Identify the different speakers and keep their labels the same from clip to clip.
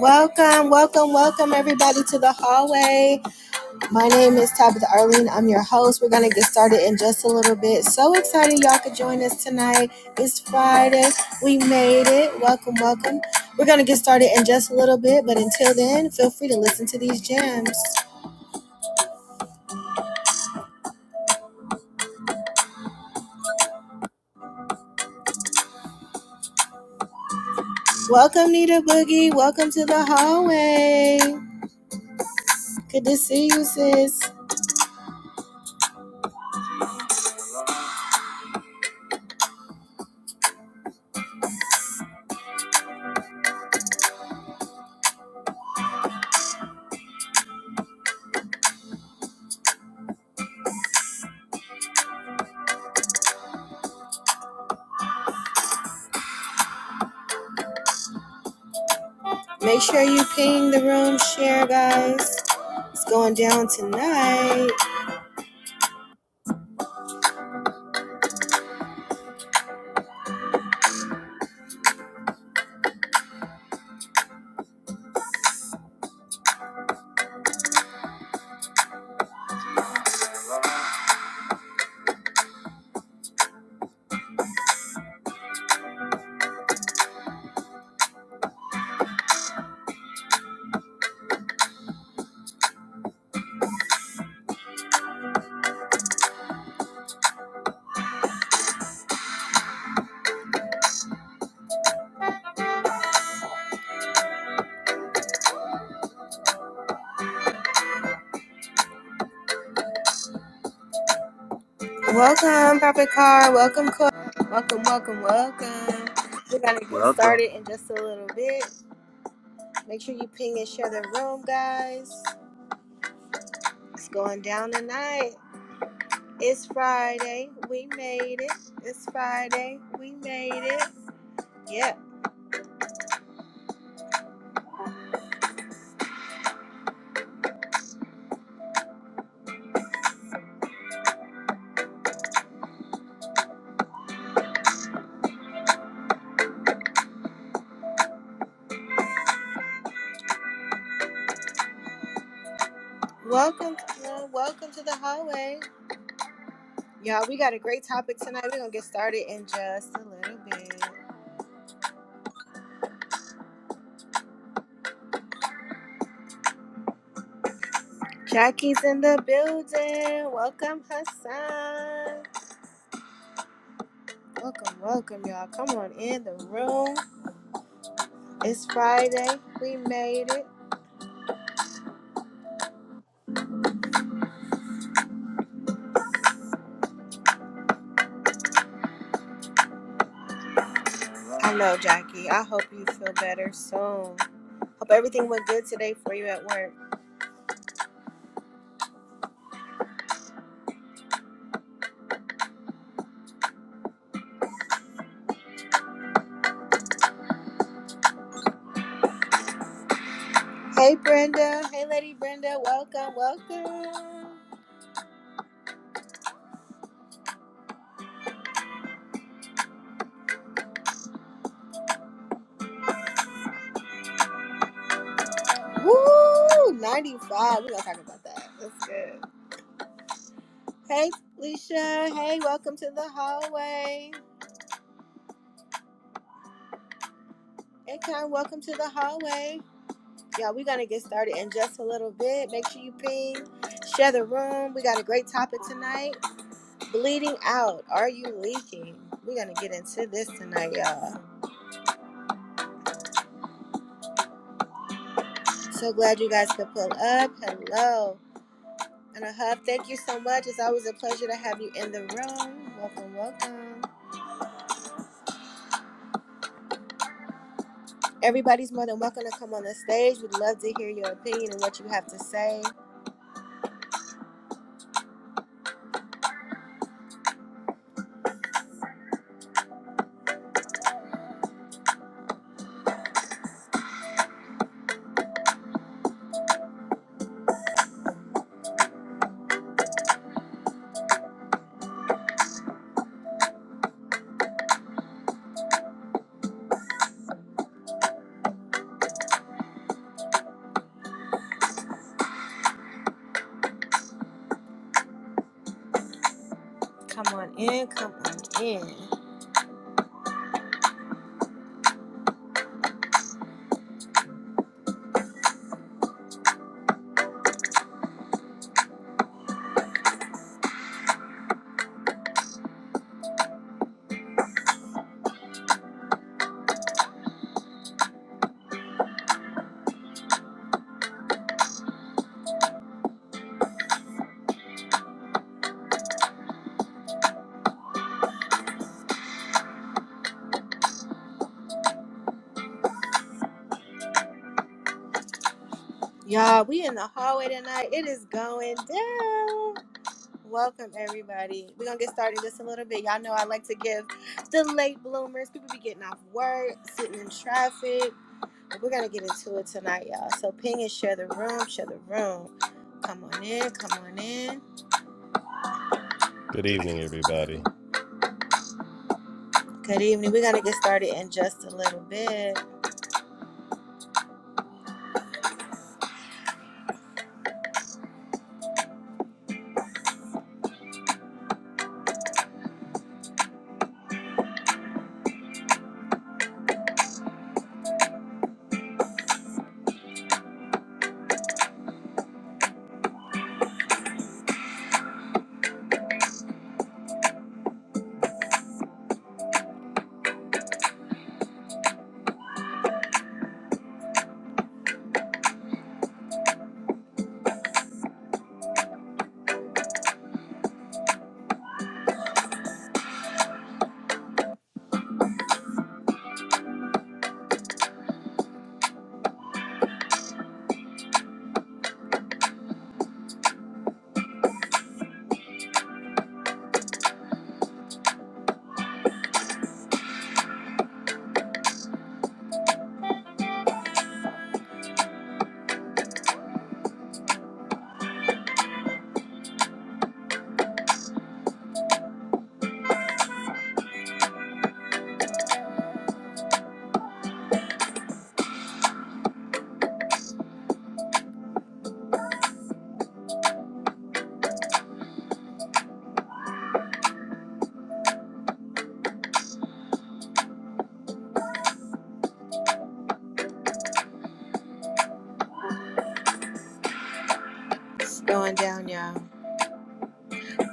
Speaker 1: Welcome, welcome, welcome everybody to the hallway. My name is Tabitha Arlene. I'm your host. We're going to get started in just a little bit. So excited y'all could join us tonight. It's Friday. We made it. Welcome, welcome. We're going to get started in just a little bit, but until then, feel free to listen to these gems. Welcome, Nita Boogie. Welcome to the hallway. Good to see you, sis. Make sure you ping the room share, guys. It's going down tonight. Welcome, Prophet Car. Welcome, Cor. Welcome, welcome, welcome. We're gonna get
Speaker 2: Welcome.
Speaker 1: started in just a little bit. Make sure you ping and share the room, guys. It's going down tonight. It's Friday. We made it. It's Friday. We made it. Yep. Welcome, uh, welcome to the hallway, y'all. We got a great topic tonight. We're gonna get started in just a little bit. Jackie's in the building. Welcome, Hassan. Welcome, welcome, y'all. Come on in the room. It's Friday. We made it. I know, Jackie. I hope you feel better soon. Hope everything went good today for you at work. Hey, Brenda. Hey, Lady Brenda. Welcome, welcome. Woo! 95. We're going to talk about that. That's good. Hey, Leisha. Hey, welcome to the hallway. Hey, Con, welcome to the hallway. Y'all, we're going to get started in just a little bit. Make sure you ping, share the room. We got a great topic tonight. Bleeding out. Are you leaking? We're gonna get into this tonight, y'all. So glad you guys could pull up. Hello. And a hub, thank you so much. It's always a pleasure to have you in the room. Welcome, welcome. Everybody's more than welcome to come on the stage. We'd love to hear your opinion and what you have to say. Come on in, come on in. Y'all, we in the hallway tonight. It is going down. Welcome everybody. We're gonna get started in just a little bit. Y'all know I like to give the late bloomers. People be getting off work, sitting in traffic. But we're gonna get into it tonight, y'all. So ping and share the room, share the room. Come on in, come on in.
Speaker 3: Good evening, everybody.
Speaker 1: Good evening. We're gonna get started in just a little bit. It's going down, y'all.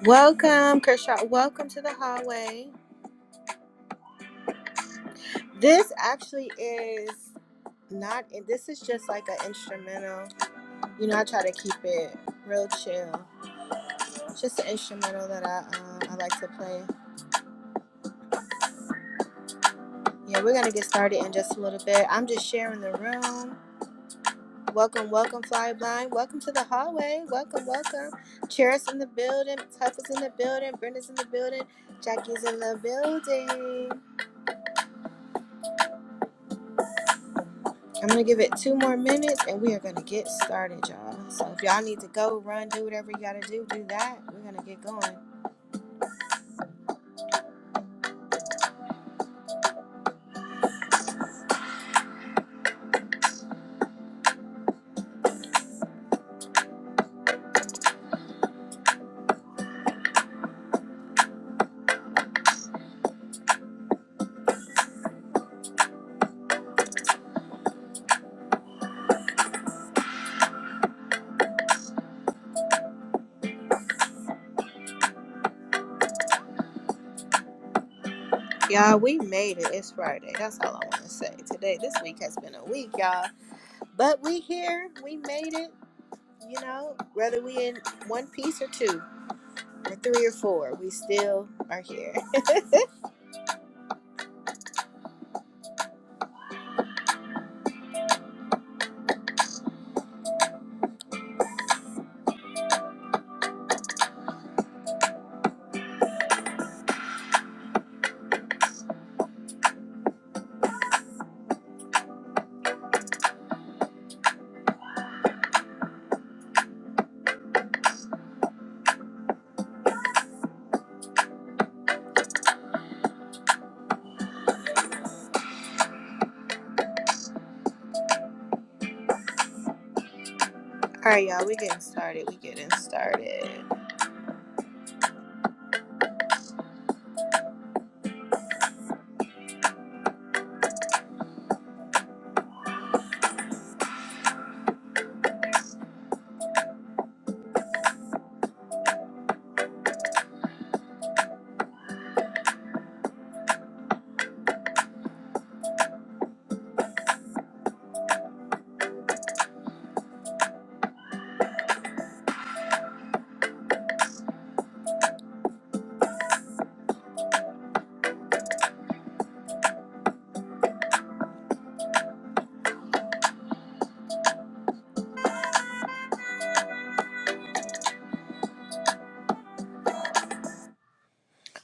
Speaker 1: Welcome, Kershaw. Welcome to the hallway. This actually is not this is just like an instrumental. You know, I try to keep it real chill. It's Just an instrumental that I um, I like to play. Yeah, we're gonna get started in just a little bit. I'm just sharing the room. Welcome, welcome, fly blind. Welcome to the hallway. Welcome, welcome. Cheris in the building. Tuff is in the building. Brenda's in the building. Jackie's in the building. I'm gonna give it two more minutes and we are gonna get started, y'all. So if y'all need to go, run, do whatever you gotta do, do that. We're gonna get going. Y'all, we made it. It's Friday. That's all I wanna say. Today, this week has been a week, y'all. But we here, we made it, you know, whether we in one piece or two or three or four, we still are here. All right, y'all, we getting started. We getting started.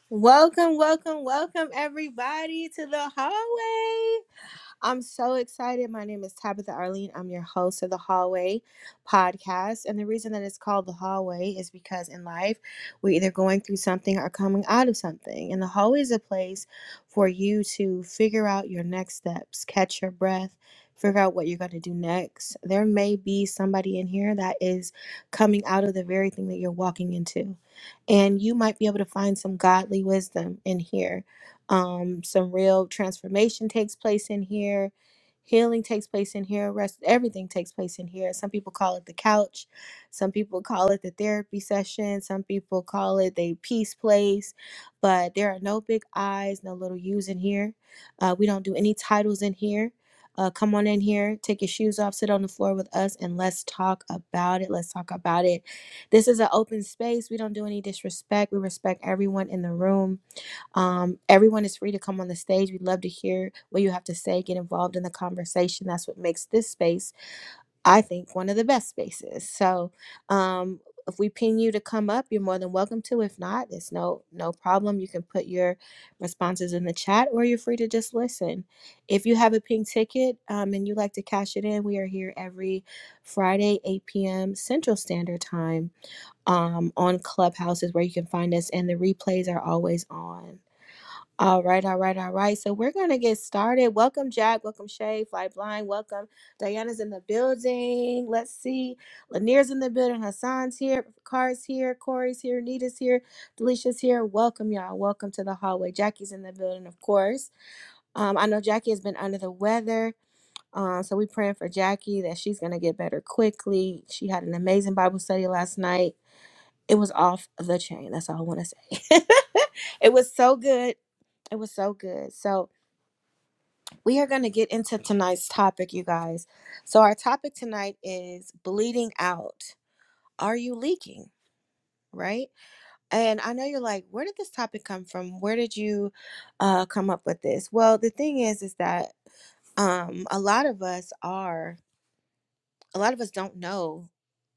Speaker 1: Welcome, welcome, welcome everybody to the hallway. I'm so excited. My name is Tabitha Arlene. I'm your host of the Hallway podcast. And the reason that it's called the Hallway is because in life, we're either going through something or coming out of something. And the hallway is a place for you to figure out your next steps, catch your breath, figure out what you're going to do next. There may be somebody in here that is coming out of the very thing that you're walking into. And you might be able to find some godly wisdom in here um, some real transformation takes place in here. Healing takes place in here. Rest, everything takes place in here. Some people call it the couch. Some people call it the therapy session. Some people call it the peace place. But there are no big I's, no little U's in here. Uh, we don't do any titles in here. Uh, come on in here, take your shoes off, sit on the floor with us, and let's talk about it. Let's talk about it. This is an open space. We don't do any disrespect. We respect everyone in the room um, everyone is free to come on the stage. We'd love to hear what you have to say, get involved in the conversation. That's what makes this space, I think, one of the best spaces. So um, if we pin you to come up, you're more than welcome to. If not, it's no no problem. You can put your responses in the chat or you're free to just listen. If you have a pink ticket um, and you like to cash it in, we are here every Friday, 8 p.m. Central Standard Time um, on Clubhouses where you can find us, and the replays are always on. All right, all right, all right. So we're gonna get started. Welcome, Jack. Welcome, Shay. Fly blind. Welcome. Diana's in the building. Let's see. Lanier's in the building. Hassan's here. Car's here. Corey's here. Nita's here. Delicia's here. Welcome, y'all. Welcome to the hallway. Jackie's in the building, of course. Um, I know Jackie has been under the weather. Um, so we praying for Jackie that she's gonna get better quickly. She had an amazing Bible study last night. It was off the chain. That's all I want to say. it was so good. It was so good. So we are going to get into tonight's topic, you guys. So, our topic tonight is bleeding out. Are you leaking? Right? And I know you're like, where did this topic come from? Where did you uh, come up with this? Well, the thing is, is that um, a lot of us are, a lot of us don't know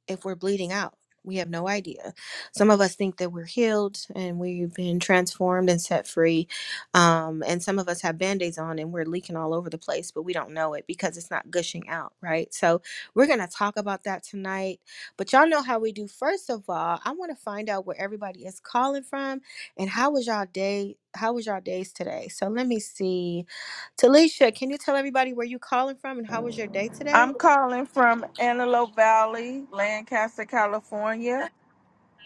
Speaker 1: if we're bleeding out. We have no idea. Some of us think that we're healed and we've been transformed and set free. Um, and some of us have band aids on and we're leaking all over the place, but we don't know it because it's not gushing out, right? So we're going to talk about that tonight. But y'all know how we do. First of all, I want to find out where everybody is calling from and how was y'all day? How was y'all days today? So let me see. Talisha, can you tell everybody where you calling from and how was your day today?
Speaker 4: I'm calling from Antelope Valley, Lancaster, California.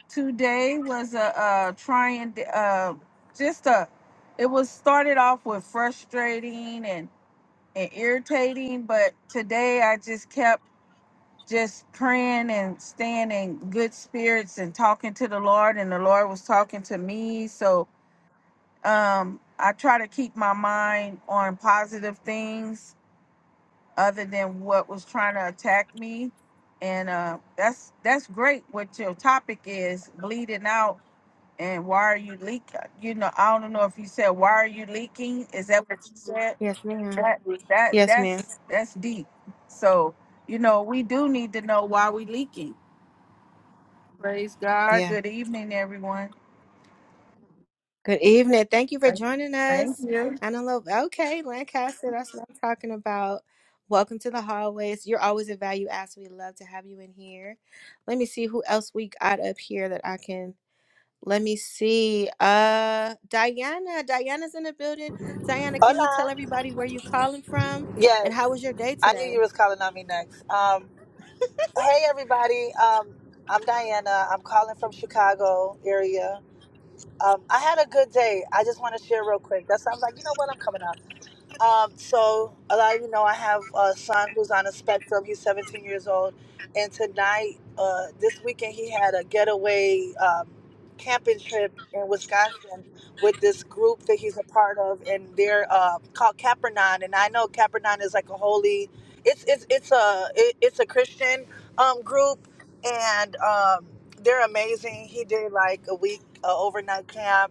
Speaker 4: Today was a, uh trying, uh, just a, it was started off with frustrating and, and irritating, but today I just kept just praying and staying in good spirits and talking to the Lord, and the Lord was talking to me. So um, I try to keep my mind on positive things other than what was trying to attack me. And uh, that's that's great. What your topic is bleeding out, and why are you leaking? You know, I don't know if you said why are you leaking. Is that what you said?
Speaker 1: Yes, ma'am.
Speaker 4: That that
Speaker 1: Yes, ma'am.
Speaker 4: that's that's deep. So you know, we do need to know why we leaking. Praise God.
Speaker 1: Yeah.
Speaker 4: Good evening, everyone.
Speaker 1: Good evening. Thank you for
Speaker 4: Thank,
Speaker 1: joining
Speaker 4: thank
Speaker 1: us.
Speaker 4: you.
Speaker 1: Antelope. Okay, Lancaster. That's what I'm talking about. Welcome to the hallways. You're always a value add, so we love to have you in here. Let me see who else we got up here that I can. Let me see. Uh, Diana. Diana's in the building. Diana, can you tell
Speaker 5: Hola.
Speaker 1: everybody where you're calling from and
Speaker 5: Yes,
Speaker 1: how was your day
Speaker 5: I knew
Speaker 1: today?
Speaker 5: you was calling on me next. Um, hey, everybody. Um, I'm Diana. I'm calling from Chicago area. Um, I had a good day. I just want to share real quick. That sounds like you know what I'm coming up. Um, so a lot of you know I have uh, a son who's on the spectrum. He's 17 years old, and tonight, uh, this weekend, he had a getaway um, camping trip in Wisconsin with this group that he's a part of, and they're uh, called Capernaum. And I know Capernaum is like a holy, it's it's it's a it, it's a Christian um, group, and um, they're amazing. He did like a week uh, overnight camp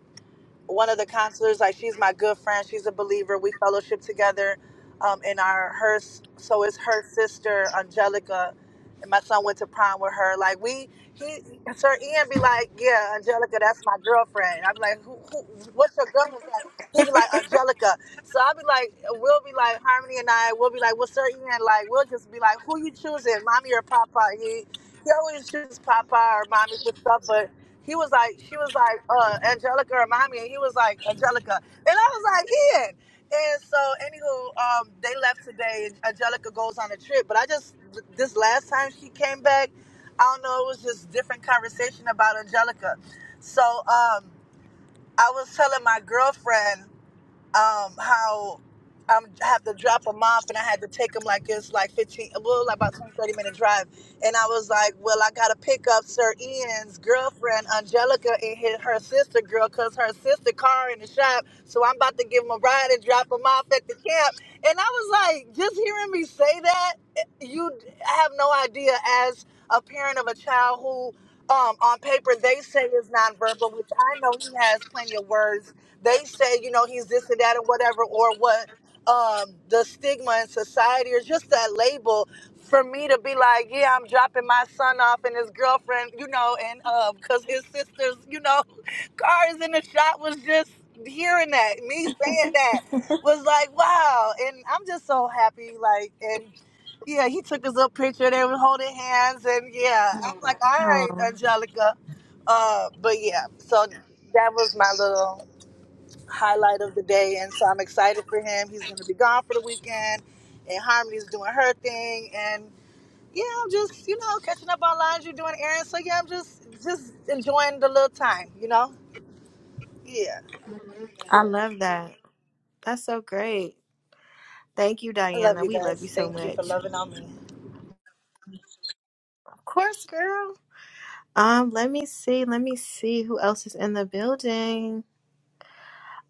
Speaker 5: one of the counselors, like she's my good friend. She's a believer. We fellowship together um, in our her. So it's her sister Angelica, and my son went to prom with her. Like we, he, Sir Ian be like, yeah, Angelica, that's my girlfriend. I'm like, who, who what's your girlfriend? name? He be like Angelica. So I'll be like, we'll be like Harmony and I. We'll be like, well, Sir Ian, like we'll just be like, who you choosing, mommy or papa? He, he always chooses papa or mommy for stuff, but he was like, she was like, uh, Angelica, remind me. And he was like, Angelica. And I was like, Ian. And so, anywho, um, they left today and Angelica goes on a trip. But I just, this last time she came back, I don't know, it was just different conversation about Angelica. So um, I was telling my girlfriend um how i have to drop him off and I had to take him like it's like 15, well, like about 20, 30 minute drive. And I was like, well, I got to pick up Sir Ian's girlfriend, Angelica, and hit her sister girl because her sister car in the shop. So I'm about to give him a ride and drop him off at the camp. And I was like, just hearing me say that, you have no idea as a parent of a child who um, on paper they say is nonverbal, which I know he has plenty of words they say, you know, he's this and that and whatever, or what um, the stigma in society or just that label for me to be like, yeah, I'm dropping my son off and his girlfriend, you know, and because his sister's, you know, car is in the shop was just hearing that, me saying that was like, wow. And I'm just so happy, like, and yeah, he took his little picture. They were holding hands, and yeah, I'm like, all right,
Speaker 1: Oh,
Speaker 5: Angelica. Uh, but yeah, so that was my little highlight of the day, and so I'm excited for him. He's going to be gone for the weekend, and Harmony's doing her thing, and yeah, I'm just you know catching up on lines. You're doing errands, so yeah, I'm just just enjoying the little time, you know. Yeah,
Speaker 1: I love that. That's so great. Thank you,
Speaker 5: I love
Speaker 1: Diana.
Speaker 5: you
Speaker 1: We love you
Speaker 5: guys.
Speaker 1: so
Speaker 5: Thank you for
Speaker 1: much.
Speaker 5: loving on me.
Speaker 1: Of course, girl. Um, let me see. Let me see who else is in the building.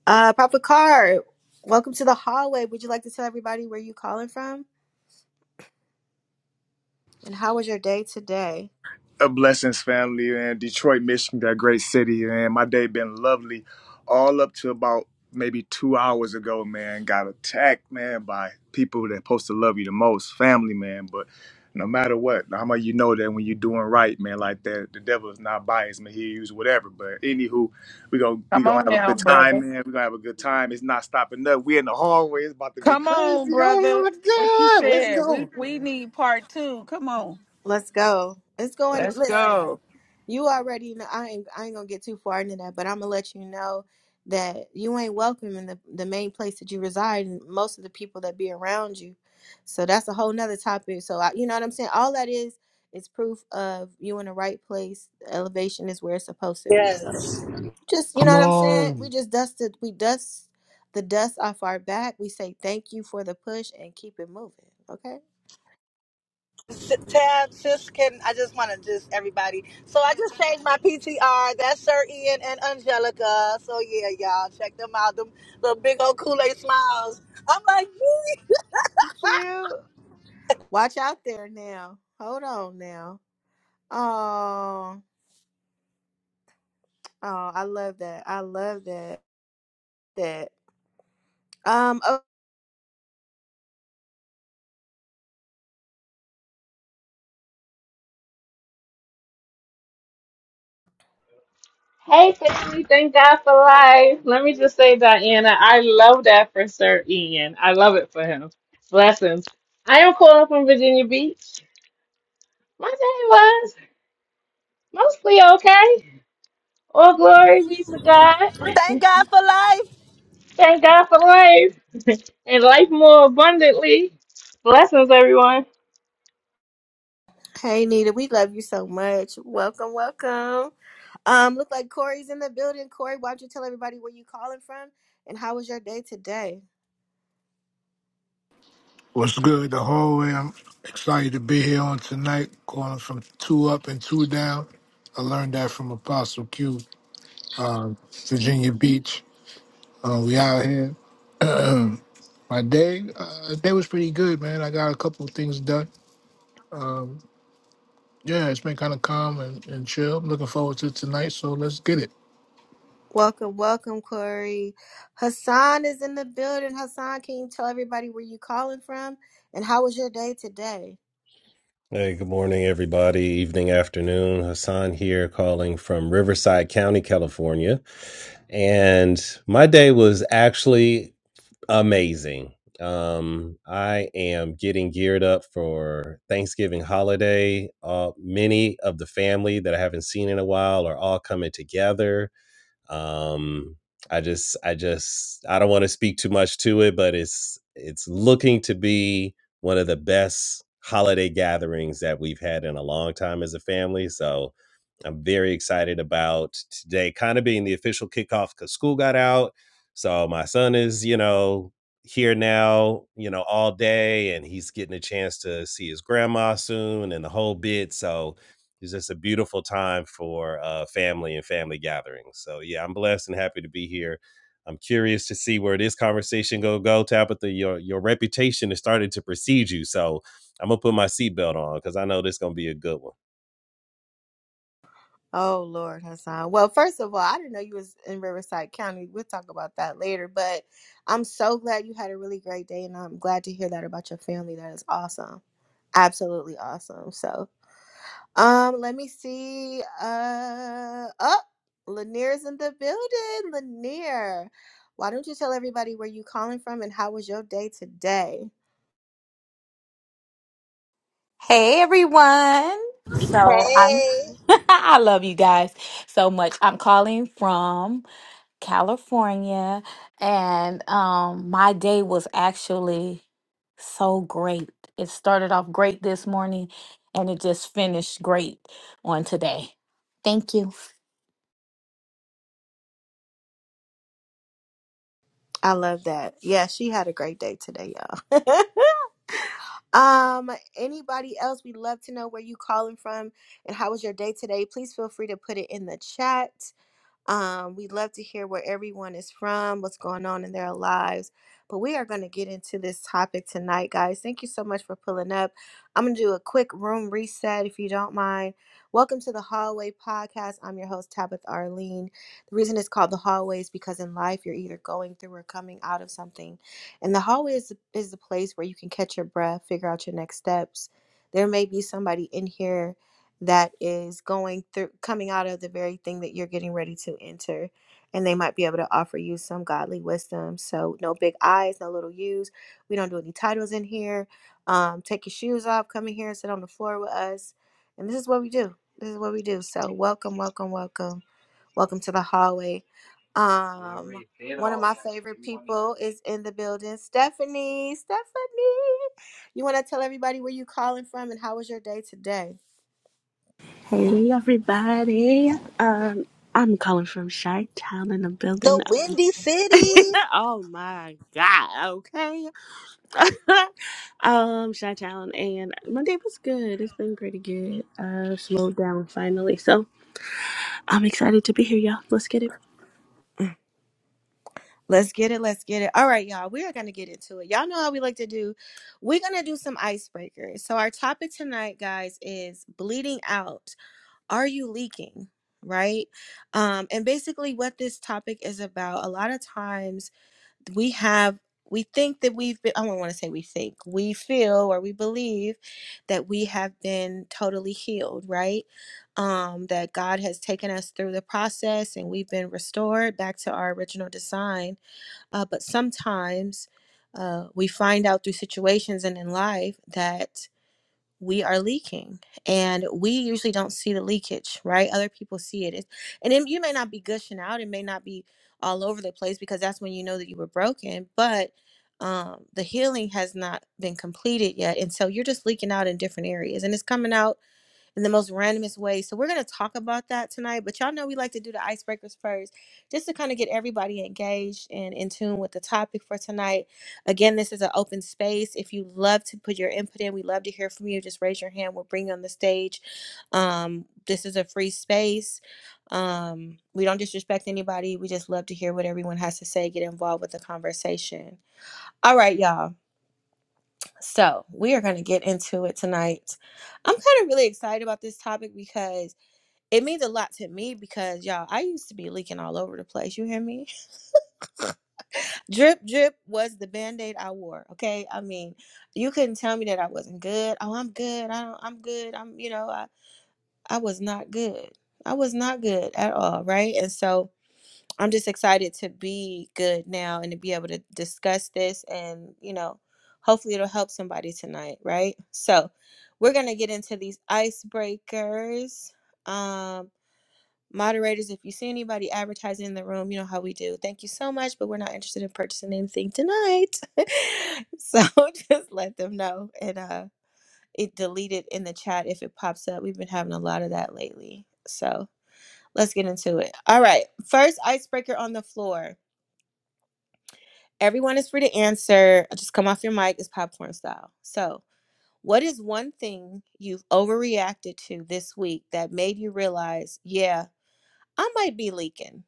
Speaker 1: Uh, Papa Card, welcome to the hallway. Would you like to tell everybody where you calling from and how was your day today?
Speaker 2: A blessings, family, man. Detroit, Michigan, that great city, man. My day been lovely, all up to about maybe two hours ago, man. Got attacked, man, by people that supposed to love you the most, family, man. But no matter what, how much you know that when you're doing right, man, like that, the devil is not biased, man. He use whatever. But anywho, we gonna we
Speaker 4: Come
Speaker 2: gonna
Speaker 4: on
Speaker 2: have a
Speaker 4: now,
Speaker 2: good time,
Speaker 4: brother.
Speaker 2: man. We gonna have a good time. It's not stopping up. We in the hallway. It's about to be
Speaker 4: Come on,
Speaker 2: crazy. Oh
Speaker 4: brother. What you
Speaker 2: my God, let's
Speaker 4: said? We
Speaker 2: go,
Speaker 4: we
Speaker 2: man.
Speaker 4: need part two. Come on.
Speaker 1: Let's go. It's going.
Speaker 4: Let's
Speaker 1: Listen,
Speaker 4: go.
Speaker 1: you already know. I ain't. I ain't gonna get too far into that, but I'm gonna let you know that you ain't welcome in the the main place that you reside, and most of the people that be around you. So that's a whole nother topic. So I, you know what I'm saying. All that is is proof of you in the right place. Elevation is where it's supposed to be.
Speaker 5: Yes.
Speaker 1: So just you
Speaker 6: Come
Speaker 1: know what I'm saying? We
Speaker 6: on.
Speaker 1: just dusted we dust the dust off our back. We say thank you for the push and keep it moving. Okay?
Speaker 5: S- Tab, sis, can I just want to just everybody. So I just changed my PTR. That's Sir Ian and Angelica. So yeah, y'all check them out. Them little big old Kool Aid smiles. I'm like, woo,
Speaker 1: Cute. Watch out there now. Hold on now. Oh, oh, I love that. I love that. That. Um oh,
Speaker 7: Hey family, thank God for life. Let me just say, Diana, I love that for Sir Ian. I love it for him. Blessings. I am calling from Virginia Beach. My day was mostly okay. All glory be to God.
Speaker 5: thank God for life.
Speaker 7: Thank God for life and life more abundantly. Blessings, everyone.
Speaker 1: hey Nita, we love you so much. Welcome, welcome. Um, look like Corey's in the building. Corey, why don't you tell everybody where you calling from and how was your day today?
Speaker 6: What's good? The whole way. I'm excited to be here on tonight, going from two up and two down. I learned that from Apostle Q, uh, Virginia Beach. Uh, we out here. My day, uh, day was pretty good, man. I got a couple of things done. Um, yeah, it's been kind of calm and, and chill. I'm looking forward to tonight, so let's get it.
Speaker 1: Welcome, welcome, Corey. Hassan is in the building. Hassan, can you tell everybody where you calling from and how was your day today?
Speaker 3: Hey, good morning, everybody. Evening, afternoon. Hassan here calling from Riverside County, California. And my day was actually amazing. Um, I am getting geared up for Thanksgiving holiday. Uh, many of the family that I haven't seen in a while are all coming together um i just i just i don't want to speak too much to it but it's it's looking to be one of the best holiday gatherings that we've had in a long time as a family so i'm very excited about today kind of being the official kickoff because school got out so my son is you know here now you know all day and he's getting a chance to see his grandma soon and the whole bit so it's just a beautiful time for uh, family and family gatherings. So yeah, I'm blessed and happy to be here. I'm curious to see where this conversation go go. Tabitha, your your reputation is starting to precede you, so I'm gonna put my seatbelt on because I know this gonna be a good one.
Speaker 1: Oh Lord, Hassan. Well, first of all, I didn't know you was in Riverside County. We'll talk about that later, but I'm so glad you had a really great day and I'm glad to hear that about your family. That is awesome. Absolutely awesome. So Um, let me see. Uh, oh, Lanier's in the building. Lanier, why don't you tell everybody where you calling from and how was your day today?
Speaker 8: Hey everyone. So I'm
Speaker 5: Hey,
Speaker 8: I love you guys so much. I'm calling from California and um my day was actually so great. It started off great this morning and it just finished great on today. Thank you.
Speaker 1: I love that. Yeah, she had a great day today, y'all. um, anybody else? We'd love to know where you calling from and how was your day today. Please feel free to put it in the chat. Um, we'd love to hear where everyone is from, what's going on in their lives. But we are going to get into this topic tonight, guys. Thank you so much for pulling up. I'm going to do a quick room reset if you don't mind. Welcome to the Hallway Podcast. I'm your host, Tabitha Arlene. The reason it's called the hallway is because in life, you're either going through or coming out of something. And the hallway is, is the place where you can catch your breath, figure out your next steps. There may be somebody in here that is going through coming out of the very thing that you're getting ready to enter and they might be able to offer you some godly wisdom so no big I's, no little u's we don't do any titles in here um, take your shoes off come in here and sit on the floor with us and this is what we do this is what we do so welcome welcome welcome welcome to the hallway um, one of my favorite people is in the building stephanie stephanie you want to tell everybody where you calling from and how was your day today
Speaker 9: Hey everybody. Um I'm calling from Chi Town in the building.
Speaker 5: the Windy City.
Speaker 9: oh my god, okay. um Chi Town and my day was good. It's been pretty good. Uh slowed down finally. So I'm excited to be here, y'all. Let's get it.
Speaker 1: Let's get it. Let's get it. All right, y'all. We are going to get into it. Y'all know how we like to do. We're going to do some icebreakers. So, our topic tonight, guys, is bleeding out. Are you leaking? Right. Um, and basically, what this topic is about, a lot of times we have, we think that we've been, I don't want to say we think, we feel or we believe that we have been totally healed, right? um, that God has taken us through the process and we've been restored back to our original design uh, but sometimes uh, we find out through situations and in life that we are leaking and we usually don't see the leakage right other people see it It's- and it, you may not be gushing out it may not be all over the place because that's when you know that you were broken but um, the healing has not been completed yet and so you're just leaking out in different areas and it's coming out in the most randomest way. So we're gonna talk about that tonight. But y'all know we like to do the icebreakers first, just to kind of get everybody engaged and in tune with the topic for tonight. Again, this is an open space. If you love to put your input in, we love to hear from you. Just raise your hand. We'll bring you on the stage. Um, this is a free space. Um, we don't disrespect anybody. We just love to hear what everyone has to say. Get involved with the conversation. All right, y'all. So we are gonna get into it tonight. I'm kind of really excited about this topic because it means a lot to me because y'all, I used to be leaking all over the place. You hear me? Drip, drip was the band-aid I wore. Okay. I mean, you couldn't tell me that I wasn't good. Oh, I'm good. I don't I'm good. I'm you know, I, I was not good. I was not good at all, right? And so I'm just excited to be good now and to be able to discuss this and, you know, hopefully it'll help somebody tonight, right? So we're gonna get into these icebreakers. Um Moderators, if you see anybody advertising in the room, you know how we do. Thank you so much, but we're not interested in purchasing anything tonight. so just let them know. And uh it deleted in the chat if it pops up. We've been having a lot of that lately. So let's get into it. All right. First icebreaker on the floor. Everyone is free to answer. Just come off your mic. It's popcorn style. So what is one thing you've overreacted to this week that made you realize, yeah, I might be leaking?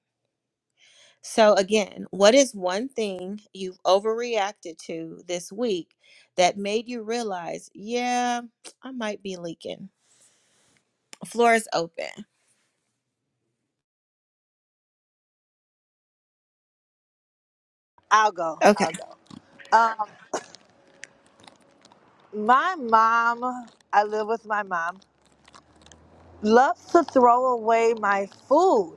Speaker 1: So, again, what is one thing you've overreacted to this week that made you realize, yeah, I might be leaking? Floor is open.
Speaker 5: I'll go.
Speaker 1: Okay,
Speaker 5: I'll go. Um, my mom, I live with my mom, loves to throw away my food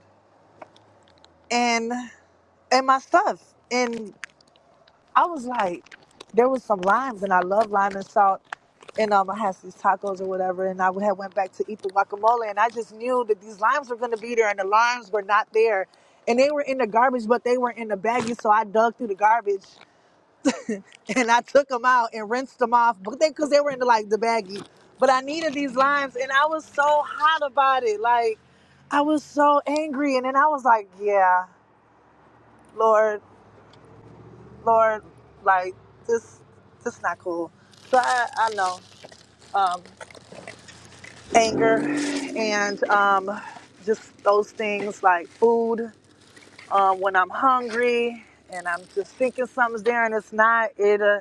Speaker 5: and and my stuff. And I was like, there was some limes, and I love lime and salt. And um, I had these tacos or whatever, and I would have went back to eat the guacamole, and I just knew that these limes were going to be there, and the limes were not there, and they were in the garbage, but they were in the baggie, so I dug through the garbage and I took them out and rinsed them off, but they because they were into like the baggy. But I needed these limes, and I was so hot about it. Like I was so angry, and then I was like, "Yeah, Lord, Lord, like this, this not cool." So I, I know um, anger and um, just those things like food um, when I'm hungry and I'm just thinking something's there and it's not. It uh,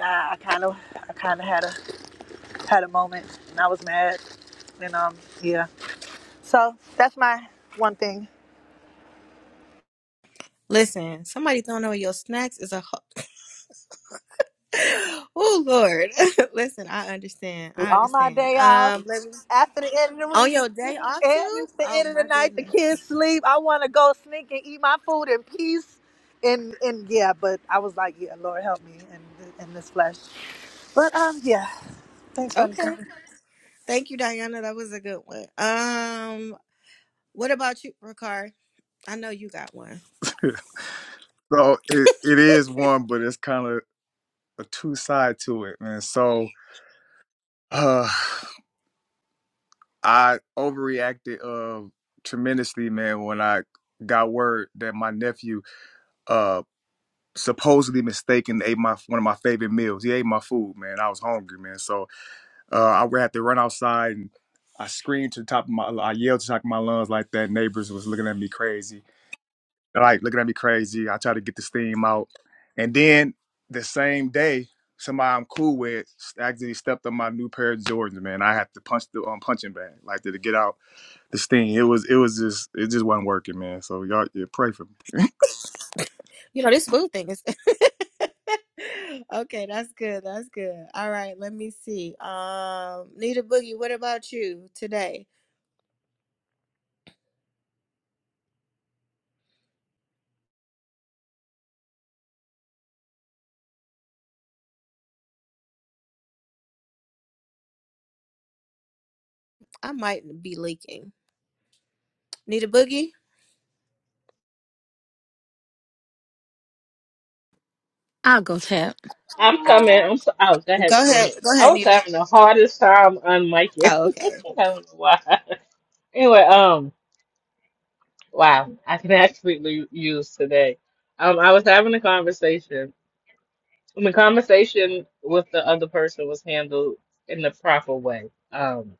Speaker 5: I kind of, I kind of had a had a moment and I was mad. And um, yeah. So that's my one thing.
Speaker 1: listen, somebody throwing away your snacks is a. Ho- oh, Lord. listen, I understand. I
Speaker 5: All my
Speaker 1: understand.
Speaker 5: day off,
Speaker 1: Um, let me-
Speaker 5: after the end of the
Speaker 1: on
Speaker 5: week,
Speaker 1: your day off,
Speaker 5: and
Speaker 1: too?
Speaker 5: it's the
Speaker 1: Oh,
Speaker 5: end of the
Speaker 1: my
Speaker 5: night, the
Speaker 1: goodness.
Speaker 5: kids sleep. I want to go sneak and eat my food in peace. And and yeah, but I was like, yeah, Lord help me in in this flesh. But um, yeah. Thanks for
Speaker 1: Okay.
Speaker 5: understanding.
Speaker 1: Thank you, Diana. That was a good one. Um, What about you, Ricard? I know you got one.
Speaker 2: So it, it is one, but it's kind of a two side to it, man. So uh, I overreacted uh, tremendously, man, when I got word that my nephew uh, supposedly mistaken ate my one of my favorite meals. He ate my food, man. I was hungry, man. So uh, I would have to run outside and I screamed to the top of my, I yelled to the top of my lungs like that. Neighbors was looking at me crazy like looking at me crazy. I try to get this theme out. And then the same day, somebody I'm cool with actually stepped on my new pair of Jordans, man. I had to punch the um, punching bag, like to, to get out the thing. It was it was just it just wasn't working, man. So y'all yeah, pray for me.
Speaker 1: You know, this food thing is okay. That's good. That's good. All right. Let me see. Um, Nita Boogie, what about you today? I might be leaking. Nita Boogie,
Speaker 8: I'll go tap.
Speaker 7: I'm coming. I'm so. Oh, go ahead,
Speaker 1: go ahead.
Speaker 7: Lynette.
Speaker 1: Go
Speaker 7: I
Speaker 1: ahead,
Speaker 7: was
Speaker 1: Nita.
Speaker 7: having the hardest time on I
Speaker 1: Oh, okay.
Speaker 7: don't know why. Anyway, um, Wow, I can actually use today. Um, I was having a conversation, and the conversation with the other person was handled in the proper way. Um,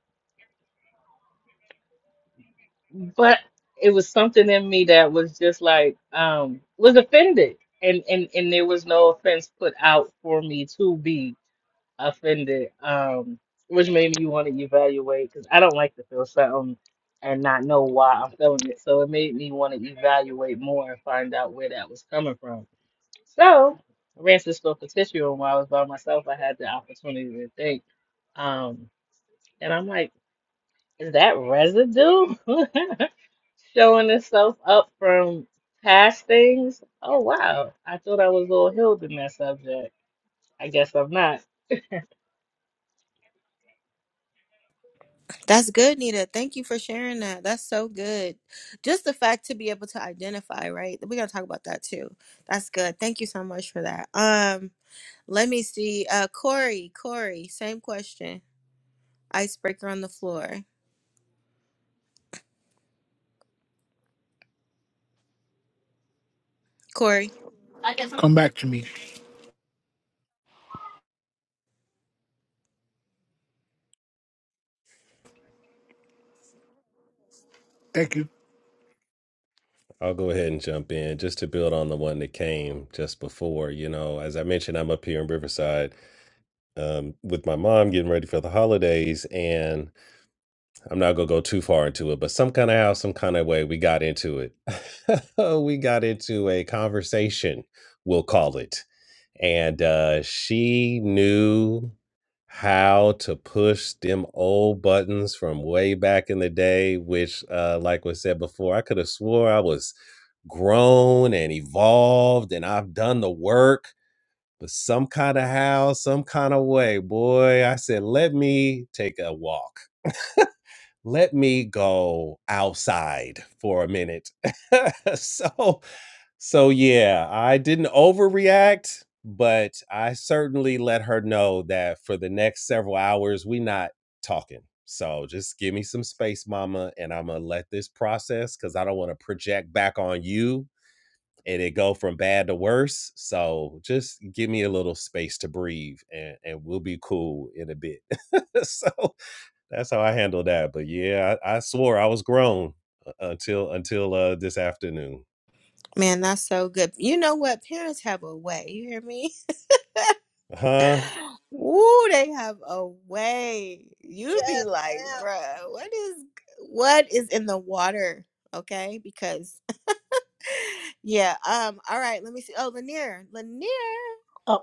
Speaker 7: but it was something in me that was just like um was offended, and and and there was no offense put out for me to be offended. Um, which made me want to evaluate because I don't like to feel something and not know why I'm feeling it. So it made me want to evaluate more and find out where that was coming from So I ran to the store for tissue, and while I was by myself, I had the opportunity to think. Um, and I'm like, is that residue showing itself up from past things? Oh wow, I thought I was all healed in that subject. I guess I'm not.
Speaker 1: That's good, Nita. Thank you for sharing that. That's so good. Just the fact to be able to identify, right? We're gonna talk about that too. That's good. Thank you so much for that. Um, let me see. Uh, Corey, Corey, same question. Icebreaker on the floor. Corey.
Speaker 6: Come back to me. Thank you.
Speaker 3: I'll go ahead and jump in just to build on the one that came just before. You know, as I mentioned, I'm up here in Riverside um, with my mom getting ready for the holidays, and. I'm not gonna go too far into it, but some kind of how, some kind of way, we got into it. we got into a conversation, we'll call it, and uh, she knew how to push them old buttons from way back in the day. Which, uh, like was said before, I could have swore I was grown and evolved, and I've done the work. But some kind of how, some kind of way, boy, I said, let me take a walk let me go outside for a minute. so, so yeah, I didn't overreact, but I certainly let her know that for the next several hours we not talking. So just give me some space, mama, and I'm gonna let this process because I don't want to project back on you and it go from bad to worse. So just give me a little space to breathe and, and we'll be cool in a bit. so that's how I handle that. But yeah, I, I swore I was grown uh, until until uh this afternoon.
Speaker 1: Man, that's so good. You know what? Parents have a way. You hear me?
Speaker 3: Huh?
Speaker 1: Ooh, they have a way. You be
Speaker 5: Yes,
Speaker 1: like,
Speaker 5: ma'am.
Speaker 1: bruh, what is what is in the water? Okay, because yeah. Um. All right. Let me see. Oh, Lanier, Lanier.
Speaker 10: Uh,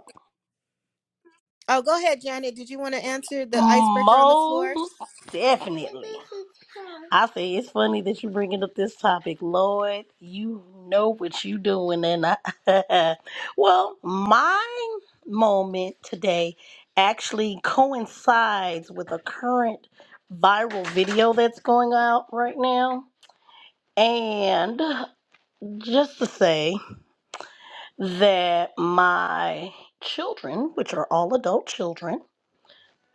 Speaker 1: Oh, go ahead, Janet. Did you want to answer the icebreaker on the floor?
Speaker 10: most definitely. I say it's funny that you're bringing up this topic, Lord. You know what you doing, and I. well, my moment today actually coincides with a current viral video that's going out right now, and just to say that my children, which are all adult children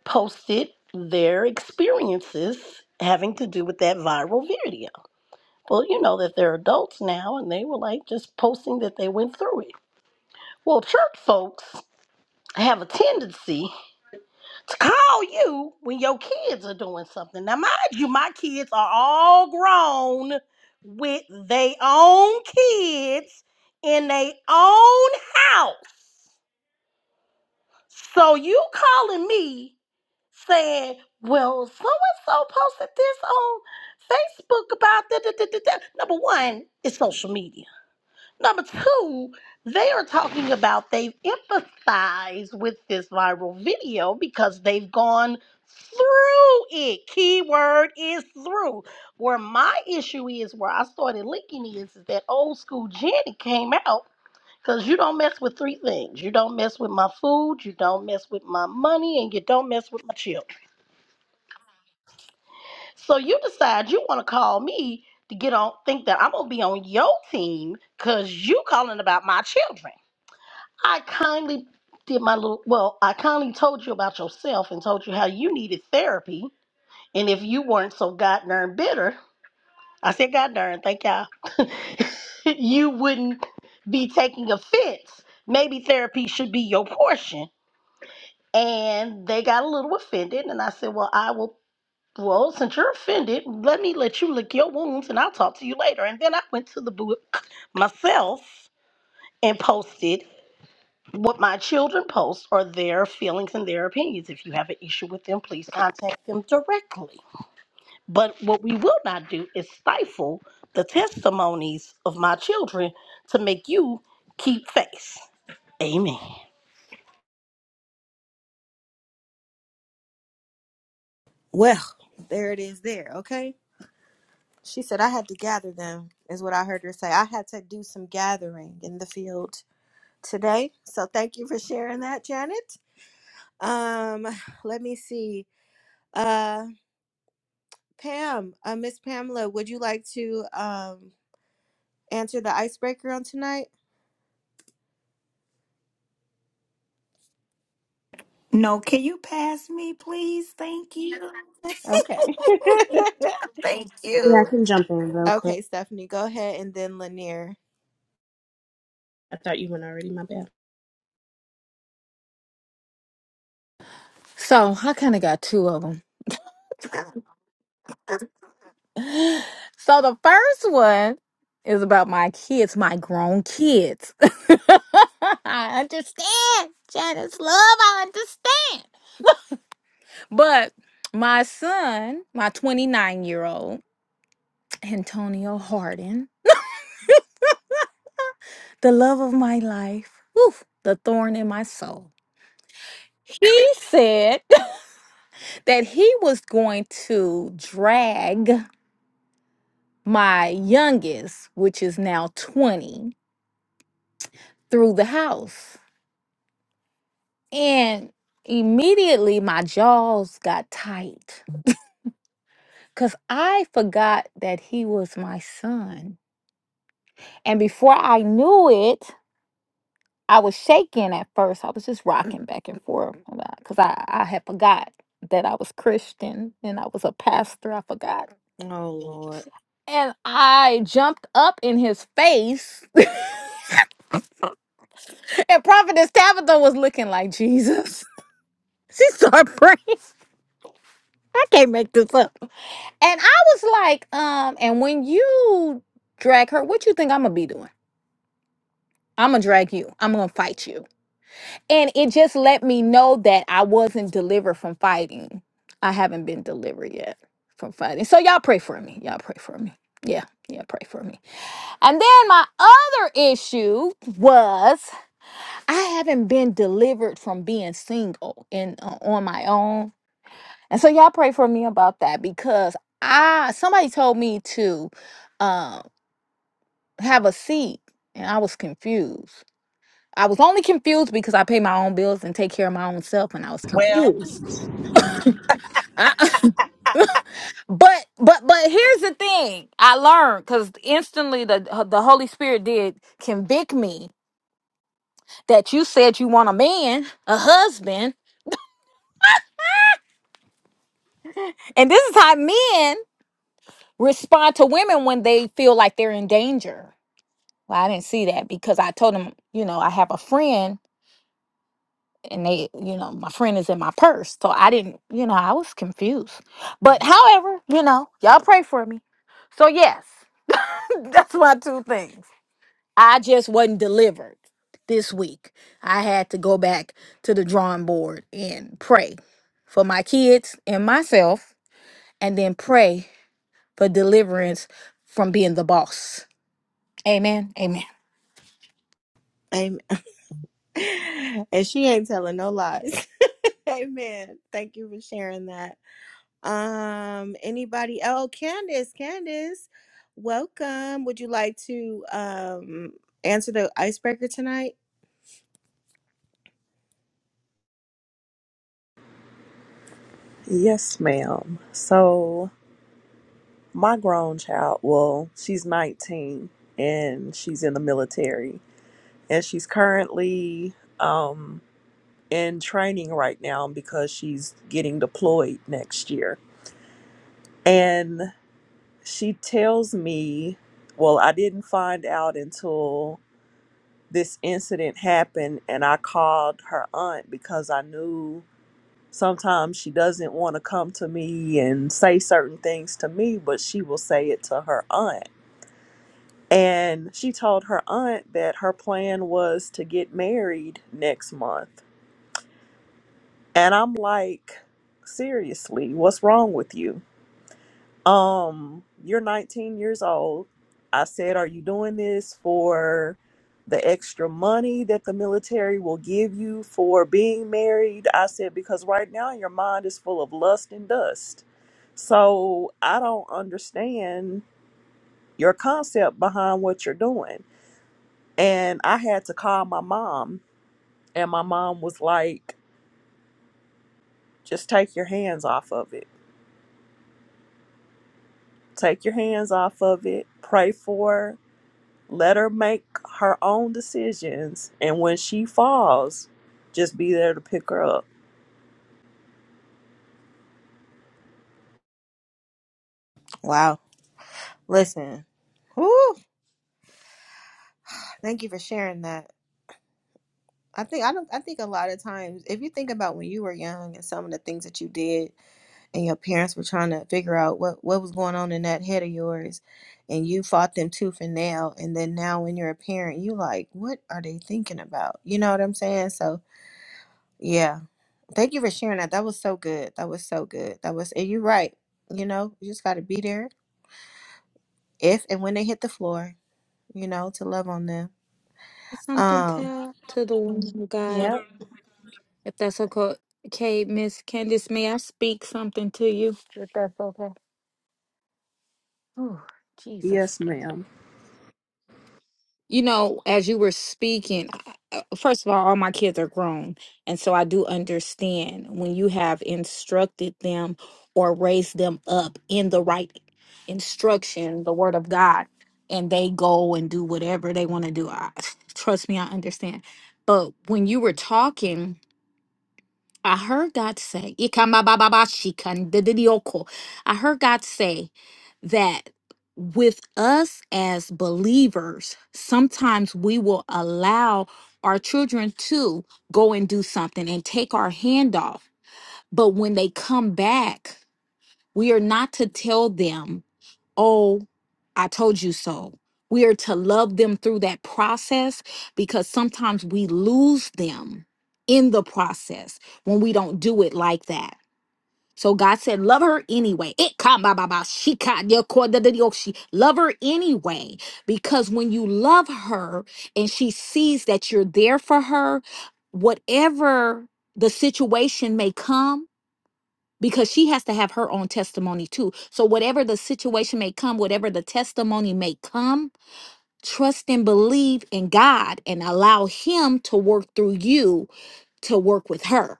Speaker 10: posted their experiences having to do with that viral video. Well, you know that they're adults now and they were like just posting that they went through it. Well, church folks have a tendency to call you when your kids are doing something. Now, mind you, my kids are all grown with their own kids in their own house. So you calling me said, Well, so and so posted this on Facebook about that. da- da- da- da." Number one, it's social media. Number two, they are talking about they've empathized with this viral video because they've gone through it. Keyword is through. Where my issue is, where I started linking is, is that old school Jenny came out because you don't mess with three things. You don't mess with my food, you don't mess with my money, and you don't mess with my children. So you decide you want to call me to get on, think that I'm going to be on your team because you calling about my children. I kindly did my little, well, I kindly told you about yourself and told you how you needed therapy. And if you weren't so god darn bitter, I said god darn, thank y'all, you wouldn't be taking offense. Maybe therapy should be your portion. And they got a little offended. And I said, well, I will Well, since you're offended, let me let you lick your wounds and I'll talk to you later. And then I went to the book myself and posted what my children post are their feelings and their opinions. If you have an issue with them, please contact them directly. But what we will not do is stifle the testimonies of my children to make you keep face. Amen.
Speaker 1: Well, there it is. There. Okay. She said I had to gather them. Is what I heard her say. I had to do some gathering in the field today. So thank you for sharing that, Janet. Um, let me see. Uh, Pam, uh, Miss Pamela, would you like to um answer the icebreaker on tonight?
Speaker 11: No, can you pass me, please? Thank you.
Speaker 1: Okay.
Speaker 11: Thank
Speaker 9: Yeah, I
Speaker 11: you.
Speaker 9: can jump in real quick.
Speaker 1: Okay, Stephanie, go ahead, and then Lanier.
Speaker 9: I thought you went already, my bad.
Speaker 8: So I kind of got two of them. So the first one is about my kids, my grown kids. I understand, Janice Love. I understand. But my son, my 29 year old, Antonio Hardin, the love of my life, woof, the thorn in my soul, he said that he was going to drag my youngest, which is now 20, through the house. And immediately my jaws got tight because I forgot that he was my son. And before I knew it, I was shaking at first. I was just rocking back and forth because I, I had forgot that I was Christian and I was a pastor. I forgot.
Speaker 1: Oh Lord,
Speaker 8: And I jumped up in his face. and Prophetess Tabitha was looking like Jesus. She started praying. I can't make this up. And I was like, um, and when you drag her, what you think I'm gonna be doing? I'm gonna drag you. I'm gonna fight you. And it just let me know that I wasn't delivered from fighting. I haven't been delivered yet from fighting. So y'all pray for me. Y'all pray for me. Yeah, yeah, pray for me. And then my other issue was I haven't been delivered from being single and uh, on my own. And so y'all pray for me about that because I somebody told me to um have a seat. And I was confused. I was only confused because I pay my own bills and take care of my own self, and I was
Speaker 5: Well.
Speaker 8: confused. I, but but but here's the thing I learned because instantly the uh, the Holy Spirit did convict me that you said you want a man, a husband, and this is how men respond to women when they feel like they're in danger. Well, I didn't see that because I told him, you know, I have a friend and they you know my friend is in my purse so i didn't you know i was confused but however you know y'all pray for me so yes that's my two things i just wasn't delivered this week i had to go back to the drawing board and pray for my kids and myself and then pray for deliverance from being the boss amen amen
Speaker 1: amen. and she ain't telling no lies. amen. Thank you for sharing that. Um, anybody? Oh, Candace, Candace, welcome. Would you like to um answer the icebreaker tonight?
Speaker 12: Yes, ma'am. So my grown child, well, she's 19 and she's in the military and she's currently in training right now because she's getting deployed next year. And she tells me, well, I didn't find out until this incident happened and I called her aunt because I knew sometimes she doesn't want to come to me and say certain things to me, but she will say it to her aunt And she told her aunt that her plan was to get married next month. And I'm like, seriously, what's wrong with you? Um, you're 19 years old. I said, are you doing this for the extra money that the military will give you for being married? I said, because right now your mind is full of lust and dust. So I don't understand your concept behind what you're doing And I had to call my mom, and my mom was like, just take your hands off of it. Take your hands off of it. Pray for her. Let her make her own decisions. And when she falls, just be there to pick her up.
Speaker 1: Wow. Listen, whew, thank you for sharing that. I think I don't. I think a lot of times, if you think about when you were young and some of the things that you did, and your parents were trying to figure out what what was going on in that head of yours, and you fought them tooth and nail, and then now when you're a parent, you like, what are they thinking about? You know what I'm saying? So yeah, thank you for sharing that. That was so good. That was so good. That was. And you're right. You know, you just got to be there if and when they hit the floor. You know, to love on them.
Speaker 8: something
Speaker 1: Um.
Speaker 8: to, to the woman of god
Speaker 1: Yeah.
Speaker 8: If that's okay, okay, Miss Candace, may I speak something to you? If that's okay. Oh, Jesus.
Speaker 12: Yes, ma'am.
Speaker 8: You know, as you were speaking, I- I- first of all, all my kids are grown. And so I do understand when you have instructed them or raised them up in the right instruction, the word of God, and they go and do whatever they want to do. I, trust me, I understand. But when you were talking, I heard God say, "Ikamabababashikan dedidioko." I heard God say that with us as believers, sometimes we will allow our children to go and do something and take our hand off. But when they come back, we are not to tell them Oh, I told you so. We are to love them through that process because sometimes we lose them in the process when we don't do it like that. So God said, Love her anyway. It ka ba ba ba, she ka dia ko da da dio shi. Love her anyway. Because when you love her and she sees that you're there for her, whatever the situation may come, because she has to have her own testimony too. So, whatever the situation may come, whatever the testimony may come, trust and believe in God and allow Him to work through you to work with her.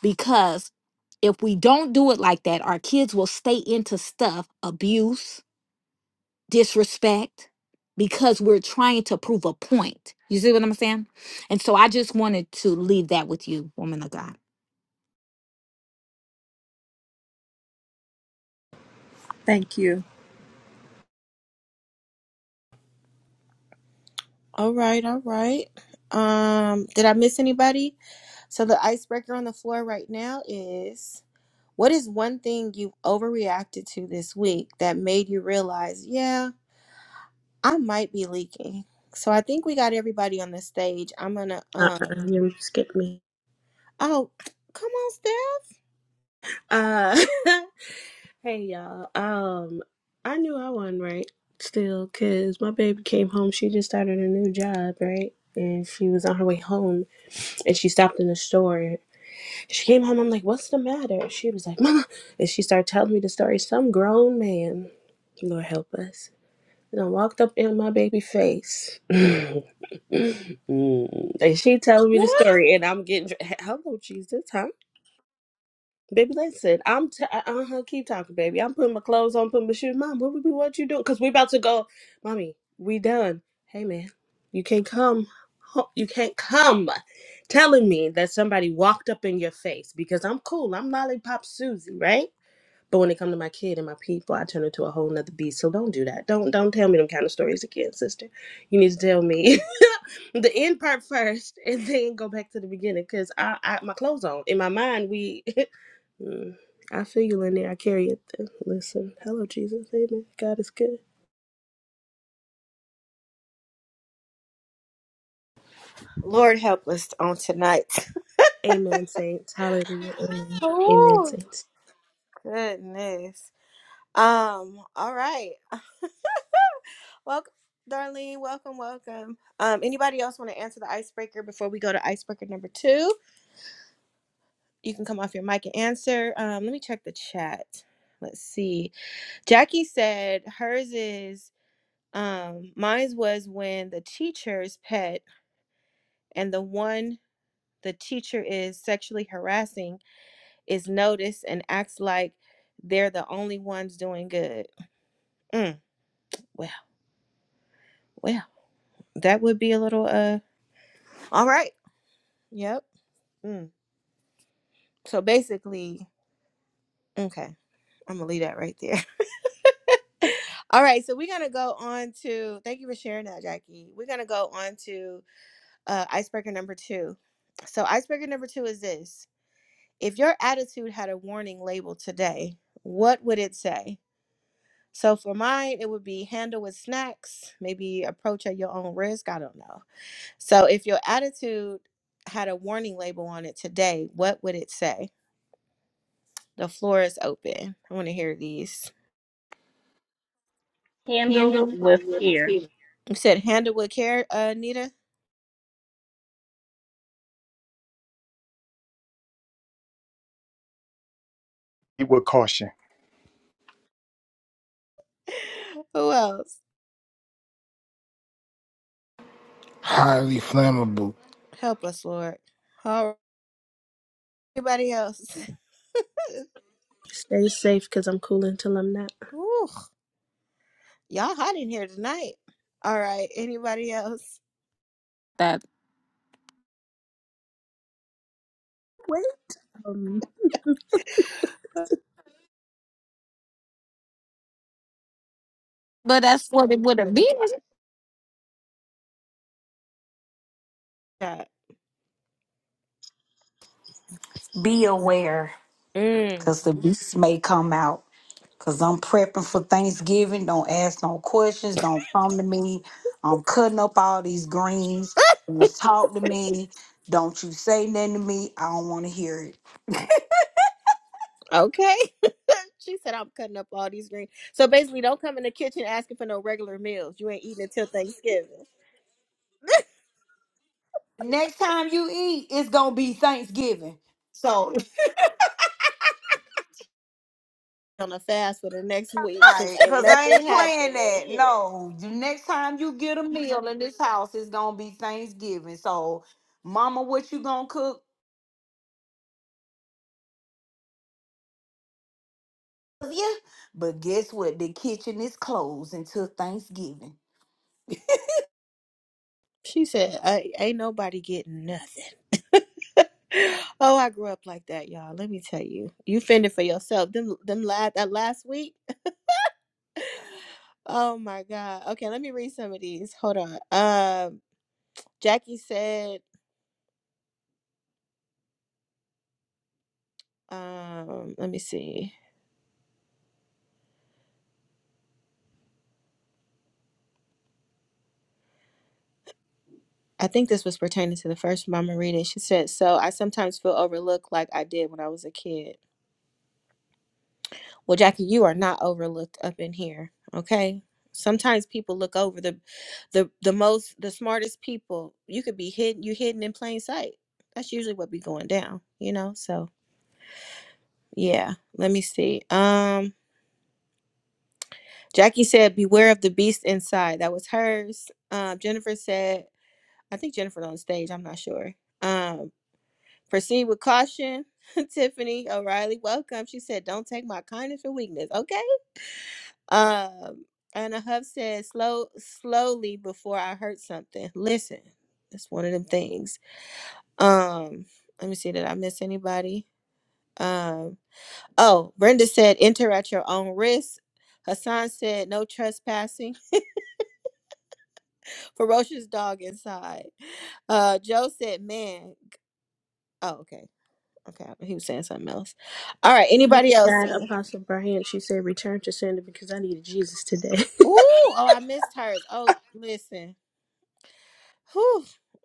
Speaker 8: Because if we don't do it like that, our kids will stay into stuff, abuse, disrespect, because we're trying to prove a point. You see what I'm saying? And so, I just wanted to leave that with you, woman of God.
Speaker 12: Thank you.
Speaker 1: All right, all right. Um, did I miss anybody? So the icebreaker on the floor right now is what is one thing you've overreacted to this week that made you realize, yeah, I might be leaking. So I think we got everybody on the stage. I'm gonna um
Speaker 9: Uh-uh, you skipped me.
Speaker 1: oh come on Steph.
Speaker 9: Uh Hey y'all. Um, I knew I wasn't right Still, 'cause my baby came home. She just started a new job, right? And she was on her way home, and she stopped in the store. She came home. I'm like, "What's the matter?" She was like, "Mama," and she started telling me the story. Some grown man, Lord help us, and I walked up in my baby face. Mm. and she telling me the
Speaker 1: What?
Speaker 9: story, and I'm getting hello Jesus, huh?" Baby, listen, I'm t- uh huh. Keep talking, baby. I'm putting my clothes on, putting my shoes. Mom, what what what you doing? Cause we about to go. Mommy, we done. Hey, man, you can't come. ho- You can't come, telling me that somebody walked up in your face because I'm cool. I'm lollipop Susie, right? But when it come to my kid and my people, I turn into a whole nother beast. So don't do that. Don't don't tell me them kind of stories again, sister. You need to tell me the end part first, and then go back to the beginning. Cause I, I my clothes on in my mind. We, Mm. I feel you, Lenny. I carry it. Listen, hello, Jesus. Amen. God is good.
Speaker 1: Lord help us on tonight.
Speaker 9: Amen, saints. Hallelujah. Amen. Amen,
Speaker 1: Oh
Speaker 9: saints.
Speaker 1: goodness. Um, all right. Welcome, Darlene. Welcome, welcome. Um, anybody else want to answer the icebreaker before we go to icebreaker number two? You can come off your mic and answer. Um, let me check the chat. Let's see. Jackie said hers is um mine's was when the teacher's pet and the one the teacher is sexually harassing is noticed and acts like they're the only ones doing good. Mm, well, well, that would be a little uh all right. Yep. Mm. So basically, okay, I'm gonna leave that right there. All right, so we're gonna go on to thank you for sharing that, Jackie. We're gonna go on to uh, icebreaker number two. So, icebreaker number two is this if your attitude had a warning label today, what would it say? So, for mine, it would be handle with snacks, maybe approach at your own risk. I don't know. So, if your attitude had a warning label on it today, what would it say? The floor is open. I want to hear these.
Speaker 7: Handled with care.
Speaker 1: You said handle with care, uh, Nita.
Speaker 2: With caution.
Speaker 1: Who else?
Speaker 6: Highly flammable.
Speaker 1: Help us, Lord. All right. Everybody else.
Speaker 9: Stay safe, cause I'm cool until I'm not.
Speaker 1: Ooh, y'all hot in here tonight. All right. Anybody else?
Speaker 8: That,
Speaker 9: Wait. Um,
Speaker 8: but that's what it would have been.
Speaker 1: Yeah.
Speaker 11: Be aware,
Speaker 1: Mm.
Speaker 11: because the beast may come out. Because I'm prepping for Thanksgiving. Don't ask no questions. Don't come to me. I'm cutting up all these greens. Don't talk to me. Don't you say nothing to me. I don't want to hear it.
Speaker 1: Okay. She said I'm cutting up all these greens. So basically, don't come in the kitchen asking for no regular meals. You ain't eating until Thanksgiving.
Speaker 11: Next time you eat, it's going to be Thanksgiving. So.
Speaker 1: On a fast for the next week because
Speaker 11: Right,
Speaker 1: ain't
Speaker 11: cause I ain't
Speaker 1: nothing
Speaker 11: playing
Speaker 1: happening in
Speaker 11: that.
Speaker 1: here.
Speaker 11: No, the next time you get a meal in this house, it's gonna be Thanksgiving. So, Mama, what you gonna cook? Yeah, but guess what? The kitchen is closed until Thanksgiving.
Speaker 1: She said, "Ain't ain't nobody getting nothing." oh, I grew up like that, y'all. Let me tell you, you fended for yourself. Them, them last that last week. Oh my God. Okay, let me read some of these. Hold on. Um, Jackie said, um, let me see. I think this was pertaining to the first mama reading. She said, "So I sometimes feel overlooked, like I did when I was a kid." Well, Jackie, you are not overlooked up in here, okay? Sometimes people look over the the the most the smartest people. You could be hidden you hidden in plain sight. That's usually what be going down, you know? So, yeah. Let me see. Um Jackie said beware of the beast inside. That was hers. Um Jennifer said, I think Jennifer on stage, I'm not sure. Um proceed with caution. Tiffany O'Reilly, welcome. She said, "Don't take my kindness for weakness." Okay. Um, and a Huff says, slow, slowly before I hurt something. Listen, That's one of them things. Um, let me see, did I miss anybody? Um, oh, Brenda said, enter at your own risk. Hassan said, no trespassing. Ferocious dog inside. Uh, Joe said, man. g- Oh, okay. Okay. He was saying something else. All right. Anybody else?
Speaker 9: God,
Speaker 1: Ooh,
Speaker 9: Apostle Brian, she said, return to sender because I needed Jesus today.
Speaker 1: oh, I missed hers. Oh, listen. Whew,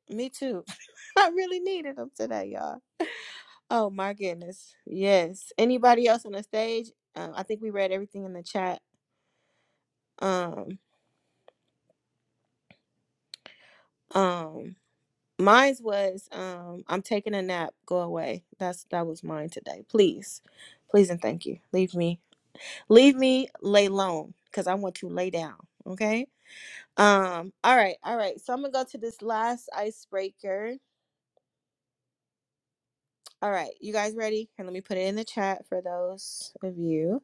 Speaker 1: me too. I really needed them today, y'all. Oh my goodness. Yes. Anybody else on the stage? Um, I think we read everything in the chat. Um, um, mine's was um, I'm taking a nap. Go away. That's that was mine today. Please, please and thank you. Leave me, leave me lay alone because I want to lay down. Okay. Um. All right. All right. So I'm gonna go to this last icebreaker. All right, you guys ready? And let me put it in the chat for those of you.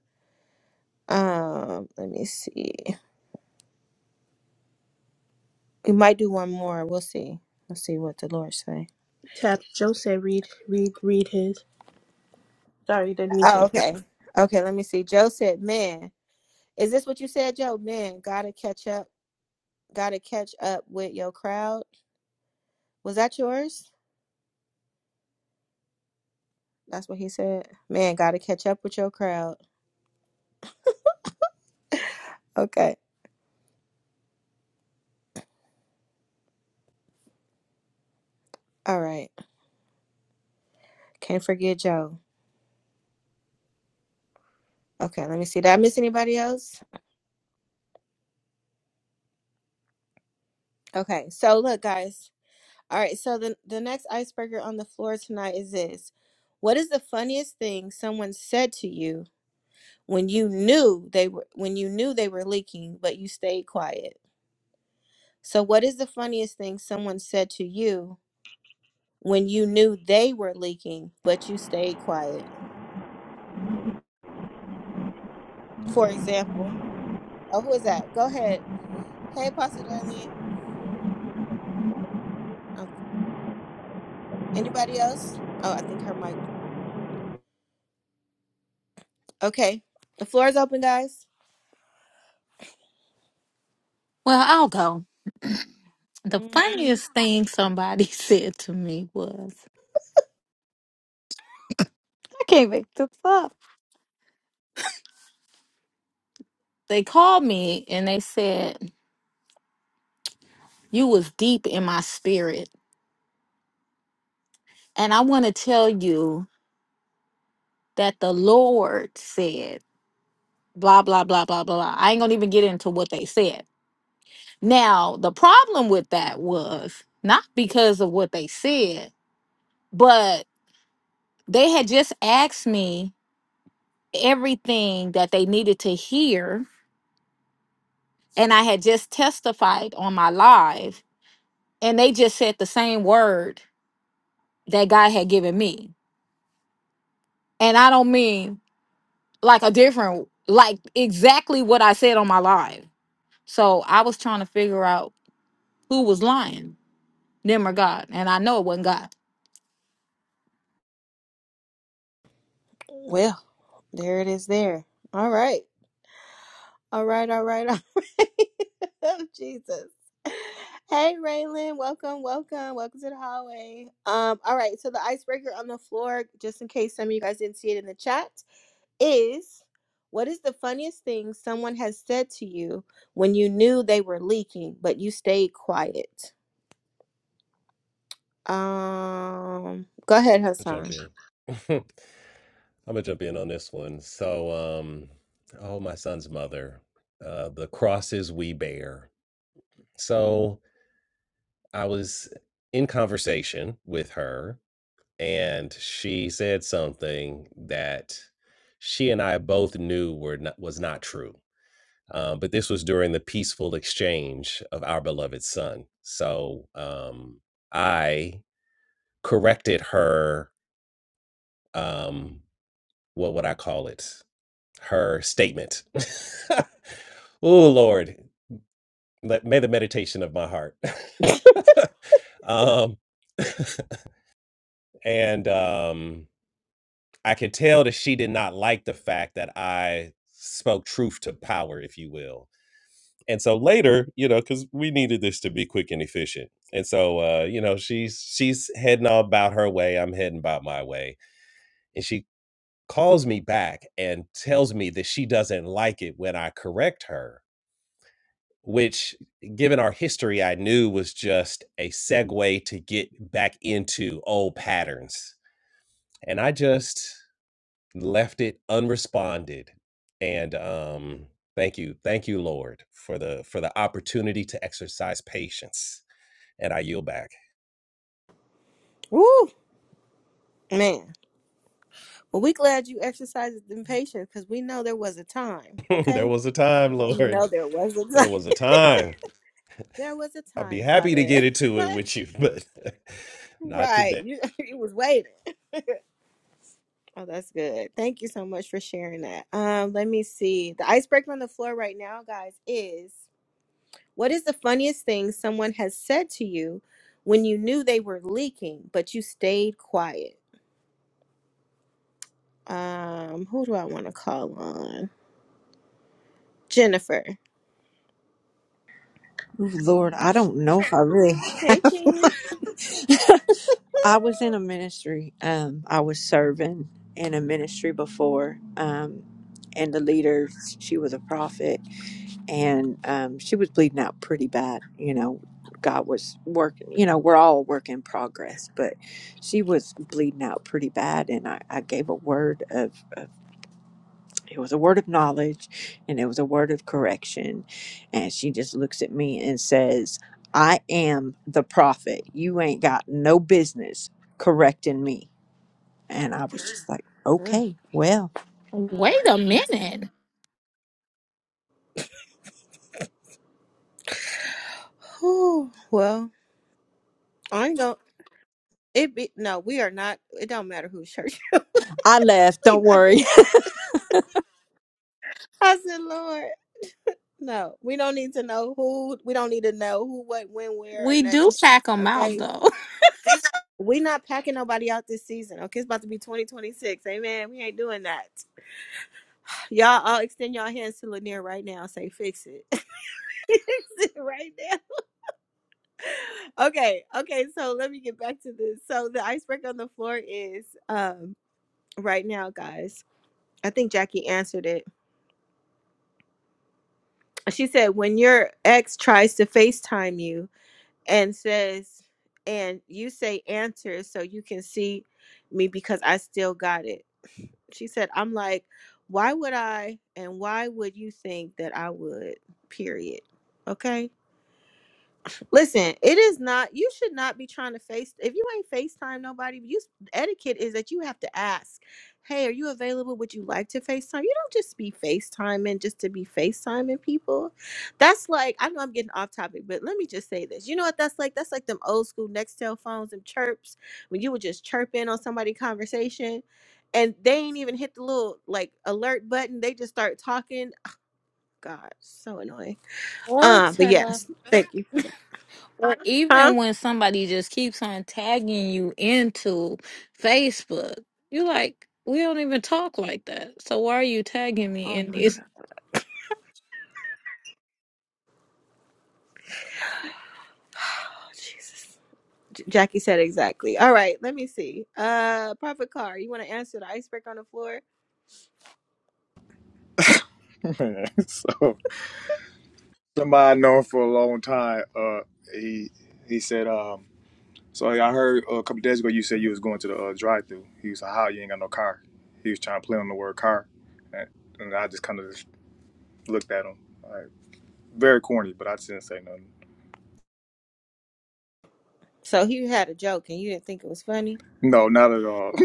Speaker 1: Um, let me see. We might do one more. We'll see. We'll see what the Lord say.
Speaker 9: Tap Joe said read read read his. Sorry, didn't mean to
Speaker 1: Oh,
Speaker 9: interrupt.
Speaker 1: okay. Okay, let me see. Joe said, Man, is this what you said, Joe? Man, gotta catch up, gotta catch up with your crowd. Was that yours? That's what he said. Man, gotta catch up with your crowd. Okay. All right. Can't forget Joe. Okay, let me see. Did I miss anybody else? Okay, so look, guys. All right, so the the next icebreaker on the floor tonight is this. What is the funniest thing someone said to you when you knew they were when you knew they were leaking but you stayed quiet? So what is the funniest thing someone said to you when you knew they were leaking but you stayed quiet? For example, oh who is that? Go ahead. Hey, Pastor Darlene. Oh, anybody else? Oh, I think her mic. Okay, the floor is open, guys.
Speaker 8: Well, I'll go. The
Speaker 1: hmm
Speaker 8: funniest thing somebody said to me was I can't make this up. they called me and they said, You was deep in my spirit. And I want to tell you that the Lord said, blah, blah, blah, blah, blah. blah." I ain't going to even get into what they said. Now, the problem with that was not because of what they said, but they had just asked me everything that they needed to hear. And I had just testified on my live. and they just said the same word that God had given me. And I don't mean like a different, like exactly what I said on my live. So I was trying to figure out who was lying, them or God. And I know it wasn't God.
Speaker 1: Well, there it is. There. All right. All right, all right, all right. Jesus. Hey, Raylan, welcome, welcome, welcome to the hallway. Um, all right, so the icebreaker on the floor, just in case some of you guys didn't see it in the chat, is what is the funniest thing someone has said to you when you knew they were leaking, but you stayed quiet? Um, go ahead,
Speaker 3: I'll jump
Speaker 1: Hassan.
Speaker 3: in. I'm gonna jump in on this one. So um oh my son's mother. Uh the crosses we bear. So I was in conversation with her and she said something that she and I both knew were not was not true Uh, but this was during the peaceful exchange of our beloved son. So um, I corrected her, um, what would I call it? Her statement. oh, Lord, let, may the meditation of my heart. um, and um, I could tell that she did not like the fact that I spoke truth to power, if you will And so later, you know, because we needed this to be quick and efficient. And so, uh, you know, she's she's heading all about her way. I'm heading about my way. And she calls me back and tells me that she doesn't like it when I correct her, which, given our history, I knew was just a segue to get back into old patterns. And I just left it unresponded. And um, thank you, thank you, Lord, for the for the opportunity to exercise patience and I yield back.
Speaker 1: Woo, man. Well, we glad you exercised them patience because we know there was a time,
Speaker 3: there
Speaker 1: okay?
Speaker 3: was a time,
Speaker 1: We know
Speaker 3: Lord.
Speaker 1: there was a time.
Speaker 3: There was a time.
Speaker 1: There was a
Speaker 3: I'd be
Speaker 1: time,
Speaker 3: happy to
Speaker 1: Father.
Speaker 3: get into it with you, but not
Speaker 1: right.
Speaker 3: today.
Speaker 1: You you was waiting. Oh, that's good. Thank you so much for sharing that. Um, let me see. The icebreaker on the floor right now, guys, is what is the funniest thing someone has said to you when you knew they were leaking, but you stayed quiet? Um, who do I want to call on? Jennifer.
Speaker 13: Ooh, Lord, I don't know if I really
Speaker 1: Hey,
Speaker 13: have.
Speaker 1: Jen.
Speaker 13: I was in a ministry. Um, I was serving in a ministry before. Um, and the leader, she was a prophet, and um, she was bleeding out pretty bad. You know, God was working. You know, we're all a work in progress, but she was bleeding out pretty bad, and I, I gave a word of. It was a word of knowledge and it was a word of correction. And she just looks at me and says, I am the prophet. You ain't got no business correcting me. And I was just like,
Speaker 1: Mm.
Speaker 13: okay, well,
Speaker 8: Wait a minute.
Speaker 1: Whew, well, I ain't gonna. It be no. We are not. It don't matter whose church. it was.
Speaker 13: I left.
Speaker 1: we
Speaker 13: Don't
Speaker 1: not
Speaker 13: worry.
Speaker 1: doing that. I said, Lord, no, we don't need to know who, we don't need to know who, what, when, where, or
Speaker 8: We do
Speaker 1: nothing.
Speaker 8: pack them out
Speaker 1: Okay.
Speaker 8: though.
Speaker 1: we not packing nobody out this season. Okay. It's about to be 2026. Amen. We ain't doing that. Y'all all extend y'all hands to Lanier right now. Say, fix it. Fix it right now. Okay. Okay. So let me get back to this. So the icebreaker on the floor is um right now, guys. I think Jackie answered it. She said, when your ex tries to FaceTime you, and says, and you say answer so you can see me because I still got it. She said, I'm like, why would I and why would you think that I would? Period. Okay. Listen, it is not. You should not be trying to face. If you ain't Facetime nobody, you etiquette is that you have to ask. Hey, are you available? Would you like to Facetime? You don't just be Facetiming just to be Facetiming people. That's like I know I'm getting off topic, but let me just say this. You know what that's like? That's like them old school Nextel phones and chirps when you would just chirp in on somebody's conversation, and they ain't even hit the little like alert button. They just start talking. Oh, God, so annoying.
Speaker 8: Or
Speaker 1: Uh, but
Speaker 8: tell.
Speaker 1: yes, thank you for that.
Speaker 8: Or
Speaker 1: Huh?
Speaker 8: even when somebody just keeps on tagging you into Facebook, you like, we don't even talk like that. So why are you tagging me
Speaker 1: Oh
Speaker 8: in
Speaker 1: my.
Speaker 8: this?
Speaker 1: Oh, Jesus. J- Jackie said exactly. All right, let me see. Uh, Prophet Car, you want to answer the icebreaker on the floor?
Speaker 2: man. so somebody I've known for a long time. Uh, he he said, um, so I heard uh, a couple days ago you said you was going to the uh, drive-through. He was like, "How you ain't got no car?" He was trying to play on the word car, and, and I just kind of just looked at him, like, very corny, but I just didn't say nothing.
Speaker 1: So he had a joke and you didn't think it was funny?
Speaker 2: No, not at all.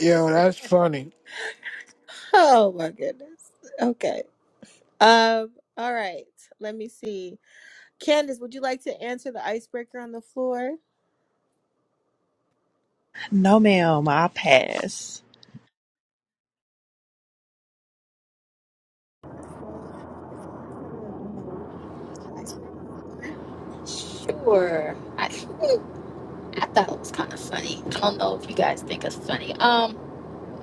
Speaker 6: Yo, that's funny.
Speaker 1: Oh my goodness. Okay. Um. All right. Let me see. Candace, would you like to answer the icebreaker on the floor?
Speaker 12: No, ma'am, I pass.
Speaker 14: Sure. I I thought it was kind of funny. I don't know if you guys think it's funny. Um,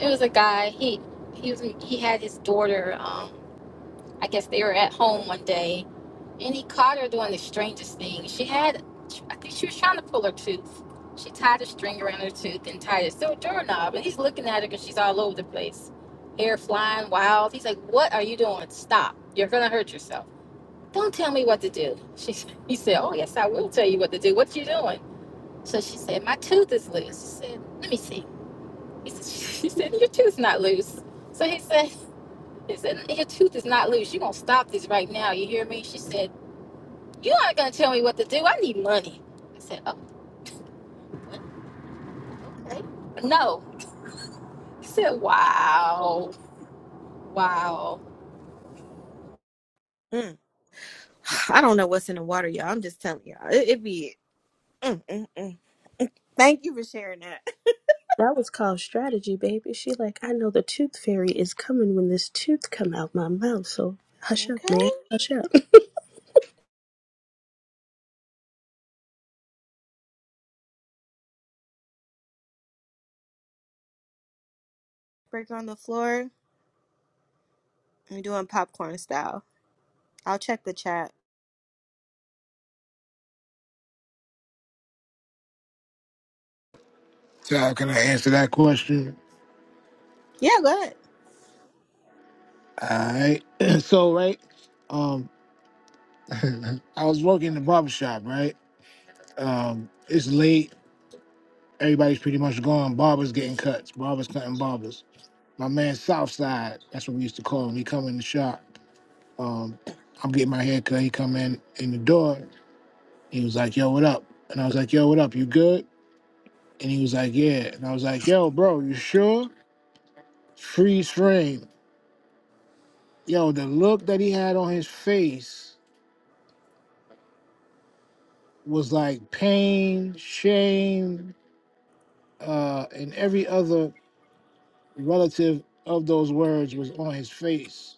Speaker 14: it was a guy. He he was he had his daughter. Um, I guess they were at home one day, and he caught her doing the strangest thing. She had, I think she was trying to pull her tooth. She tied a string around her tooth and tied it to a doorknob, and he's looking at her because she's all over the place, hair flying wild. He's like, "What are you doing? Stop! You're gonna hurt yourself." Don't tell me what to do. She he said, "Oh yes, I will tell you what to do. What you doing?" So she said, My tooth is loose. She said, Let me see. He said, She said, Your tooth's not loose. So he said, he said, Your tooth is not loose. You're gonna stop this right now, you hear me? She said, You aren't gonna tell me what to do. I need money. I said, Oh, okay. No. He said, Wow. Wow.
Speaker 1: Mm. I don't know what's in the water, y'all. I'm just telling y'all. It, it be. Mm, mm, mm. Thank you for sharing that.
Speaker 9: That was called strategy, baby. She like, I know the tooth fairy is coming when this tooth come out my mouth, so hush up,
Speaker 1: Okay.
Speaker 9: man. Hush up.
Speaker 1: Breaker on the floor. I'm doing popcorn style. I'll check the chat.
Speaker 6: So how can I answer that question?
Speaker 1: Yeah, go
Speaker 6: All right. so, right. um, I was working in the barber shop, right? Um, it's late. Everybody's pretty much gone. Barbers getting cuts. Barbers cutting barbers. My man Southside, that's what we used to call him. He come in the shop. Um, I'm getting my hair cut. He come in in the door. He was like, "Yo, what up?" And I was like, "Yo, what up? You good?" And he was like, "Yeah." And I was like, "Yo, bro, you sure?" Freeze frame. Yo, the look that he had on his face was like pain, shame, uh, and every other relative of those words was on his face.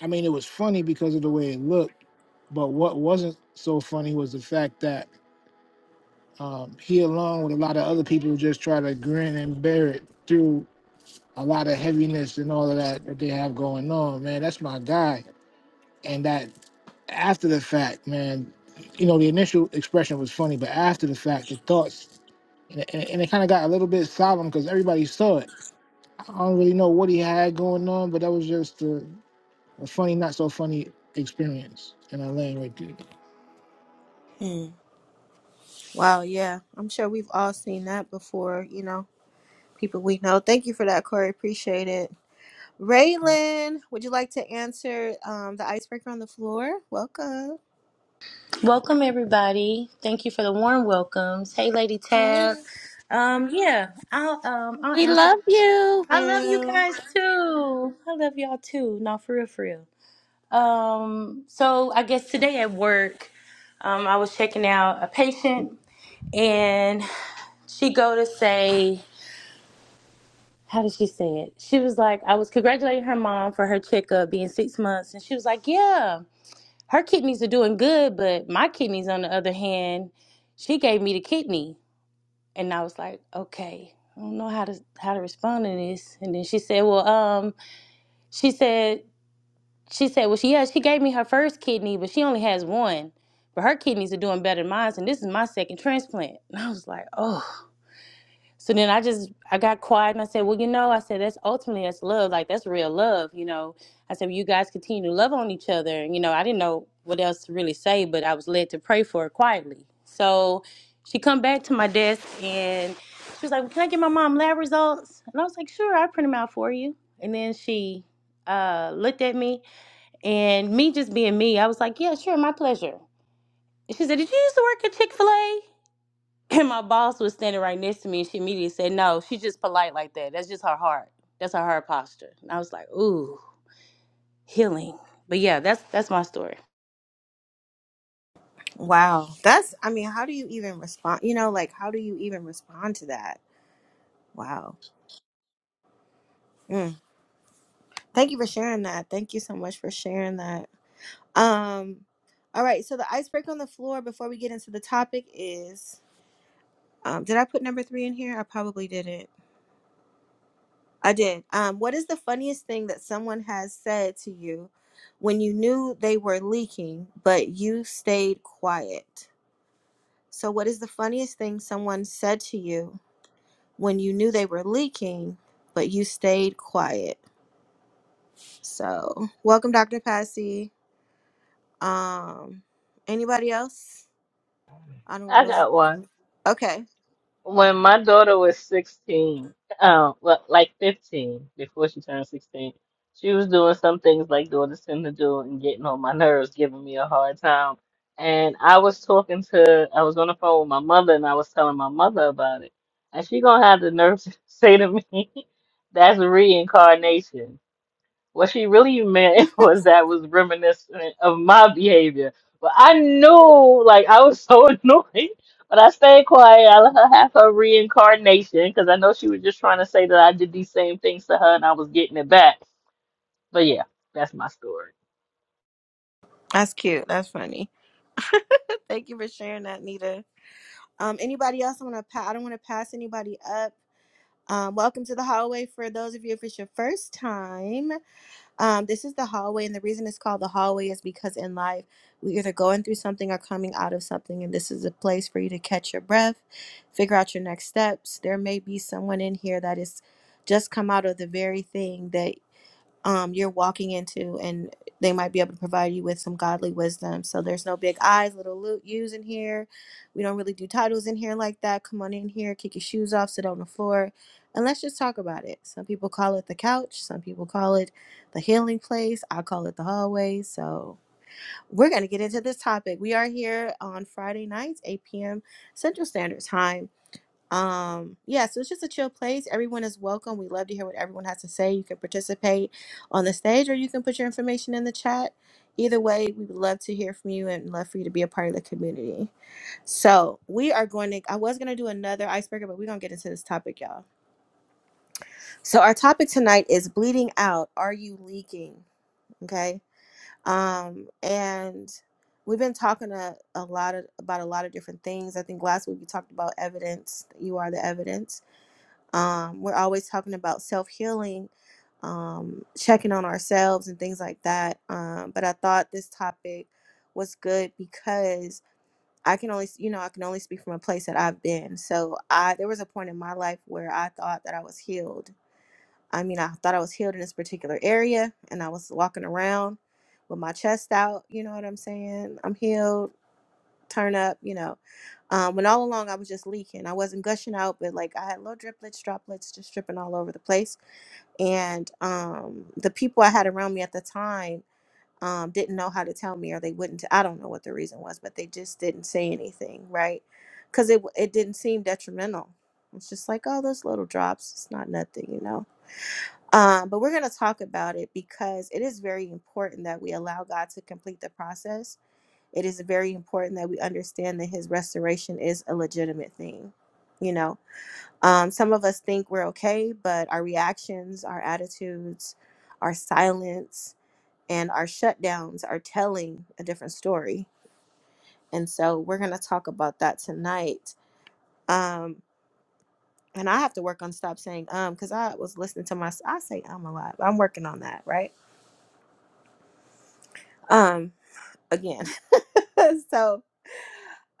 Speaker 6: I mean, it was funny because of the way it looked, but what wasn't so funny was the fact that um, he, along with a lot of other people, just try to grin and bear it through a lot of heaviness and all of that that they have going on. Man, that's my guy. And that after the fact, man, you know, the initial expression was funny, but after the fact, the thoughts, and, and, and it kind of got a little bit solemn because everybody saw it. I don't really know what he had going on, but that was just the A funny, not so funny experience. And I land right there.
Speaker 1: ahead. Wow, yeah. I'm sure we've all seen that before, you know, people we know. Thank you for that, Corey. Appreciate it. Raylan, would you like to answer um, the icebreaker on the floor? Welcome.
Speaker 15: Welcome everybody. Thank you for the warm welcomes. Hey, Lady Tab.
Speaker 1: Thank
Speaker 15: Um, yeah, I'll um I'll
Speaker 8: We love
Speaker 15: answer.
Speaker 8: you.
Speaker 15: I love you
Speaker 1: you.
Speaker 15: guys too. I love y'all too. No, for real, for real. Um, so I guess today at work, um, I was checking out a patient, and she go to say, how did she say it? She was like, I was congratulating her mom for her checkup being six months, and she was like, yeah her kidneys are doing good, but my kidneys, on the other hand, she gave me the kidney, and I was like, okay, I don't know how to how to respond to this. And then she said, well, um, she said she said, well, she yeah, she gave me her first kidney, but she only has one, but her kidneys are doing better than mine, and this is my second transplant. And I was like, oh. So then I just I got quiet and I said, well, you know, I said that's ultimately that's love, like that's real love, you know. I said, well, you guys continue to love on each other, and you know, I didn't know what else to really say, but I was led to pray for her quietly. So she come back to my desk and she was like, well, can I get my mom lab results? And I was like, sure, I print them out for you. And then she uh, looked at me and me just being me, I was like, yeah, sure, my pleasure. And she said, did you used to work at Chick Fil A? And my boss was standing right next to me, and she immediately said, "No, she's just polite like that. That's just her heart. That's her heart posture." And I was like, "Ooh, healing." But yeah, that's that's my story.
Speaker 1: Wow. That's, I mean, how do you even respond? You know, like, how do you even respond to that? Wow. Mm. Thank you for sharing that. Thank you so much for sharing that. Um, all right. So, the icebreaker on the floor before we get into the topic is um, did I put number three in here? I probably didn't. I did. Um, what is the funniest thing that someone has said to you when you knew they were leaking, but you stayed quiet? So, what is the funniest thing someone said to you when you knew they were leaking, but you stayed quiet? So, welcome, Dr. Passy. Um, anybody else? I don't
Speaker 7: I
Speaker 1: know.
Speaker 7: got one.
Speaker 1: Okay,
Speaker 7: When my daughter was 16, um, well, like 15, before she turned 16, she was doing some things like daughters tend to do and getting on my nerves, giving me a hard time. And I was talking to, I was on the phone with my mother and I was telling my mother about it. And she gonna have the nerve to say to me, that's reincarnation. What she really meant was that was reminiscent of my behavior. But I knew, like, I was so annoyed. But I stayed quiet. I let her have her reincarnation because I know she was just trying to say that I did these same things to her and I was getting it back. But yeah, that's my story.
Speaker 1: that's cute. That's funny. Thank you for sharing that, Nita. Um, anybody else? I want to. Pa- I don't want to pass anybody up. Um, welcome to the hallway for those of you if it's your first time. Um, this is the hallway, and the reason it's called the hallway is because in life we're either going through something or coming out of something, and this is a place for you to catch your breath, figure out your next steps. There may be someone in here that is just come out of the very thing that um, you're walking into, and they might be able to provide you with some godly wisdom. So there's no big I's, little lo- U's in here. We don't really do titles in here like that. Come on in here, kick your shoes off, sit on the floor, and let's just talk about it. Some people call it the couch, some people call it the healing place. I call it the hallway. So we're going to get into this topic. We are here on Friday nights, 8 p.m. Central Standard Time. Um, yeah, so it's just a chill place. Everyone is welcome. We love to hear what everyone has to say. You can participate on the stage or you can put your information in the chat. Either way, we would love to hear from you and love for you to be a part of the community. So we are going to, I was going to do another icebreaker, but we're going to get into this topic, y'all. So our topic tonight is bleeding out. Are you leaking? Okay. Um, and we've been talking a, a lot of, about a lot of different things. I think last week we talked about evidence. that You are the evidence um, we're always talking about self healing, um, checking on ourselves, and things like that. Um, but I thought this topic was good because I can only, you know, I can only speak from a place that I've been. So I there was a point in my life where I thought that I was healed. I mean, I thought I was healed in this particular area, and I was walking around with my chest out. You know what I'm saying? I'm healed turn up, you know. Um, when all along I was just leaking. I wasn't gushing out, but like I had little driplets, droplets just dripping all over the place. And um, the people I had around me at the time um, didn't know how to tell me, or they wouldn't. I don't know what the reason was, but they just didn't say anything, right? Because it it didn't seem detrimental. It's just like, oh, those little drops. It's not nothing, you know. Um, but we're gonna talk about it because it is very important that we allow God to complete the process it is very important that we understand that his restoration is a legitimate thing you know um, some of us think we're okay but our reactions our attitudes our silence and our shutdowns are telling a different story and so we're going to talk about that tonight um, and i have to work on stop saying um because i was listening to my i say um a lot but i'm working on that right um again so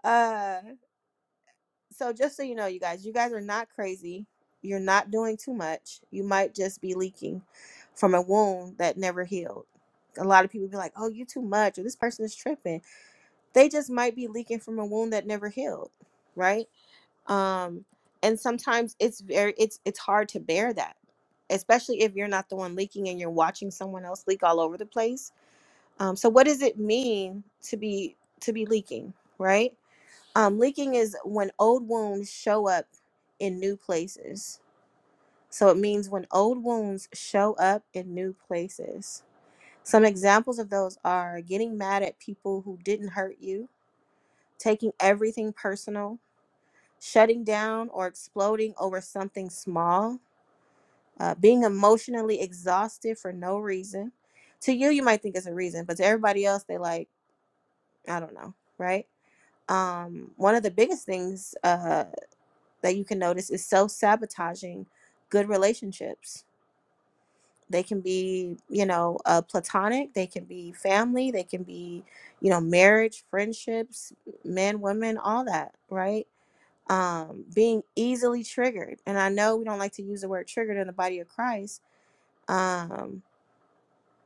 Speaker 1: uh so just so you know, you guys, you guys are not crazy. You're not doing too much. You might just be leaking from a wound that never healed. A lot of people be like, "Oh, you too much," or "This person is tripping." They just might be leaking from a wound that never healed, right? Um, and sometimes it's very it's it's hard to bear that, especially if you're not the one leaking and you're watching someone else leak all over the place. Um, so what does it mean to be to be leaking, right? Um, leaking is when old wounds show up in new places. So it means when old wounds show up in new places. Some examples of those are getting mad at people who didn't hurt you, taking everything personal, shutting down or exploding over something small, uh, being emotionally exhausted for no reason. To you, you might think it's a reason, but to everybody else, they like, I don't know, right? Um, one of the biggest things uh, that you can notice is self sabotaging good relationships. They can be, you know, uh, platonic, they can be family, they can be, you know, marriage, friendships, men, women, all that, right? Um, being easily triggered. And I know we don't like to use the word triggered in the body of Christ, um,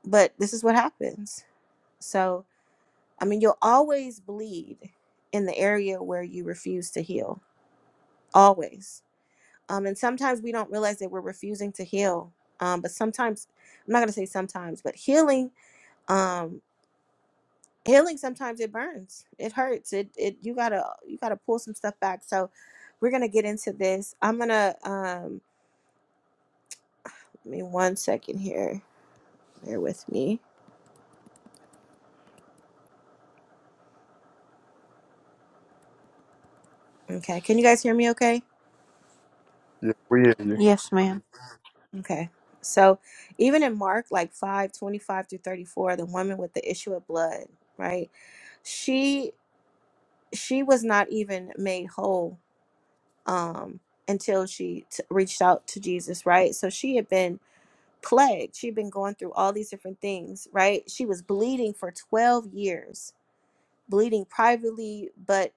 Speaker 1: but this is what happens. So, I mean, you'll always bleed in the area where you refuse to heal, always Um, and sometimes we don't realize that we're refusing to heal. Um, but sometimes, I'm not gonna say sometimes, but healing, um, healing sometimes it burns, it hurts, it it you gotta you gotta pull some stuff back. So we're gonna get into this. I'm gonna um, give me one second here. Bear with me. Okay, can you guys hear me? Okay.
Speaker 2: Yeah, we hear
Speaker 1: Okay. So even in Mark like 5 25 through 34, the woman with the issue of blood, right? She she was not even made whole um, until she t- reached out to Jesus, right? So she had been plagued. She'd been going through all these different things, right? She was bleeding for 12 years, bleeding privately, but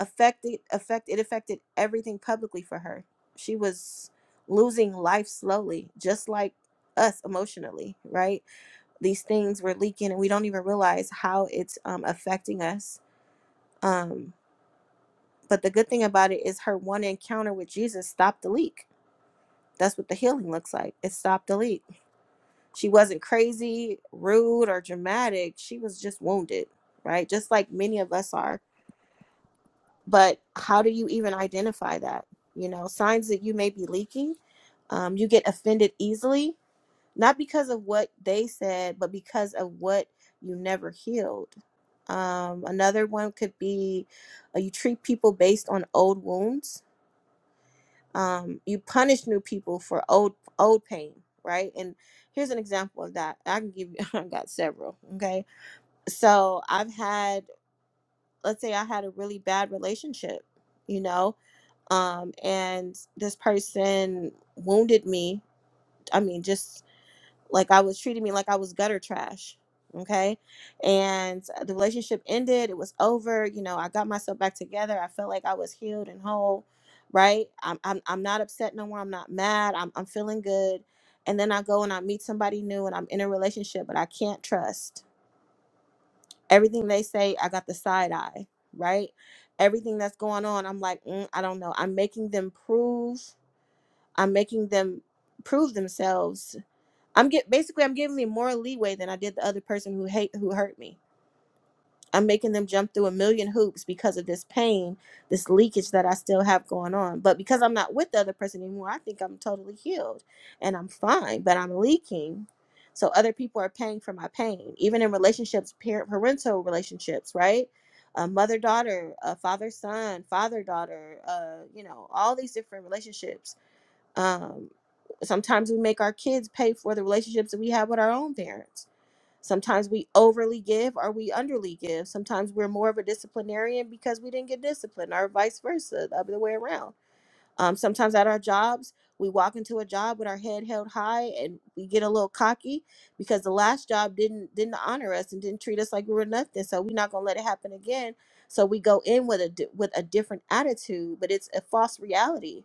Speaker 1: affected affect it affected everything publicly for her. She was losing life slowly, just like us emotionally, right? These things were leaking and we don't even realize how it's um, affecting us. Um, but the good thing about it is her one encounter with Jesus stopped the leak That's what the healing looks like. It's stop delete. She wasn't crazy, rude, or dramatic. She was just wounded, right? Just like many of us are. But how do you even identify that? You know, signs that you may be leaking. Um, you get offended easily, not because of what they said, but because of what you never healed. Um, another one could be uh, you treat people based on old wounds um, you punish new people for old old pain right and here's an example of that i can give you i got several okay so i've had let's say i had a really bad relationship you know um and this person wounded me i mean just like I was treating me like I was gutter trash. Okay. And the relationship ended. It was over. You know, I got myself back together. I felt like I was healed and whole. Right. I'm I'm I'm not upset no more. I'm not mad. I'm I'm feeling good. And then I go and I meet somebody new and I'm in a relationship, but I can't trust. Everything they say, I got the side eye, right? Everything that's going on, I'm like, mm, I don't know. I'm making them prove, I'm making them prove themselves I'm get basically I'm giving me more leeway than I did the other person who hate who hurt me. I'm making them jump through a million hoops because of this pain, this leakage that I still have going on. But because I'm not with the other person anymore, I think I'm totally healed and I'm fine, but I'm leaking. So other people are paying for my pain, even in relationships, parent parental relationships, right? Uh, mother daughter, uh, father son, father daughter, uh, you know, all these different relationships um, sometimes we make our kids pay for the relationships that we have with our own parents. Sometimes we overly give or we underly give. Sometimes we're more of a disciplinarian because we didn't get disciplined, or vice versa, the other way around. Um, sometimes at our jobs, we walk into a job with our head held high and we get a little cocky because the last job didn't didn't honor us and didn't treat us like we were nothing. So we're not gonna let it happen again. So we go in with a di- with a different attitude, but it's a false reality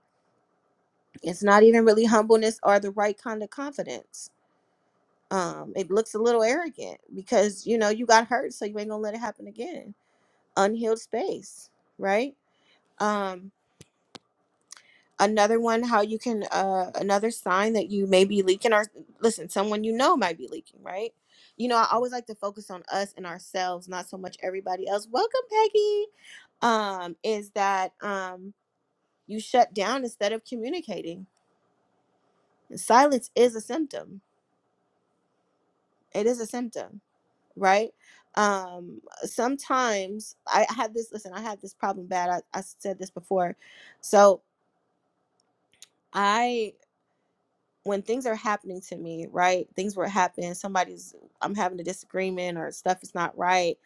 Speaker 1: it's not even really humbleness or the right kind of confidence. Um, it looks a little arrogant because you know you got hurt, so you ain't gonna let it happen again. Unhealed space, right? Um, another one, how you can, uh, another sign that you may be leaking, or listen, someone you know might be leaking, right? You know, I always like to focus on us and ourselves, not so much everybody else. Welcome, Peggy. Um, is that um, you shut down instead of communicating? Silence is a symptom. It is a symptom right? Um, sometimes I had this, listen, I had this problem bad. I, I said this before. So I, when things are happening to me, right? Things were happening, somebody's, I'm having a disagreement or stuff is not right.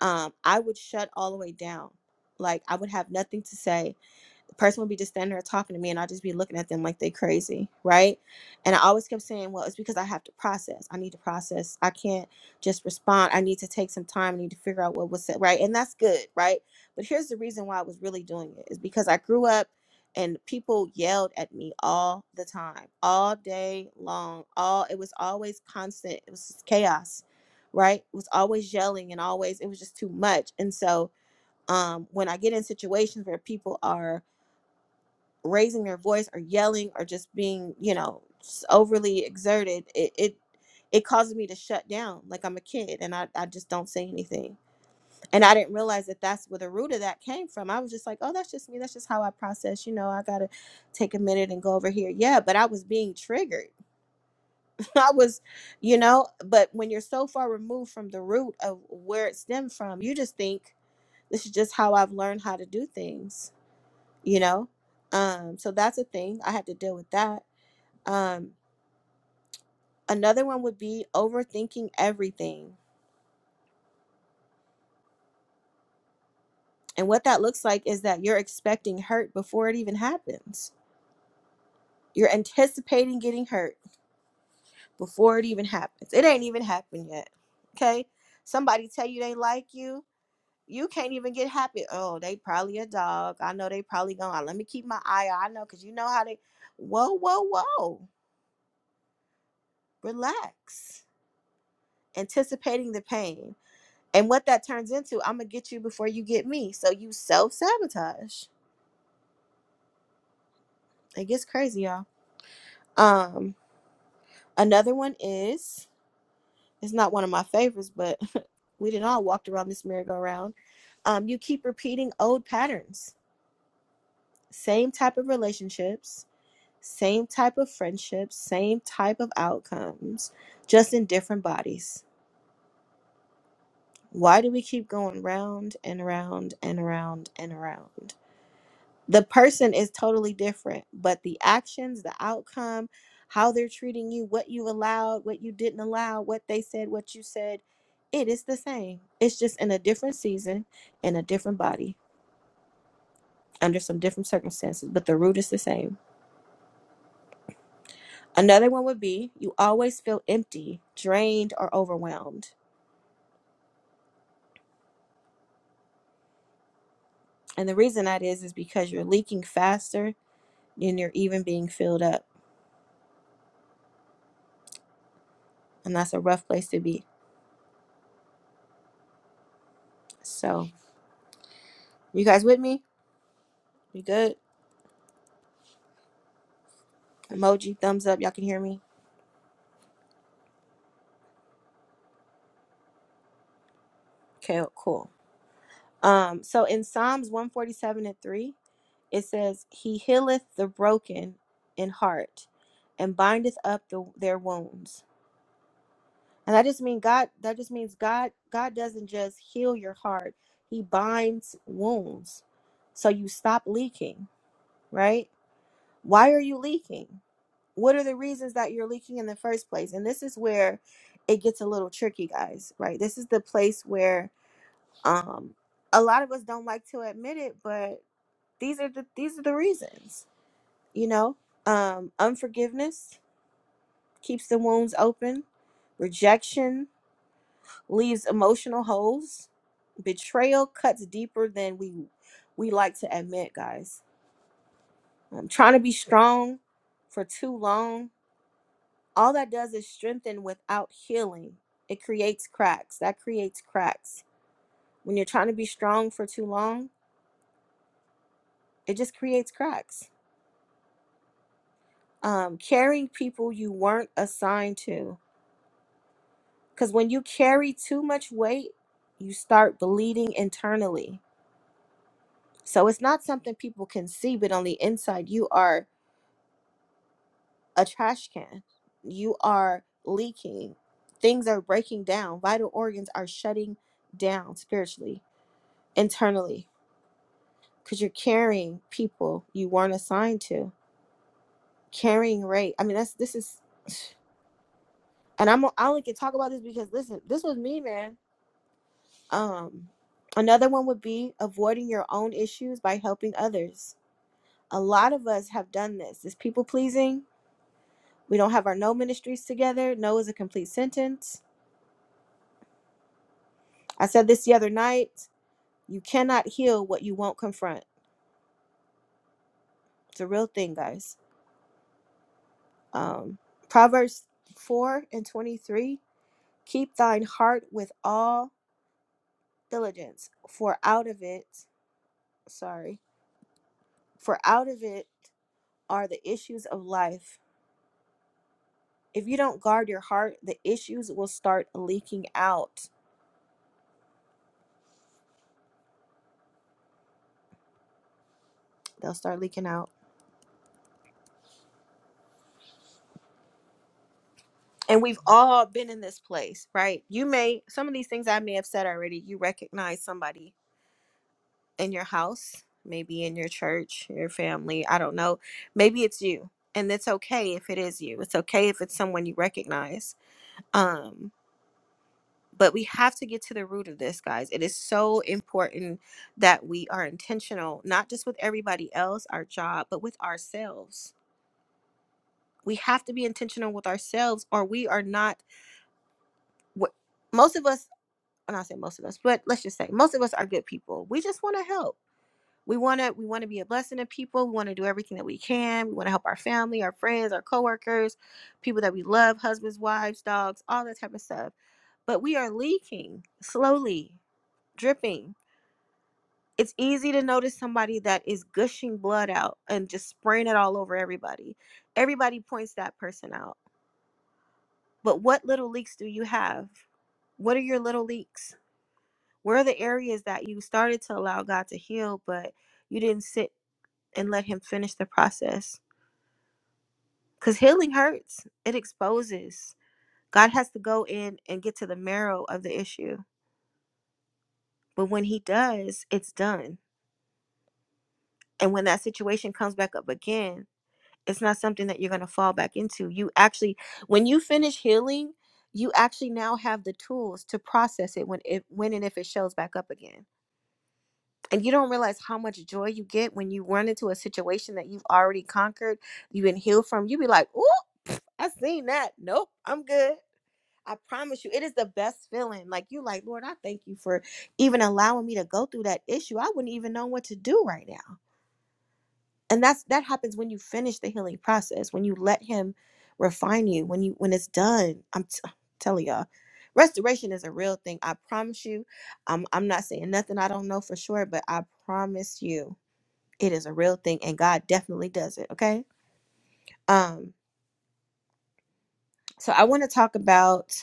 Speaker 1: Um, I would shut all the way down. Like I would have nothing to say a person would be just standing there talking to me and I'll just be looking at them like they crazy, right? And I always kept saying, well, it's because I have to process. I need to process. I can't just respond. I need to take some time. I need to figure out what was said, right? And that's good, right? But here's the reason why I was really doing it is because I grew up and people yelled at me all the time, all day long. All it was always constant. It was just chaos, right? It was always yelling and always it was just too much. And so um when I get in situations where people are raising their voice or yelling or just being you know s- overly exerted it it, it causes me to shut down like i'm a kid and I, I just don't say anything and i didn't realize that that's where the root of that came from i was just like oh that's just me that's just how i process you know i gotta take a minute and go over here yeah but i was being triggered i was you know but when you're so far removed from the root of where it stemmed from you just think this is just how i've learned how to do things you know um so that's a thing i had to deal with that um, another one would be overthinking everything. And what that looks like is that you're expecting hurt before it even happens. You're anticipating getting hurt before it even happens. It ain't even happened yet. Okay? Somebody tell you they like you, you can't even get happy. Oh, they probably a dog. I know they probably gonna let me keep my eye out. I know because you know how they whoa, whoa, whoa. Relax. Anticipating the pain. And what that turns into, I'm gonna get you before you get me. So you self sabotage. It gets crazy, y'all. Um, another one is it's not one of my favorites, but we didn't all walked around this merry-go-round. Um, you keep repeating old patterns, same type of relationships, same type of friendships, same type of outcomes, just in different bodies. Why do we keep going round and around and around and around? the person is totally different, but the actions, the outcome, how they're treating you, what you allowed, what you didn't allow, what they said, what you said, it is the same. It's just in a different season, in a different body, under some different circumstances, but the root is the same. Another one would be you always feel empty, drained, or overwhelmed. And the reason that is is because you're leaking faster than you're even being filled up. And that's a rough place to be. So, you guys with me? You good? Emoji, thumbs up. Y'all can hear me? Okay, cool. Um, so in Psalms 147 and 3, it says, He healeth the broken in heart and bindeth up the, their wounds. And that just means God, that just means God, God doesn't just heal your heart. He binds wounds. So you stop leaking, right? Why are you leaking? What are the reasons that you're leaking in the first place? And this is where it gets a little tricky, guys, right? This is the place where um a lot of us don't like to admit it but these are the these are the reasons you know um unforgiveness keeps the wounds open rejection leaves emotional holes betrayal cuts deeper than we we like to admit guys um, trying to be strong for too long all that does is strengthen without healing it creates cracks that creates cracks when you're trying to be strong for too long it just creates cracks um, carrying people you weren't assigned to. Because when you carry too much weight, you start bleeding internally. So it's not something people can see, but on the inside, you are a trash can. You are leaking. Things are breaking down. Vital organs are shutting down spiritually, internally, because you're carrying people you weren't assigned to. Carrying rate. I mean, that's this is, and I'm I only can talk about this because listen, this was me, man Um, another one would be avoiding your own issues by helping others. A lot of us have done this. It's people pleasing. We don't have our no ministries together. No is a complete sentence. I said this the other night. You cannot heal what you won't confront. It's a real thing, guys. Um, Proverbs 4 and 23 Keep thine heart with all diligence, for out of it, sorry, for out of it are the issues of life. If you don't guard your heart, the issues will start leaking out. They'll start leaking out. And we've all been in this place, right? You may, some of these things I may have said already, you recognize somebody in your house, maybe in your church, your family, I don't know. Maybe it's you. And it's okay if it is you. It's okay if it's someone you recognize. Um, but we have to get to the root of this, guys. It is so important that we are intentional, not just with everybody else, our job, but with ourselves we have to be intentional with ourselves or we are not what most of us and i say most of us but let's just say most of us are good people we just want to help we want to we want to be a blessing to people we want to do everything that we can we want to help our family our friends our coworkers people that we love husbands wives dogs all that type of stuff but we are leaking slowly dripping it's easy to notice somebody that is gushing blood out and just spraying it all over everybody everybody points that person out But what little leaks do you have? What are your little leaks? Where are the areas that you started to allow God to heal, but you didn't sit and let Him finish the process? Because healing hurts, it exposes. God has to go in and get to the marrow of the issue. But when He does, it's done. And when that situation comes back up again, it's not something that you're going to fall back into. You actually, when you finish healing, you actually now have the tools to process it when it when and if it shows back up again And you don't realize how much joy you get when you run into a situation that you've already conquered, you've been healed from. You be like, "Ooh, I seen that. Nope, I'm good." I promise you, it is the best feeling. Like you, like Lord, I thank you for even allowing me to go through that issue. I wouldn't even know what to do right now. And that's that happens when you finish the healing process, when you let Him refine you, when you when it's done. I'm t- telling y'all, restoration is a real thing. I promise you. I'm I'm not saying nothing I don't know for sure, but I promise you it is a real thing and God definitely does it, okay? Um so I want to talk about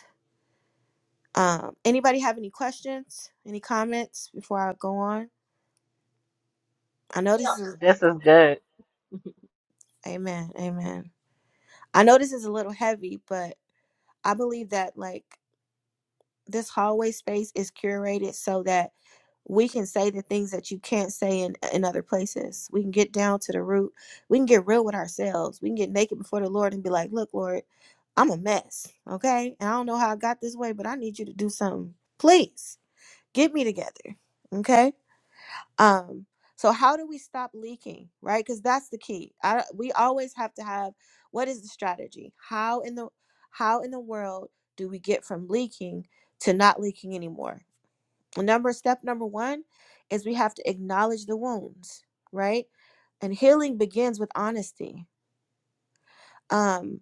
Speaker 1: um anybody have any questions, any comments before I go on? I know this is
Speaker 7: This is good.
Speaker 1: amen, amen. I know this is a little heavy, but I believe that like this hallway space is curated so that we can say the things that you can't say in, in other places. We can get down to the root. We can get real with ourselves. We can get naked before the Lord and be like, look, Lord, I'm a mess. Okay. And I don't know how I got this way, but I need you to do something. Please get me together. Okay um so how do we stop leaking right because that's the key I, we always have to have what is the strategy how in the how in the world do we get from leaking to not leaking anymore number step number one is we have to acknowledge the wounds right and healing begins with honesty Um,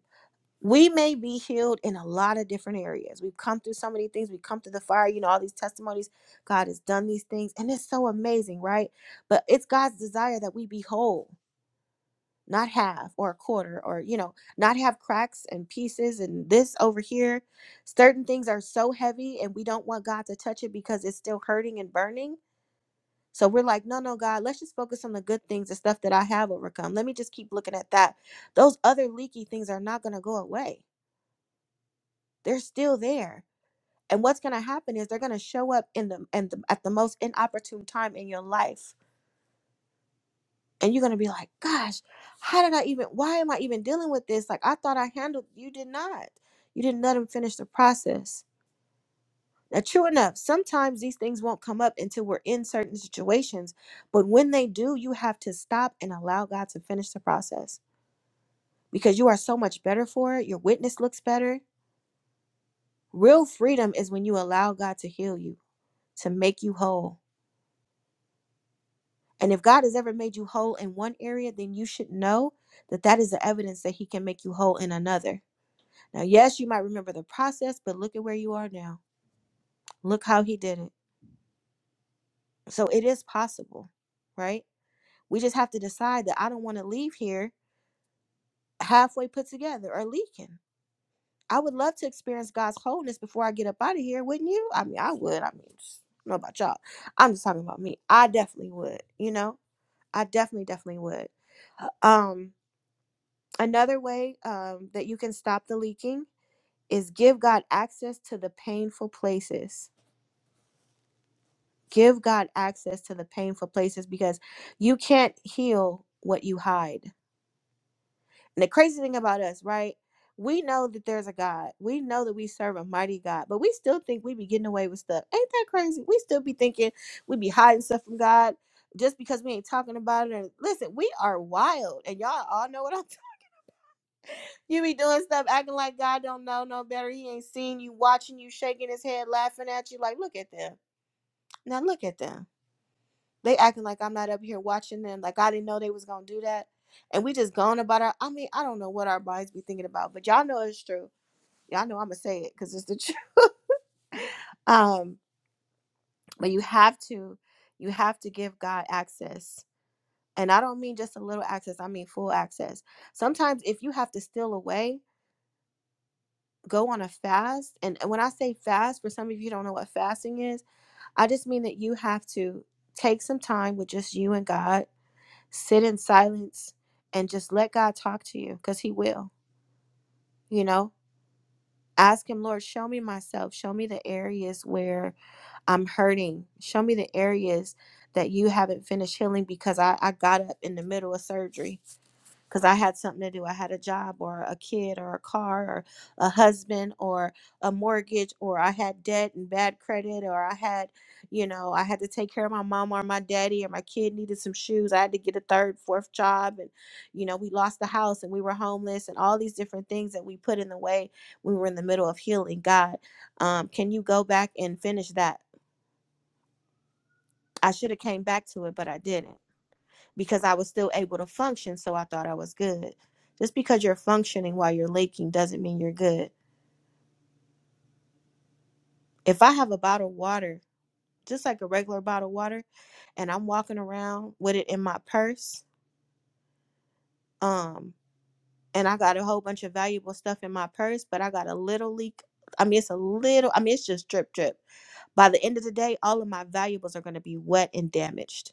Speaker 1: we may be healed in a lot of different areas. We've come through so many things. We've come through the fire, you know, all these testimonies. God has done these things, and it's so amazing, right? But it's God's desire that we be whole, not half or a quarter, or, you know, not have cracks and pieces and this over here. Certain things are so heavy, and we don't want God to touch it because it's still hurting and burning. So we're like, no, no, God, let's just focus on the good things, the stuff that I have overcome. Let me just keep looking at that. Those other leaky things are not going to go away they're still there and what's going to happen is they're going to show up in the and the, at the most inopportune time in your life and you're going to be like gosh how did i even why am i even dealing with this like i thought i handled you did not you didn't let them finish the process now true enough sometimes these things won't come up until we're in certain situations but when they do you have to stop and allow god to finish the process because you are so much better for it your witness looks better real freedom is when you allow god to heal you to make you whole And if God has ever made you whole in one area, then you should know that that is the evidence that He can make you whole in another. Now, yes, you might remember the process, but look at where you are now. Look how He did it. So it is possible, right? We just have to decide that I don't want to leave here halfway put together or leaking. I would love to experience God's wholeness before I get up out of here, wouldn't you? I mean, I would. I mean, just- I don't know about y'all. I'm just talking about me. I definitely would, you know? I definitely, definitely would. Um, Another way um, that you can stop the leaking is give God access to the painful places. Give God access to the painful places because you can't heal what you hide. And the crazy thing about us, right? We know that there's a God. We know that we serve a mighty God, but we still think we be getting away with stuff. Ain't that crazy? We still be thinking we be hiding stuff from God just because we ain't talking about it. And listen, we are wild, and y'all all know what I'm You be doing stuff, acting like God don't know no better. He ain't seen you, watching you, shaking his head, laughing at you. Like, look at them. Now look at them. They acting like I'm not up here watching them. Like I didn't know they was gonna do that. And we just going about our. I mean, I don't know what our minds be thinking about, but y'all know it's true. Y'all know I'm gonna say it because it's the truth. Um, but you have to, you have to give God access, and I don't mean just a little access. I mean full access. Sometimes if you have to steal away go on a fast and when i say fast for some of you don't know what fasting is i just mean that you have to take some time with just you and god sit in silence and just let god talk to you because he will you know ask him lord show me myself show me the areas where i'm hurting show me the areas that you haven't finished healing because i, I got up in the middle of surgery because I had something to do. I had a job or a kid or a car or a husband or a mortgage or I had debt and bad credit or I had, you know, I had to take care of my mom or my daddy or my kid needed some shoes. I had to get a third, fourth job and, you know, we lost the house and we were homeless and all these different things that we put in the way when we were in the middle of healing. God, um, can you go back and finish that? I should have came back to it, but I didn't because I was still able to function, so I thought I was good. Just because you're functioning while you're leaking doesn't mean you're good. If I have a bottle of water, just like a regular bottle of water, and I'm walking around with it in my purse, um, and I got a whole bunch of valuable stuff in my purse, but I got a little leak. I mean, it's a little, I mean, it's just drip, drip. By the end of the day, all of my valuables are going to be wet and damaged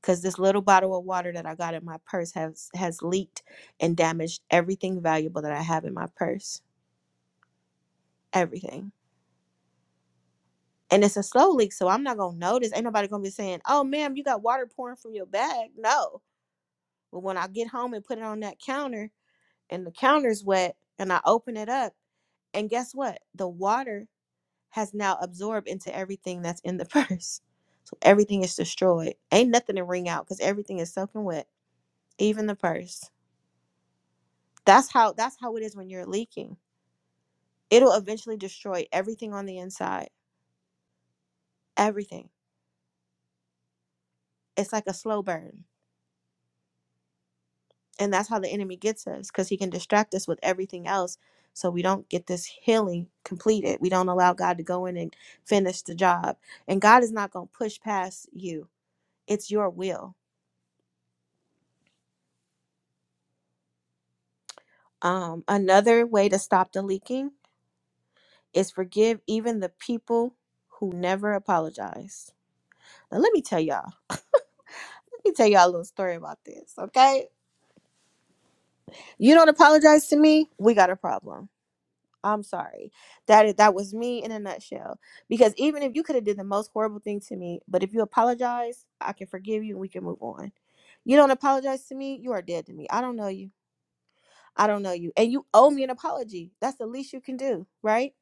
Speaker 1: because this little bottle of water that I got in my purse has has leaked and damaged everything valuable that I have in my purse. Everything. And it's a slow leak, so I'm not gonna notice. Ain't nobody gonna be saying, "Oh, ma'am, you got water pouring from your bag." No, but when I get home and put it on that counter, and the counter's wet, and I open it up, and guess what? The water has now absorbed into everything that's in the purse, so everything is destroyed. Ain't nothing to wring out because everything is soaking wet, even the purse. That's how that's how it is when you're leaking. It'll eventually destroy everything on the inside. Everything. It's like a slow burn. And that's how the enemy gets us because he can distract us with everything else. So we don't get this healing completed. We don't allow God to go in and finish the job. And God is not going to push past you. It's your will. Um, another way to stop the leaking is forgive even the people who never apologize. Now let me tell y'all. Let me tell y'all a little story about this, okay? You don't apologize to me, we got a problem. I'm sorry. that that was me in a nutshell. Because even if you could have did the most horrible thing to me, but if you apologize, I can forgive you and we can move on. You don't apologize to me, you are dead to me. I don't know you. I don't know you. And you owe me an apology. That's the least you can do, right?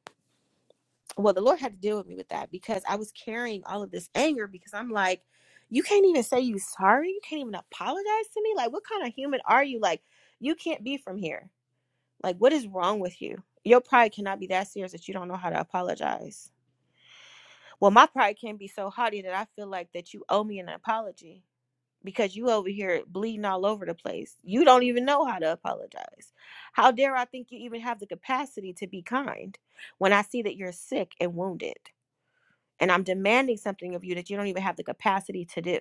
Speaker 1: Well, the Lord had to deal with me with that because I was carrying all of this anger because I'm like, you can't even say you sorry. You can't even apologize to me. Like, what kind of human are you? Like, you can't be from here. Like, what is wrong with you? Your pride cannot be that serious that you don't know how to apologize. Well, my pride can be so haughty that I feel like that you owe me an apology because you over here bleeding all over the place. You don't even know how to apologize. How dare I think you even have the capacity to be kind when I see that you're sick and wounded and I'm demanding something of you that you don't even have the capacity to do.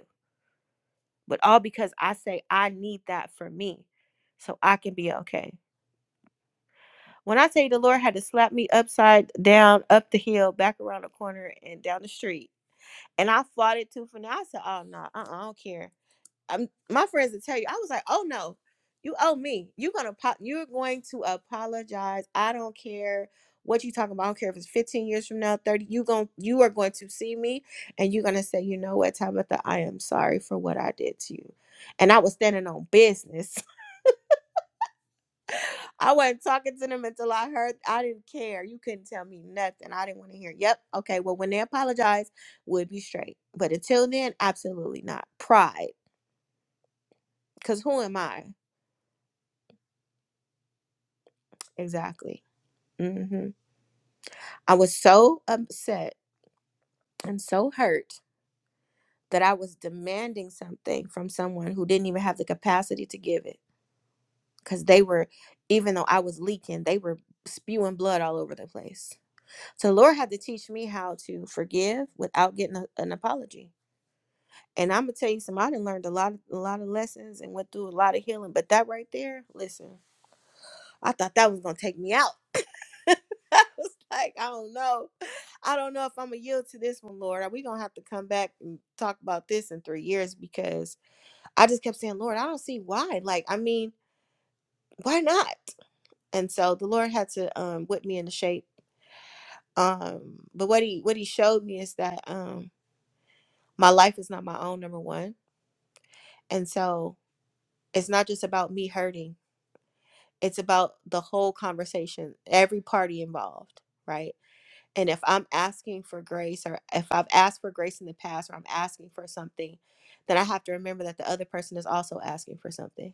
Speaker 1: But all because I say I need that for me so I can be okay. When I say the Lord had to slap me upside down, up the hill, back around the corner, and down the street. And I fought it too for now. I said, oh, no, uh-uh, I don't care. Um, my friends will tell you, I was like, oh, no, you owe me. You're going to pop. you're going to apologize. I don't care what you talking about. I don't care if it's 15 years from now, 30. You going you are going to see me and you're going to say, you know what, Tabitha, I am sorry for what I did to you. And I was standing on business. I wasn't talking to them until I heard. I didn't care. You couldn't tell me nothing. I didn't want to hear. Yep. Okay. Well, when they apologize, we'll be straight. But until then, absolutely not. Pride. Because who am I? Exactly. hmm I was so upset and so hurt that I was demanding something from someone who didn't even have the capacity to give it. Because they were, even though I was leaking, they were spewing blood all over the place. So, the Lord had to teach me how to forgive without getting a- an apology And I'm gonna tell you something. I done learned a lot, a lot of lessons, and went through a lot of healing. But that right there, listen, I thought that was gonna take me out. I was like, I don't know, I don't know if I'm gonna yield to this one, Lord. we gonna have to come back and talk about this in three years? Because I just kept saying, Lord, I don't see why. Like, I mean, why not? And so the Lord had to um whip me into shape. Um, but what he what he showed me is that um my life is not my own, number one. And so it's not just about me hurting it's about the whole conversation every party involved right and if i'm asking for grace or if i've asked for grace in the past or i'm asking for something then i have to remember that the other person is also asking for something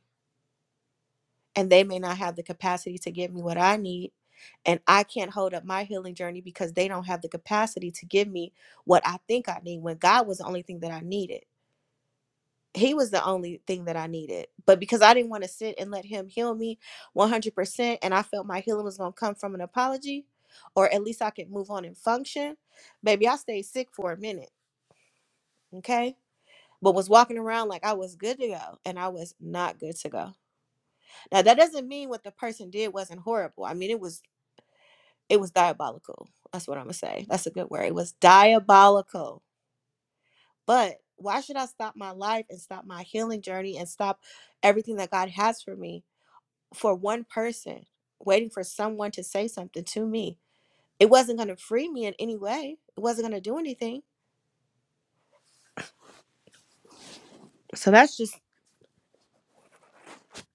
Speaker 1: and they may not have the capacity to give me what i need and i can't hold up my healing journey because they don't have the capacity to give me what i think i need when god was the only thing that i needed he was the only thing that I needed. But because I didn't want to sit and let him heal me 100%, and I felt my healing was going to come from an apology, or at least I could move on and function, baby, I stayed sick for a minute, okay? But was walking around like I was good to go, and I was not good to go. Now, that doesn't mean what the person did wasn't horrible. I mean, it was it was diabolical. That's what I'm gonna say. That's a good word. It was diabolical. But why should I stop my life and stop my healing journey and stop everything that God has for me for one person, waiting for someone to say something to me. It wasn't going to free me in any way, it wasn't going to do anything. So that's just,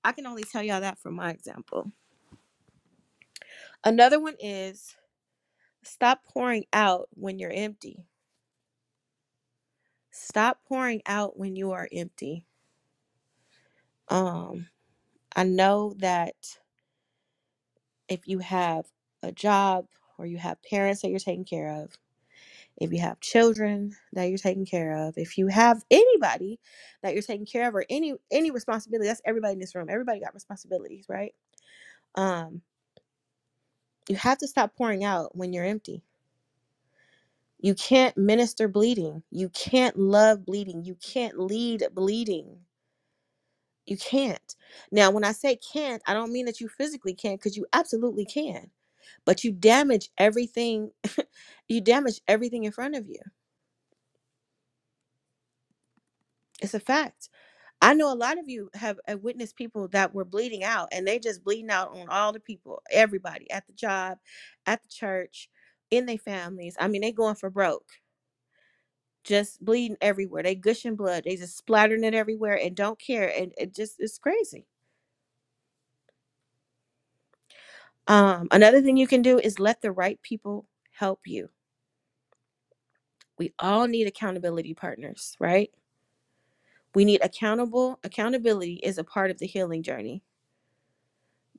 Speaker 1: I can only tell y'all that from my example. Another one is stop pouring out when you're empty. Stop pouring out when you are empty. Um, I know that if you have a job or you have parents that you're taking care of, if you have children that you're taking care of, if you have anybody that you're taking care of or any any responsibility, that's everybody in this room. Everybody got responsibilities, right? Um, you have to stop pouring out when you're empty. You can't minister bleeding. You can't love bleeding. You can't lead bleeding. You can't. Now, when I say can't, I don't mean that you physically can't, because you absolutely can. But you damage everything. you damage everything in front of you. It's a fact I know a lot of you have uh, witnessed people that were bleeding out and they just bleeding out on all the people, everybody at the job, at the church, in their families. I mean, they going for broke, just bleeding everywhere. They gushing blood. They just splattering it everywhere and don't care. And it just it's crazy. Um, another thing you can do is let the right people help you. We all need accountability partners, right? We need accountable. Accountability is a part of the healing journey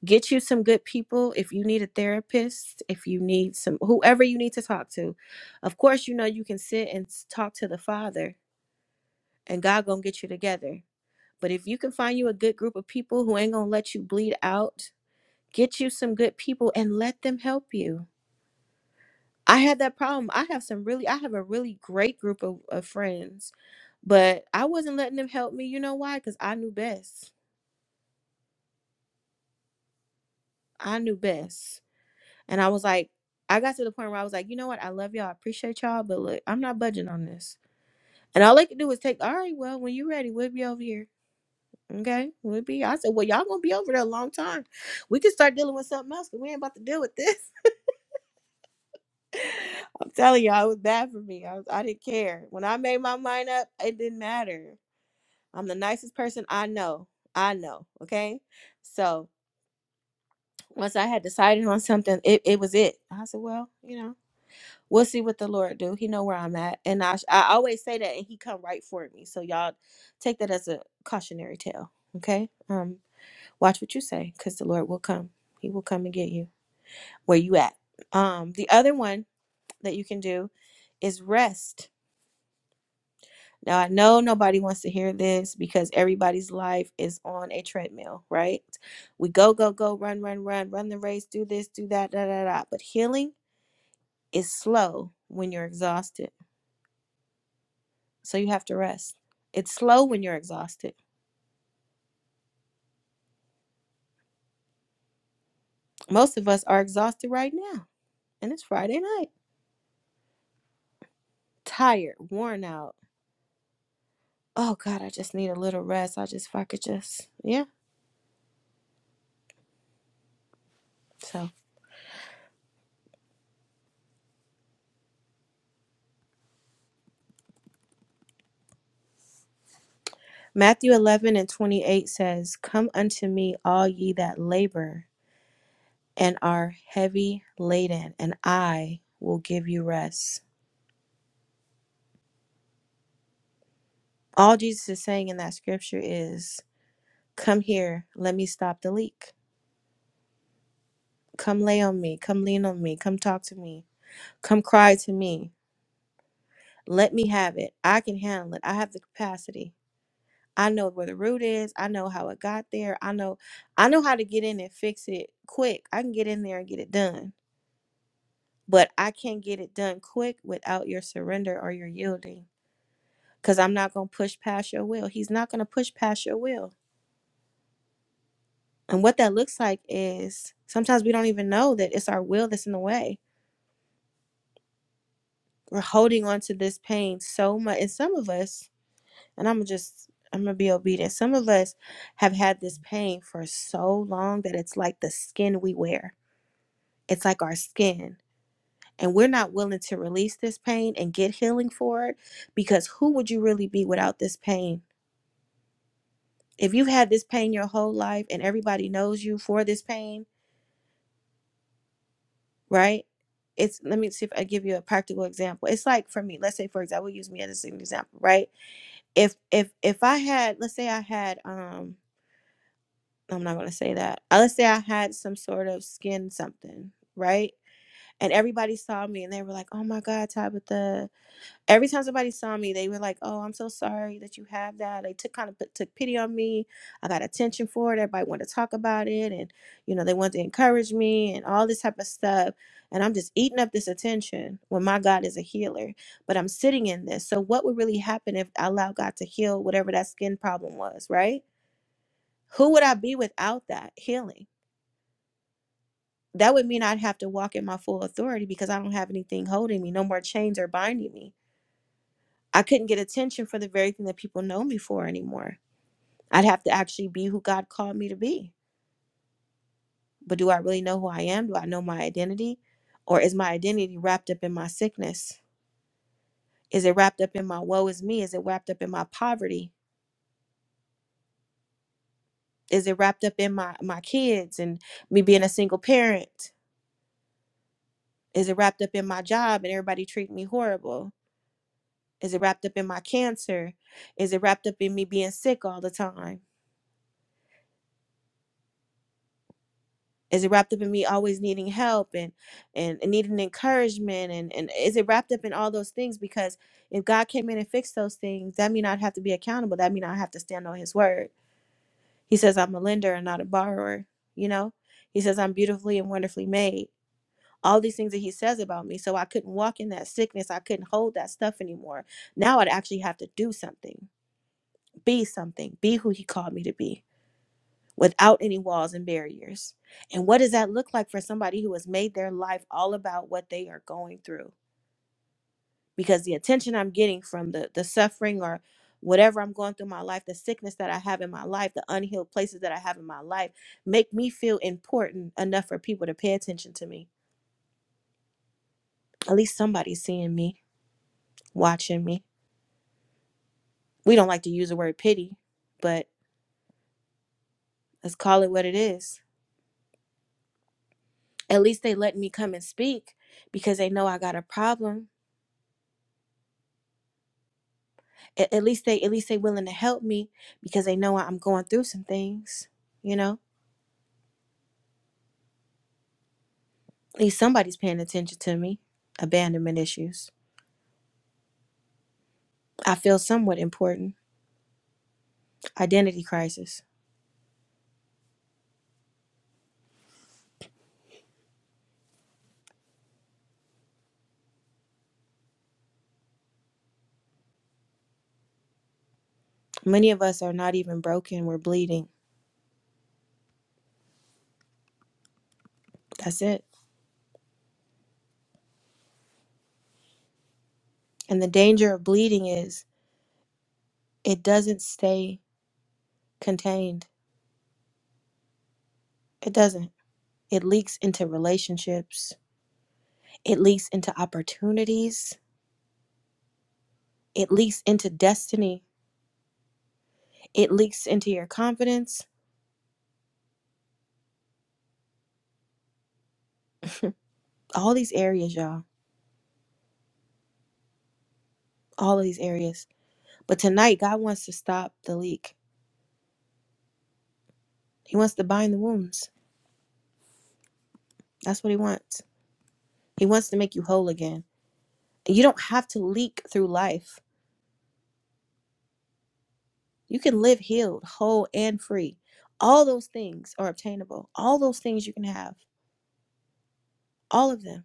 Speaker 1: get you some good people if you need a therapist if you need some whoever you need to talk to of course you know you can sit and talk to the father and god gonna get you together but if you can find you a good group of people who ain't gonna let you bleed out get you some good people and let them help you i had that problem i have some really i have a really great group of, of friends but i wasn't letting them help me you know why because i knew best i knew best And I was like, I got to the point where I was like, you know what? I love y'all. I appreciate y'all, but look, I'm not budging on this. And all they could do was take, all right, well, when you're ready, we'll be over here. Okay, we'll be. I said, well, y'all gonna be over there a long time. We could start dealing with something else, else, 'cause we ain't about to deal with this. I'm telling y'all, it was bad for me. I was, I didn't care. When I made my mind up, it didn't matter. I'm the nicest person I know. I know. Okay, so once I had decided on something, it, it was it. I said, well, you know. We'll see what the Lord do. He know where I'm at, and I I always say that, and He come right for me. So y'all take that as a cautionary tale, okay? Um, watch what you say, cause the Lord will come. He will come and get you where you at. Um, the other one that you can do is rest. Now I know nobody wants to hear this because everybody's life is on a treadmill, right? We go go go, run run run, run the race, do this, do that, da da da. But healing is slow when you're exhausted. So you have to rest. It's slow when you're exhausted. Most of us are exhausted right now, and it's Friday night. Tired, worn out. Oh God, I just need a little rest. I just, if I could just, yeah. So Matthew 11 and 28 says, Come unto me, all ye that labor and are heavy laden, and I will give you rest. All Jesus is saying in that scripture is, Come here, let me stop the leak. Come lay on me, come lean on me, come talk to me, come cry to me Let me have it. I can handle it. I have the capacity. I know where the root is. I know how it got there. I know I know how to get in and fix it quick. I can get in there and get it done. But I can't get it done quick without your surrender or your yielding cuz I'm not going to push past your will. He's not going to push past your will. And what that looks like is sometimes we don't even know that it's our will that's in the way. We're holding on to this pain so much. And some of us and I'm just I'm gonna be obedient. Some of us have had this pain for so long that it's like the skin we wear. It's like our skin. And we're not willing to release this pain and get healing for it because who would you really be without this pain? If you've had this pain your whole life and everybody knows you for this pain, right? It's let me see if I give you a practical example. It's like for me, let's say for example, use me as an example, right? If if if I had let's say I had um I'm not gonna say that. Uh, Let's say I had some sort of skin something, right? And everybody saw me and they were like, Oh my God, Tabitha. Every time somebody saw me, they were like, Oh, I'm so sorry that you have that. They took kind of put, took pity on me. I got attention for it. Everybody wanted to talk about it. And, you know, they wanted to encourage me and all this type of stuff. And I'm just eating up this attention when my God is a healer. But I'm sitting in this. So what would really happen if I allowed God to heal whatever that skin problem was, right? Who would I be without that healing? that would mean I'd have to walk in my full authority because I don't have anything holding me, no more chains are binding me. I couldn't get attention for the very thing that people know me for anymore. I'd have to actually be who God called me to be. But do I really know who I am? Do I know my identity? Or is my identity wrapped up in my sickness? Is it wrapped up in my woe is me? Is it wrapped up in my poverty? Is it wrapped up in my, my kids and me being a single parent? Is it wrapped up in my job and everybody treating me horrible? Is it wrapped up in my cancer? Is it wrapped up in me being sick all the time? Is it wrapped up in me always needing help and and, and needing encouragement and, and is it wrapped up in all those things? Because if God came in and fixed those things, that mean I'd have to be accountable. That mean I have to stand on his word. He says I'm a lender and not a borrower, you know? He says I'm beautifully and wonderfully made. All these things that he says about me. So I couldn't walk in that sickness. I couldn't hold that stuff anymore. Now I'd actually have to do something, be something, be who he called me to be without any walls and barriers. And what does that look like for somebody who has made their life all about what they are going through? Because the attention I'm getting from the the suffering or whatever I'm going through in my life, the sickness that I have in my life, the unhealed places that I have in my life, make me feel important enough for people to pay attention to me. At least somebody's seeing me, watching me. We don't like to use the word pity, but let's call it what it is. At least they let me come and speak because they know I got a problem at, at least they at least they willing to help me because they know I'm going through some things, you know? At least somebody's paying attention to me. Abandonment issues. I feel somewhat important. Identity crisis. Many of us are not even broken, we're bleeding. That's it. And the danger of bleeding is it doesn't stay contained. It doesn't. It leaks into relationships. It leaks into opportunities. It leaks into destiny. It leaks into your confidence. All these areas, y'all. all of these areas. But tonight, God wants to stop the leak. He wants to bind the wounds. That's what He wants. He wants to make you whole again. And you don't have to leak through life. You can live healed, whole, and free. All those things are obtainable. All those things you can have. All of them.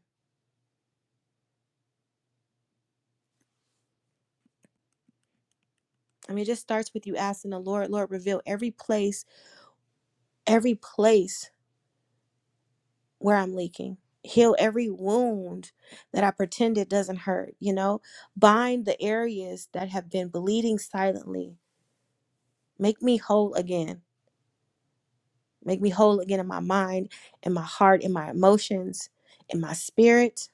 Speaker 1: I mean, it just starts with you asking the Lord, Lord, reveal every place, every place where I'm leaking. Heal every wound that I pretend it doesn't hurt, you know? Bind the areas that have been bleeding silently Make me whole again. Make me whole again in my mind, in my heart, in my emotions, in my spirit.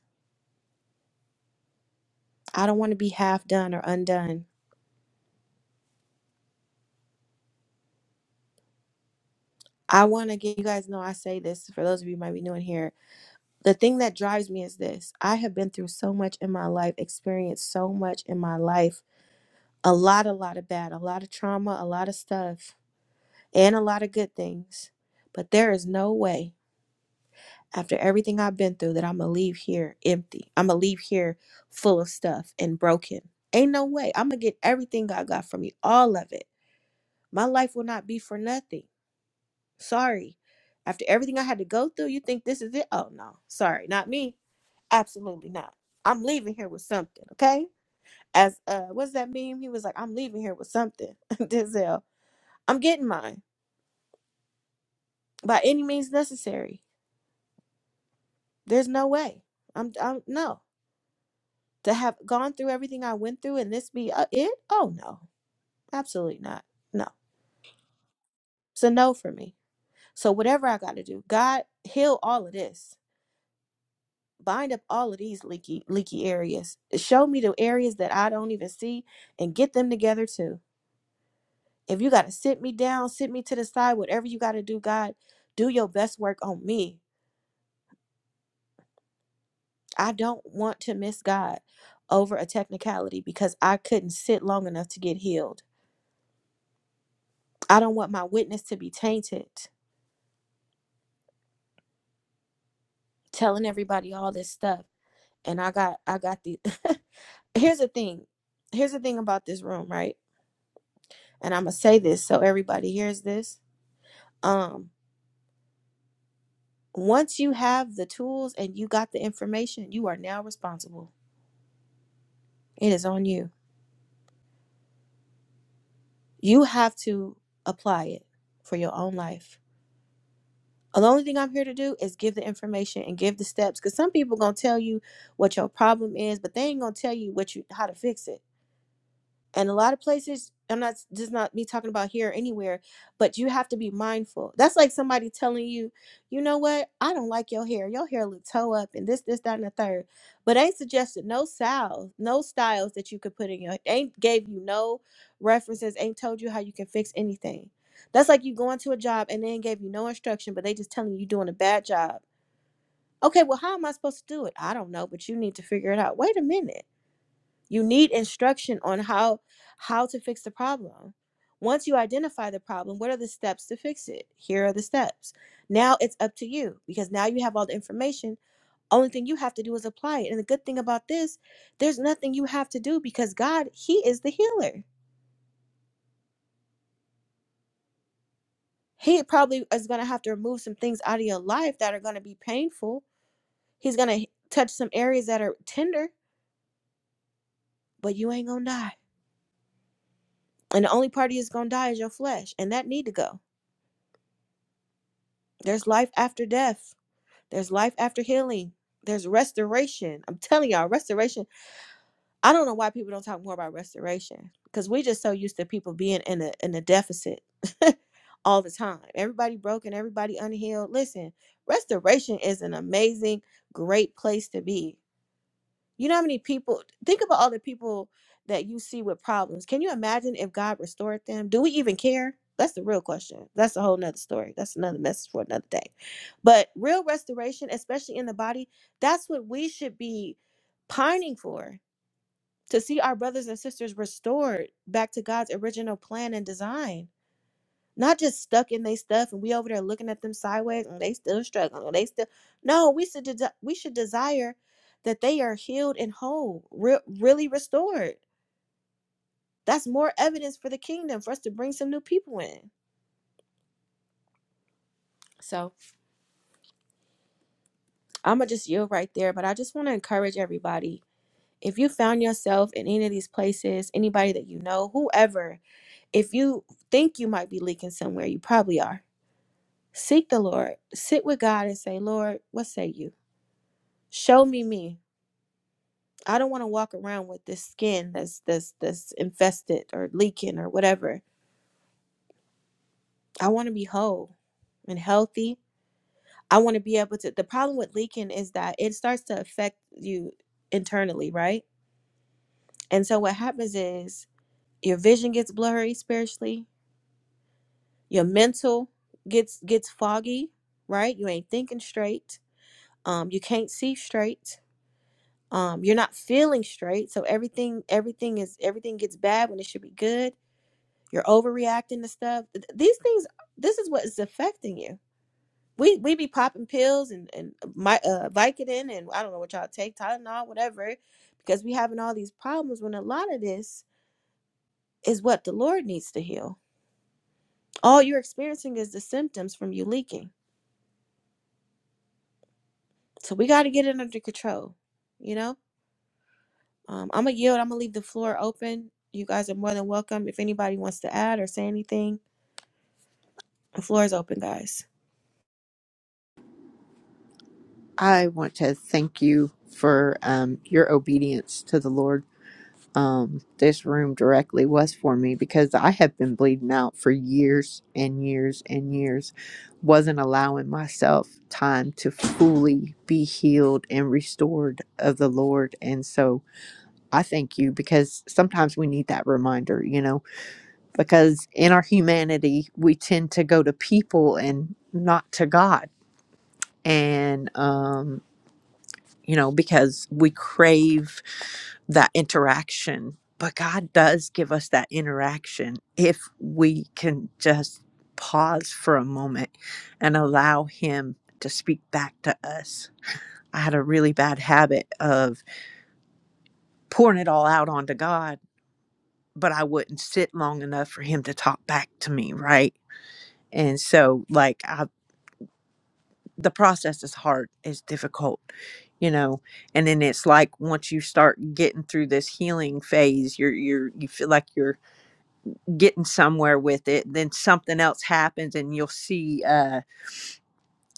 Speaker 1: I don't want to be half done or undone. I want to get you guys know I say this for those of you who might be new in here. The thing that drives me is this I have been through so much in my life, experienced so much in my life. A lot, a lot of bad, a lot of trauma, a lot of stuff, and a lot of good things. But there is no way after everything I've been through that I'm gonna leave here empty. I'm gonna leave here full of stuff and broken. Ain't no way. I'm gonna get everything God got from me, all of it. My life will not be for nothing. Sorry. After everything I had to go through, you think this is it? Oh no, sorry, not me. Absolutely not. I'm leaving here with something, okay? As uh what's that meme? He was like, I'm leaving here with something, Denzel. I'm getting mine by any means necessary. There's no way. I'm I'm no. to have gone through everything I went through and this be uh, it? Oh no, absolutely not. No, it's a no for me. So whatever I got to do, God heal all of this, bind up all of these leaky leaky areas, show me the areas that I don't even see, and get them together too. If you got to sit me down, sit me to the side, whatever you got to do, God, do your best work on me. I don't want to miss God over a technicality because I couldn't sit long enough to get healed. I don't want my witness to be tainted. telling everybody all this stuff and i got i got the here's the thing here's the thing about this room right and i'm gonna say this so everybody hears this um once you have the tools and you got the information you are now responsible it is on you you have to apply it for your own life the only thing i'm here to do is give the information and give the steps because some people gonna tell you what your problem is but they ain't gonna tell you what you how to fix it and a lot of places i'm not this is not me talking about here anywhere but you have to be mindful that's like somebody telling you you know what i don't like your hair your hair look toe up and this this that and the third but ain't suggested no styles no styles that you could put in your ain't gave you no references ain't told you how you can fix anything that's like you going to a job and they ain't gave you no instruction but they just telling you you are doing a bad job okay well how am i supposed to do it i don't know but you need to figure it out wait a minute you need instruction on how how to fix the problem. Once you identify the problem, what are the steps to fix it? Here are the steps. Now it's up to you because now you have all the information. Only thing you have to do is apply it. And the good thing about this, there's nothing you have to do because God, he is the healer. He probably is going to have to remove some things out of your life that are going to be painful. He's going to touch some areas that are tender, but you ain't going to die. And the only party that's going to die is your flesh, and that need to go. There's life after death There's life after healing. There's restoration. I'm telling y'all, restoration. I don't know why people don't talk more about restoration because we're just so used to people being in a in a deficit all the time. Everybody broken, everybody unhealed. Listen, restoration is an amazing, great place to be you know how many people think about all the people that you see with problems. Can you imagine if God restored them? Do we even care? That's the real question. That's a whole nother story. That's another message for another day. But real restoration, especially in the body, that's what we should be pining for to see our brothers and sisters restored back to God's original plan and design not just stuck in their stuff and we over there looking at them sideways and they still struggling. oh, They still no. We should desi we should desire that they are healed and whole, re- really restored. That's more evidence for the kingdom for us to bring some new people in. So I'm gonna just yield right there, but I just want to encourage everybody. If you found yourself in any of these places, anybody that you know, whoever, if you think you might be leaking somewhere, you probably are. Seek the Lord. Sit with God and say, Lord, what say you? Show me me. I don't want to walk around with this skin that's that's that's infested or leaking or whatever. I want to be whole and healthy. I want to be able to the problem with leaking is that it starts to affect you internally, right? And so what happens is your vision gets blurry spiritually, your mental gets gets foggy, right? You ain't thinking straight. Um you can't see straight. Um you're not feeling straight. So everything everything is everything gets bad when it should be good You're overreacting to stuff. These things, this is what is affecting you. We we be popping pills and and my uh, Vicodin and I don't know what y'all take Tylenol whatever, because we having all these problems. When a lot of this is what the Lord needs to heal. All you're experiencing is the symptoms from you leaking. So we got to get it under control. You know, um, I'm gonna yield. I'm gonna leave the floor open. You guys are more than welcome. If anybody wants to add or say anything, the floor is open, guys.
Speaker 13: I want to thank you for um, your obedience to the Lord um, this room directly was for me because I have been bleeding out for years and years and years, wasn't allowing myself time to fully be healed and restored of the Lord. And so I thank you because sometimes we need that reminder, you know, because in our humanity, we tend to go to people and not to God. And um, you know, because we crave that interaction. But God does give us that interaction if we can just pause for a moment and allow Him to speak back to us. I had a really bad habit of pouring it all out onto God, but I wouldn't sit long enough for Him to talk back to me, right? And so, like, I. the process is hard it's difficult you know and then it's like once you start getting through this healing phase you're you're you feel like you're getting somewhere with it then something else happens and you'll see uh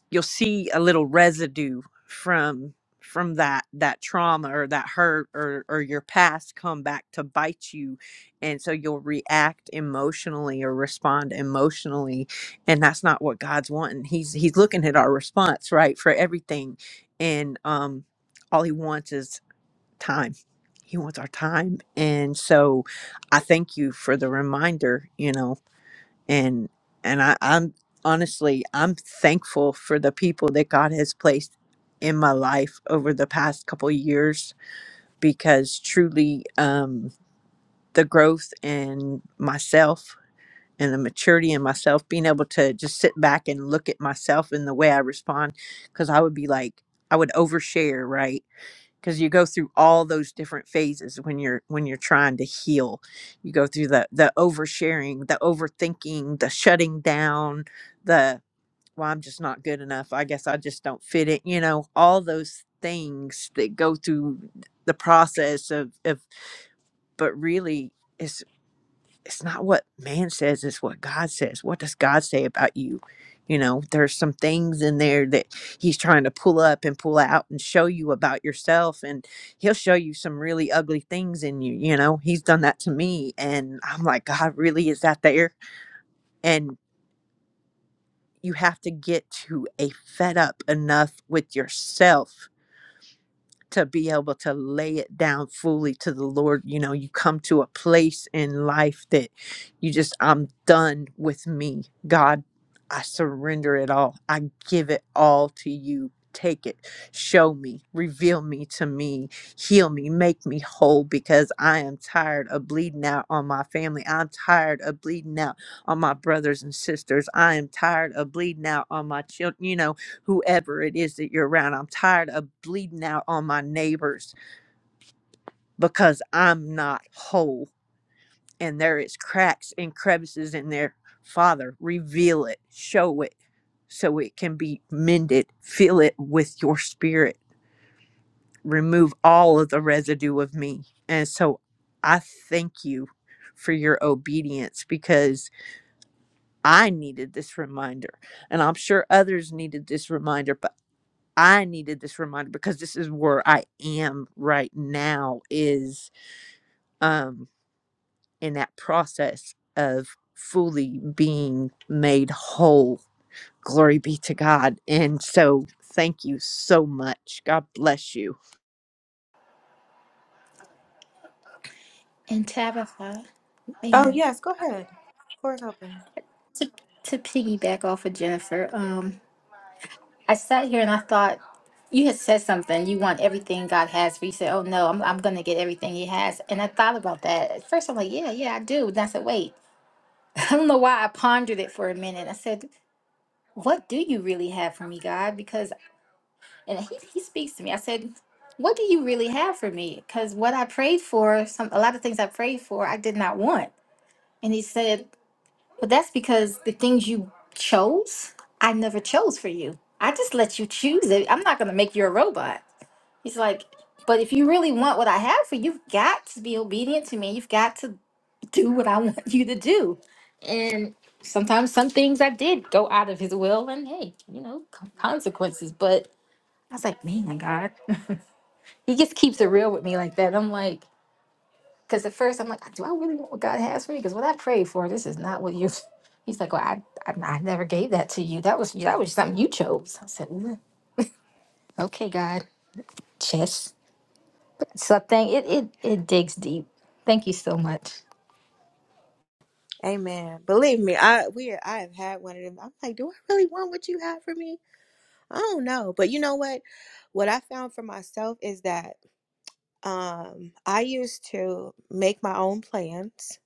Speaker 13: you'll see a little residue from from that that trauma or that hurt or or your past come back to bite you and so you'll react emotionally or respond emotionally and that's not what God's wanting he's he's looking at our response right for everything and um all he wants is time he wants our time and so i thank you for the reminder you know and and I, I'm honestly I'm thankful for the people that God has placed in my life over the past couple years because truly um, the growth in myself and the maturity in myself, being able to just sit back and look at myself and the way I respond, because I would be like I would overshare, right? because you go through all those different phases when you're when you're trying to heal you go through the the oversharing the overthinking the shutting down the well i'm just not good enough i guess i just don't fit it you know all those things that go through the process of of but really it's it's not what man says it's what god says what does god say about you you know there's some things in there that he's trying to pull up and pull out and show you about yourself and he'll show you some really ugly things in you you know he's done that to me and i'm like god really is that there and you have to get to a fed up enough with yourself to be able to lay it down fully to the Lord. You know, you come to a place in life that you just, I'm done with me. God, I surrender it all. I give it all to you. Take it, show me, reveal me to me, heal me, make me whole because I am tired of bleeding out on my family. I'm tired of bleeding out on my brothers and sisters. I am tired of bleeding out on my children. You know, whoever it is that you're around. I'm tired of bleeding out on my neighbors because I'm not whole and there is cracks and crevices in there. Father, reveal it, show it so it can be mended. Fill it with your spirit. Remove all of the residue of me. And so I thank you for your obedience because I needed this reminder. And I'm sure others needed this reminder I needed this reminder because this is where I am right now is um in that process of fully being made whole. Glory be to God. And so thank you so much. God bless you.
Speaker 1: Oh yes, go ahead. Floor is open.
Speaker 14: To, to piggyback off of Jennifer, um, I sat here and I thought you had said something. You want everything God has for you. You Said, "Oh no, I'm I'm gonna get everything He has." And I thought about that at first. I'm like, "Yeah, yeah, I do." And I said, "Wait." I don't know why I pondered it for a minute. I said, "What do you really have for me, God?" Because and He He speaks to me. I said. What do you really have for me? Because what I prayed for, some a lot of things I prayed for, I did not want. And he said, "Well, that's because the things you chose, I never chose for you. I just let you choose it. I'm not going to make you a robot." He's like, but if you really want what I have for you, you've got to be obedient to me. You've got to do what I want you to do. And sometimes some things I did go out of his will, and hey, you know, con- consequences. But I was like, man, God, he just keeps it real with me like that. I'm like, because at first I'm like, do I really want what God has for me? Because what I prayed for, this is not what you. He's like, well, I, I, I never gave that to you. That was that was something you chose. I said, "Mm, okay, God, chess. So thank it it it digs deep. Thank you so much.
Speaker 1: Amen. Believe me, I we I have had one of them. I'm like, do I really want what you have for me? I don't know. But you know what? What I found for myself is that um I used to make my own plans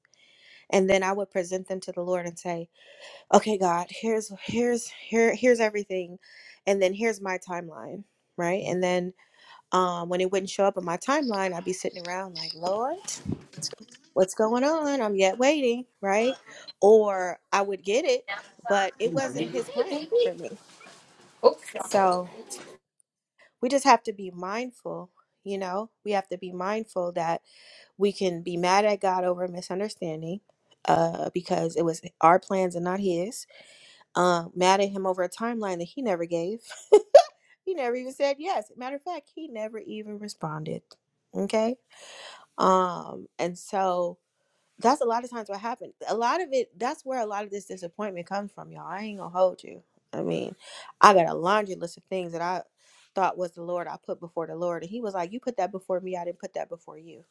Speaker 1: and then I would present them to the Lord and say, "Okay, God, here's here's here here's everything and then here's my timeline." Right? And then um when it wouldn't show up on my timeline, I'd be sitting around like, "Lord, what's going on? I'm yet waiting, right? Or I would get it, but it wasn't his plan for me. So we just have to be mindful, you know, we have to be mindful that we can be mad at God over a misunderstanding. Uh, because it was our plans and not his. Um, mad at him over a timeline that he never gave. he never even said yes. Matter of fact, he never even responded. Okay. Um, and so That's a lot of times what happened. A lot of it, that's where a lot of this disappointment comes from, y'all. I ain't gonna hold you. I mean, I got a laundry list of things that I thought was the Lord I put before the Lord. And he was like, You put that before me, I didn't put that before you.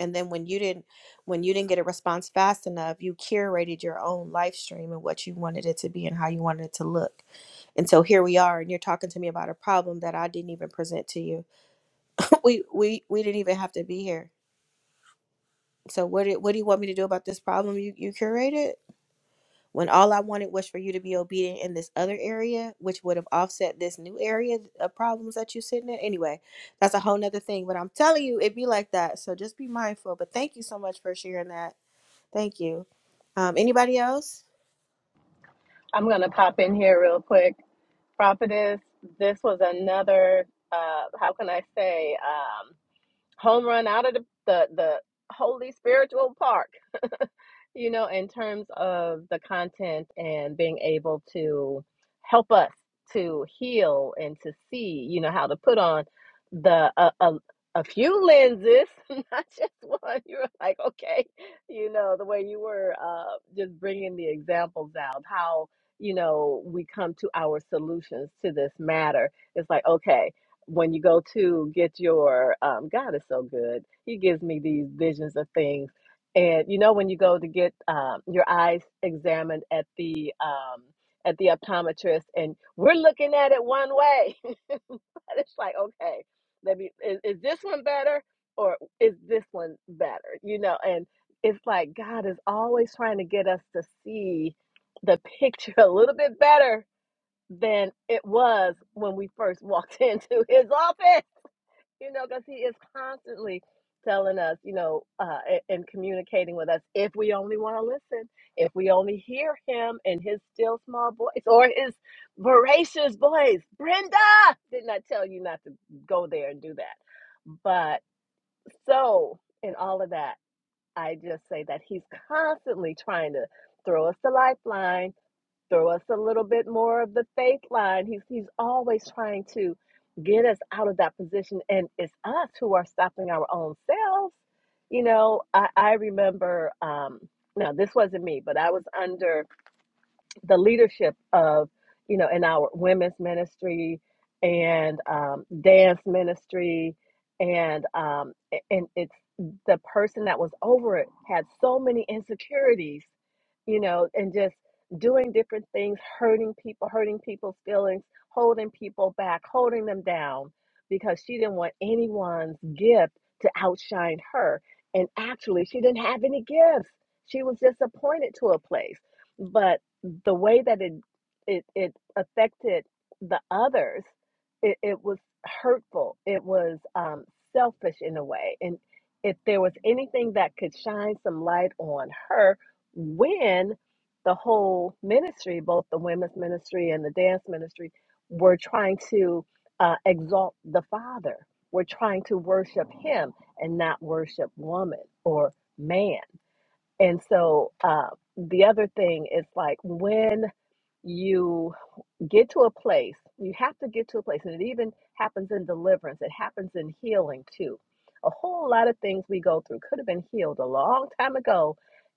Speaker 1: And then when you didn't when you didn't get a response fast enough, you curated your own live stream and what you wanted it to be and how you wanted it to look. And so here we are, and you're talking to me about a problem that I didn't even present to you. We we we didn't even have to be here. So what do, what do you want me to do about this problem you, you curated? when all I wanted was for you to be obedient in this other area, which would have offset this new area of problems that you're sitting in. Anyway, that's a whole nother thing. But I'm telling you, it be like that. So just be mindful. But thank you so much for sharing that. Thank you. Um, anybody else?
Speaker 16: I'm going to pop in here real quick. Prophetess, this was another, uh, how can I say, um, home run out of the, the, the holy spiritual park you know, in terms of the content and being able to help us to heal and to see, you know, how to put on the a, a, a few lenses, not just one. You were like, okay, you know, the way you were uh, just bringing the examples out, how you know we come to our solutions to this matter. It's like, okay. When you go to get your, um, God is so good. He gives me these visions of things and you know when you go to get um, your eyes examined at the um, at the optometrist, and we're looking at it one way. And it's like, okay, let me is, is this one better or is this one better? You know, and it's like God is always trying to get us to see the picture a little bit better than it was when we first walked into His office you know, because he is constantly telling us, you know, uh, a- and communicating with us if we only want to listen, if we only hear him and his still small voice or his voracious voice. Brenda, didn't I tell you not to go there and do that? But so, in all of that, I just say that he's constantly trying to throw us the lifeline throw us a little bit more of the faith line. He's he's always trying to get us out of that position, and it's us who are stopping our own selves. You know, I, I remember um, now this wasn't me, but I was under the leadership of you know in our women's ministry and um, dance ministry and um, and it's the person that was over it had so many insecurities you know and just doing different things hurting people hurting people's feelings holding people back holding them down because she didn't want anyone's gift to outshine her and actually she didn't have any gifts she was just appointed to a place but the way that it it, it affected the others it, it was hurtful it was um, selfish in a way and if there was anything that could shine some light on her when the whole ministry both the women's ministry and the dance ministry were trying to uh, exalt the father were trying to worship him and not worship woman or man and so uh, the other thing is like when you get to a place you have to get to a place and it even happens in deliverance it happens in healing too a whole lot of things we go through could have been healed a long time ago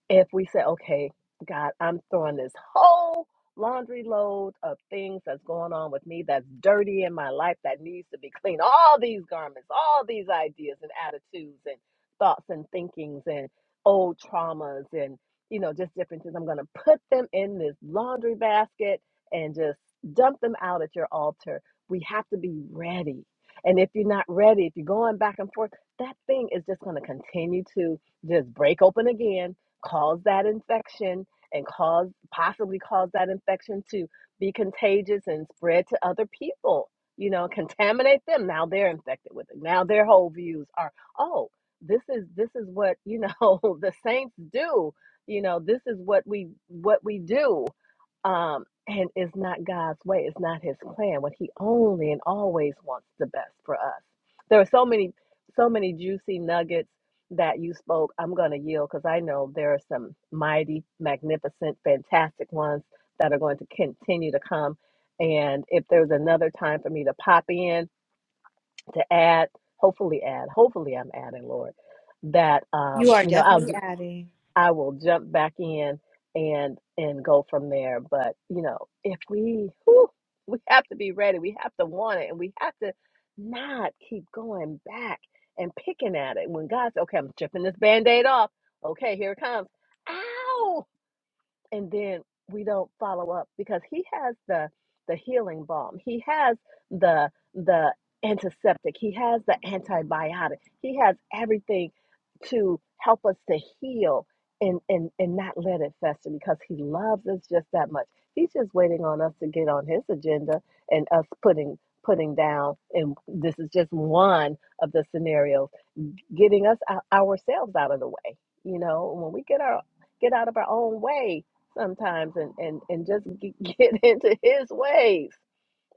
Speaker 16: if we said, okay god i'm throwing this whole laundry load of things that's going on with me that's dirty in my life that needs to be clean all these garments all these ideas and attitudes and thoughts and thinkings and old traumas and you know just different things i'm going to put them in this laundry basket and just dump them out at your altar. We have to be ready. And if you're not ready, if you're going back and forth, that thing is just going to continue to just break open again, cause that infection, and cause possibly cause that infection to be contagious and spread to other people. You know, contaminate them. Now they're infected with it. Now their whole views are, oh, this is this is what you know the saints do. You know, this is what we what we do um, and it's not God's way. It's not His plan. When He only and always wants the best for us. There are so many, so many juicy nuggets that you spoke. I'm going to yield because I know there are some mighty, magnificent, fantastic ones that are going to continue to come. And if there's another time for me to pop in to add, hopefully add, hopefully I'm adding, Lord, that
Speaker 1: You
Speaker 16: um,
Speaker 1: are
Speaker 16: you know I'll.
Speaker 1: definitely adding.
Speaker 16: I will jump back in and and go from there. But you know, if we whew, we have to be ready, we have to want it, and we have to not keep going back and picking at it. When God says, "Okay, I'm stripping this band-aid off," okay, here it comes. Ow! and then we don't follow up because he has the the healing balm he has the the antiseptic he has the antibiotic he has everything to help us to heal and and and not let it fester because he loves us just that much he's just waiting on us to get on his agenda and us putting putting down and this is just one of the scenarios getting us ou- ourselves out of the way. You know, when we get our get out of our own way sometimes, and and and just g- get into His ways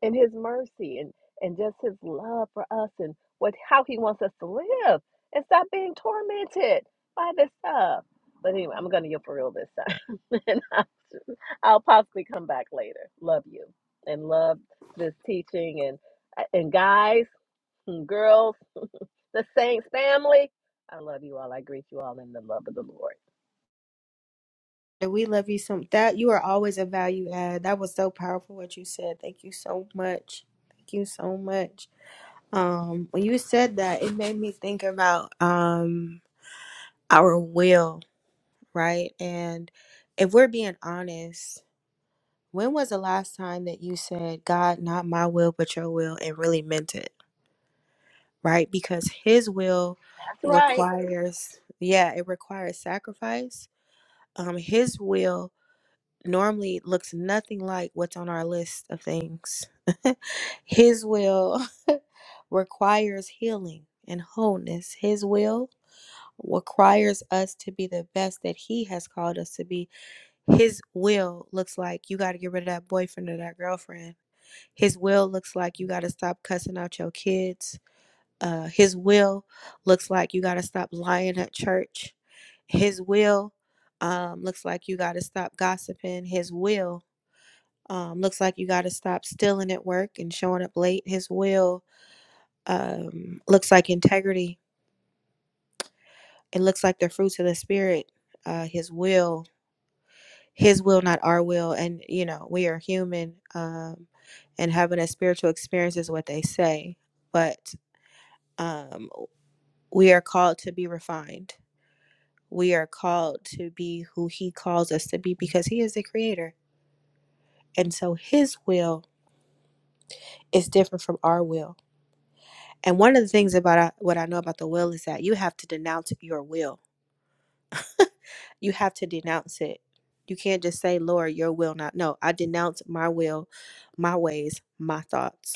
Speaker 16: and His mercy and and just His love for us and what how He wants us to live and stop being tormented by this stuff. But anyway, I'm gonna yield for real this time, and I'll, I'll possibly come back later. Love you and love this teaching and and guys, and girls the Saints family. I love you all. I greet you all in the love of the Lord.
Speaker 1: And we love you some that you are always a value add. That was so powerful what you said. Thank you so much. Thank you so much. Um, when you said that, it made me think about um our will right? And if we're being honest, when was the last time that you said, God, not my will, but your will, and really meant it, right? Because His will
Speaker 16: That's right.
Speaker 1: requires, yeah, it requires sacrifice. Um, his will normally looks nothing like what's on our list of things. His will requires healing and wholeness. His will requires us to be the best that He has called us to be His will looks like you got to get rid of that boyfriend or that girlfriend. His will looks like you got to stop cussing out your kids. Uh, his will looks like you got to stop lying at church. His will um, looks like you got to stop gossiping. His will um, looks like you got to stop stealing at work and showing up late. His will um, looks like integrity. It looks like the fruits of the spirit. Uh, his will his will not our will and you know we are human um and having a spiritual experience is what they say but um we are called to be refined we are called to be who he calls us to be because he is the creator and so his will is different from our will and one of the things about I- what i know about the will is that you have to denounce your will you have to denounce it you can't just say lord your will not no i denounce my will my ways my thoughts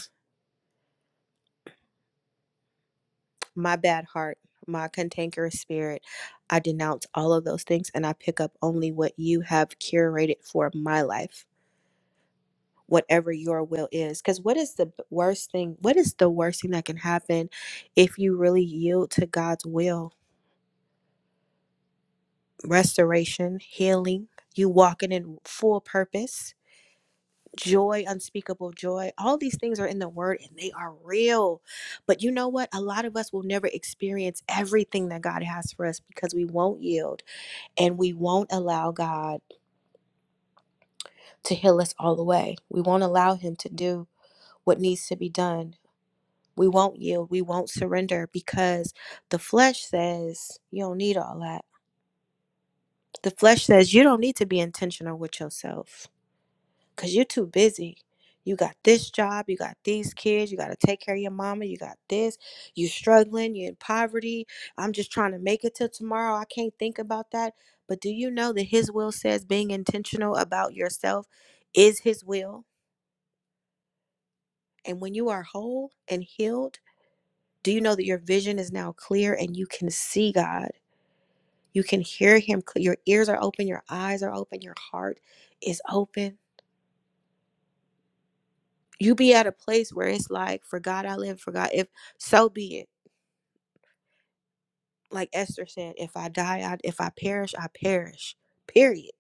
Speaker 1: my bad heart, my cantankerous spirit. I denounce all of those things and I pick up only what you have curated for my life, whatever your will is. Because what is the worst thing? What is the worst thing that can happen if you really yield to God's will? Restoration, healing, you walking in full purpose. Joy, unspeakable joy. All these things are in the word and they are real. But you know what? A lot of us will never experience everything that God has for us because we won't yield and we won't allow God to heal us all the way. We won't allow Him to do what needs to be done. We won't yield. We won't surrender because the flesh says, You don't need all that. The flesh says, You don't need to be intentional with yourself. because you're too busy. You got this job, you got these kids, you got to take care of your mama, you got this, you're struggling, you're in poverty. I'm just trying to make it till tomorrow. I can't think about that. But do you know that His will says being intentional about yourself is His will? And when you are whole and healed, do you know that your vision is now clear and you can see God? You can hear Him. Your ears are open, your eyes are open, your heart is open you be at a place where it's like for god i live for god if so be it like esther said if i die I, if i perish i perish period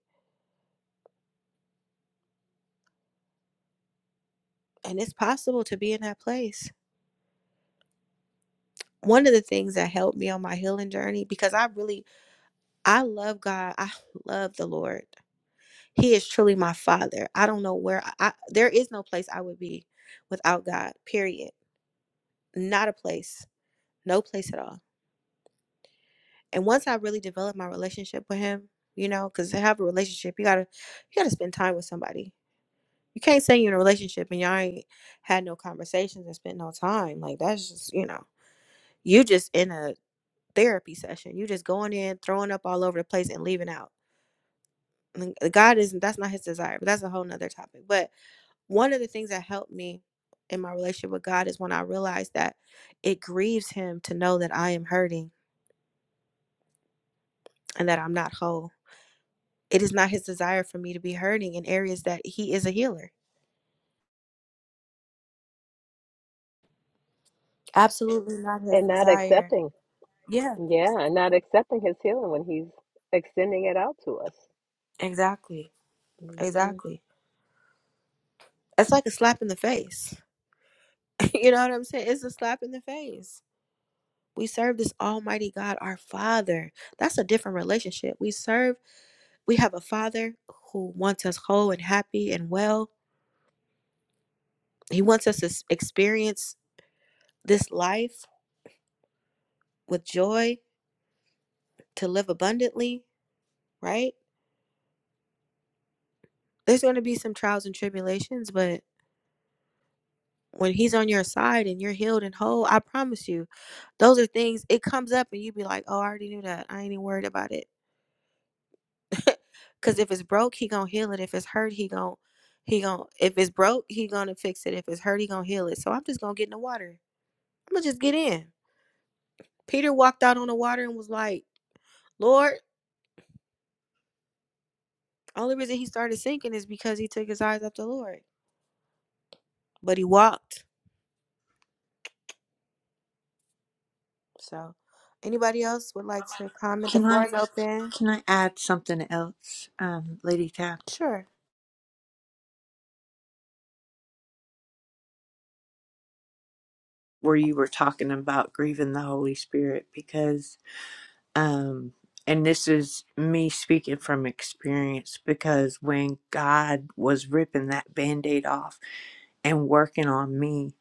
Speaker 1: and it's possible to be in that place one of the things that helped me on my healing journey because i really i love god i love the lord he is truly my father i don't know where i, I there is no place i would be without god period not a place no place at all and once I really developed my relationship with him, you know, because to have a relationship, you gotta you gotta spend time with somebody. You can't say you're in a relationship and y'all ain't had no conversations and spent no time. Like that's just you know, you just in a therapy session. You just going in, throwing up all over the place and leaving out. And God isn't that's not his desire, but that's a whole nother topic. But one of the things that helped me in my relationship with God is when I realized that it grieves him to know that I am hurting and that I'm not whole It is not his desire for me to be hurting in areas that he is a healer. Absolutely not his
Speaker 16: And not
Speaker 1: desire.
Speaker 16: accepting,
Speaker 1: Yeah,
Speaker 16: yeah, and not accepting his healing when he's extending it out to us.
Speaker 1: exactly.
Speaker 16: hmm
Speaker 1: Exactly. It's like a slap in the face. you know what I'm saying? It's a slap in the face. We serve this almighty God, our Father. That's a different relationship. We serve, we have a Father who wants us whole and happy and well. He wants us to experience this life with joy, to live abundantly, right? There's going to be some trials and tribulations, but when he's on your side and you're healed and whole, I promise you, those are things it comes up and you be like, Oh, I already knew that. I ain't even worried about it. Cause if it's broke, he gonna heal it. If it's hurt, he gonna he gonna if it's broke, he gonna fix it. If it's hurt, he gonna heal it. So I'm just gonna get in the water. I'm gonna just get in. Peter walked out on the water and was like, Lord, only reason he started sinking is because he took his eyes off the Lord. But he walked. So anybody else would like to comment? The
Speaker 13: Can
Speaker 1: floor
Speaker 13: I
Speaker 1: is open.
Speaker 13: can I add something else, um, Lady Tab,
Speaker 1: Sure.
Speaker 13: where you were talking about grieving the Holy Spirit? Because Um, and this is me speaking from experience because when God was ripping that band aid off and working on me,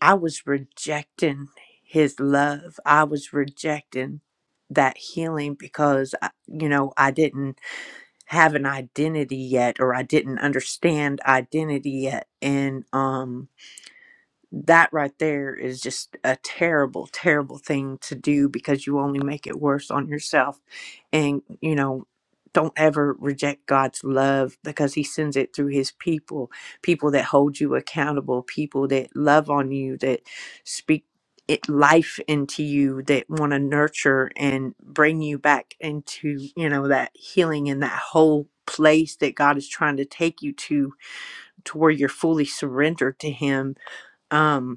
Speaker 13: I was rejecting His love. I was rejecting that healing because, I- you know, I didn't have an identity yet or I didn't understand identity yet. And, um, that right there is just a terrible terrible thing to do because you only make it worse on yourself and you know don't ever reject God's love because he sends it through his people people that hold you accountable people that love on you that speak it life into you that want to nurture and bring you back into you know that healing and that whole place that God is trying to take you to to where you're fully surrendered to him um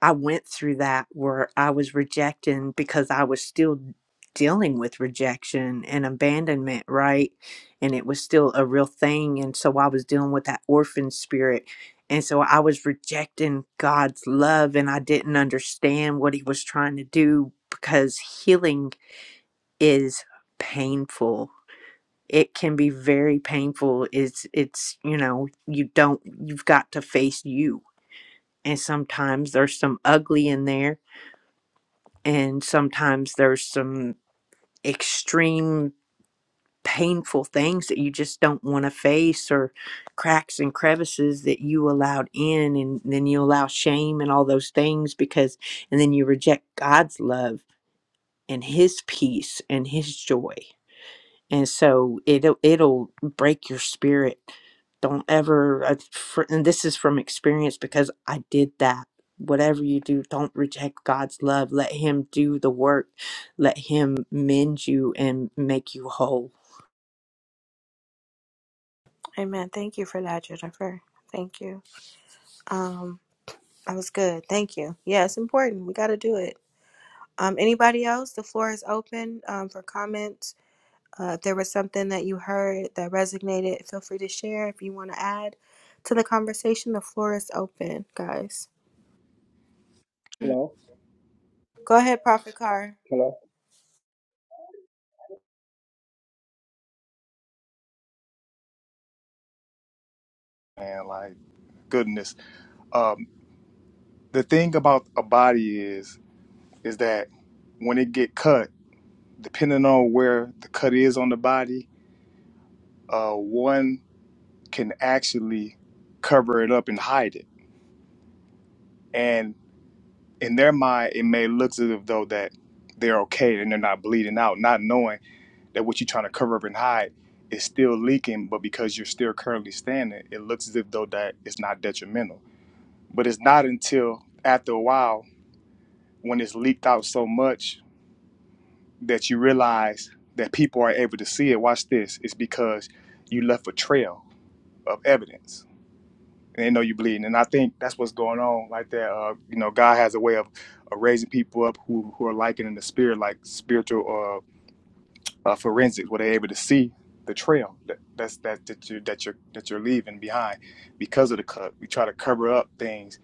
Speaker 13: I went through that where I was rejecting because I was still dealing with rejection and abandonment, right? And it was still a real thing. And so I was dealing with that orphan spirit. And so I was rejecting God's love and I didn't understand what he was trying to do because healing is painful. It can be very painful. It's it's you know, you don't you've got to face you. And sometimes there's some ugly in there and sometimes there's some extreme painful things that you just don't want to face or cracks and crevices that you allowed in and then you allow shame and all those things because and then you reject God's love and his peace and his joy and so it'll it'll break your spirit don't ever I- fr- and this is from experience because i did that whatever you do don't reject god's love let him do the work let him mend you and make you whole
Speaker 1: Amen. Thank you for that, Jennifer. Thank you. Um, that was good. Thank you. Yeah, it's important. We got to do it. Um, anybody else? The floor is open um, for comments. Uh, if there was something that you heard that resonated, feel free to share. If you want to add to the conversation, the floor is open, guys.
Speaker 2: you.
Speaker 17: Hello,
Speaker 1: Go ahead, Prophet Carr.
Speaker 17: hello.
Speaker 2: And like goodness. Um, the thing about a body is, is that when it get cut, depending on where the cut is on the body, uh, one can actually cover it up and hide it. And in their mind, it may look as if though that they're okay and they're not bleeding out, not knowing that what you're trying to cover up and hide is still leaking. But because you're still currently standing, it looks as if though that it's not detrimental. But it's not until after a while when it's leaked out so much that you realize that people are able to see it. Watch this. It's because you left a trail of evidence and they know you're bleeding. And I think that's what's going on like that. Uh, you know, God has a way of, of raising people up who, who are liking in the spirit, like spiritual uh, uh, forensics, where they're able to see the trail that that's that that you that you're that you're leaving behind because of the cut. We try to cover up things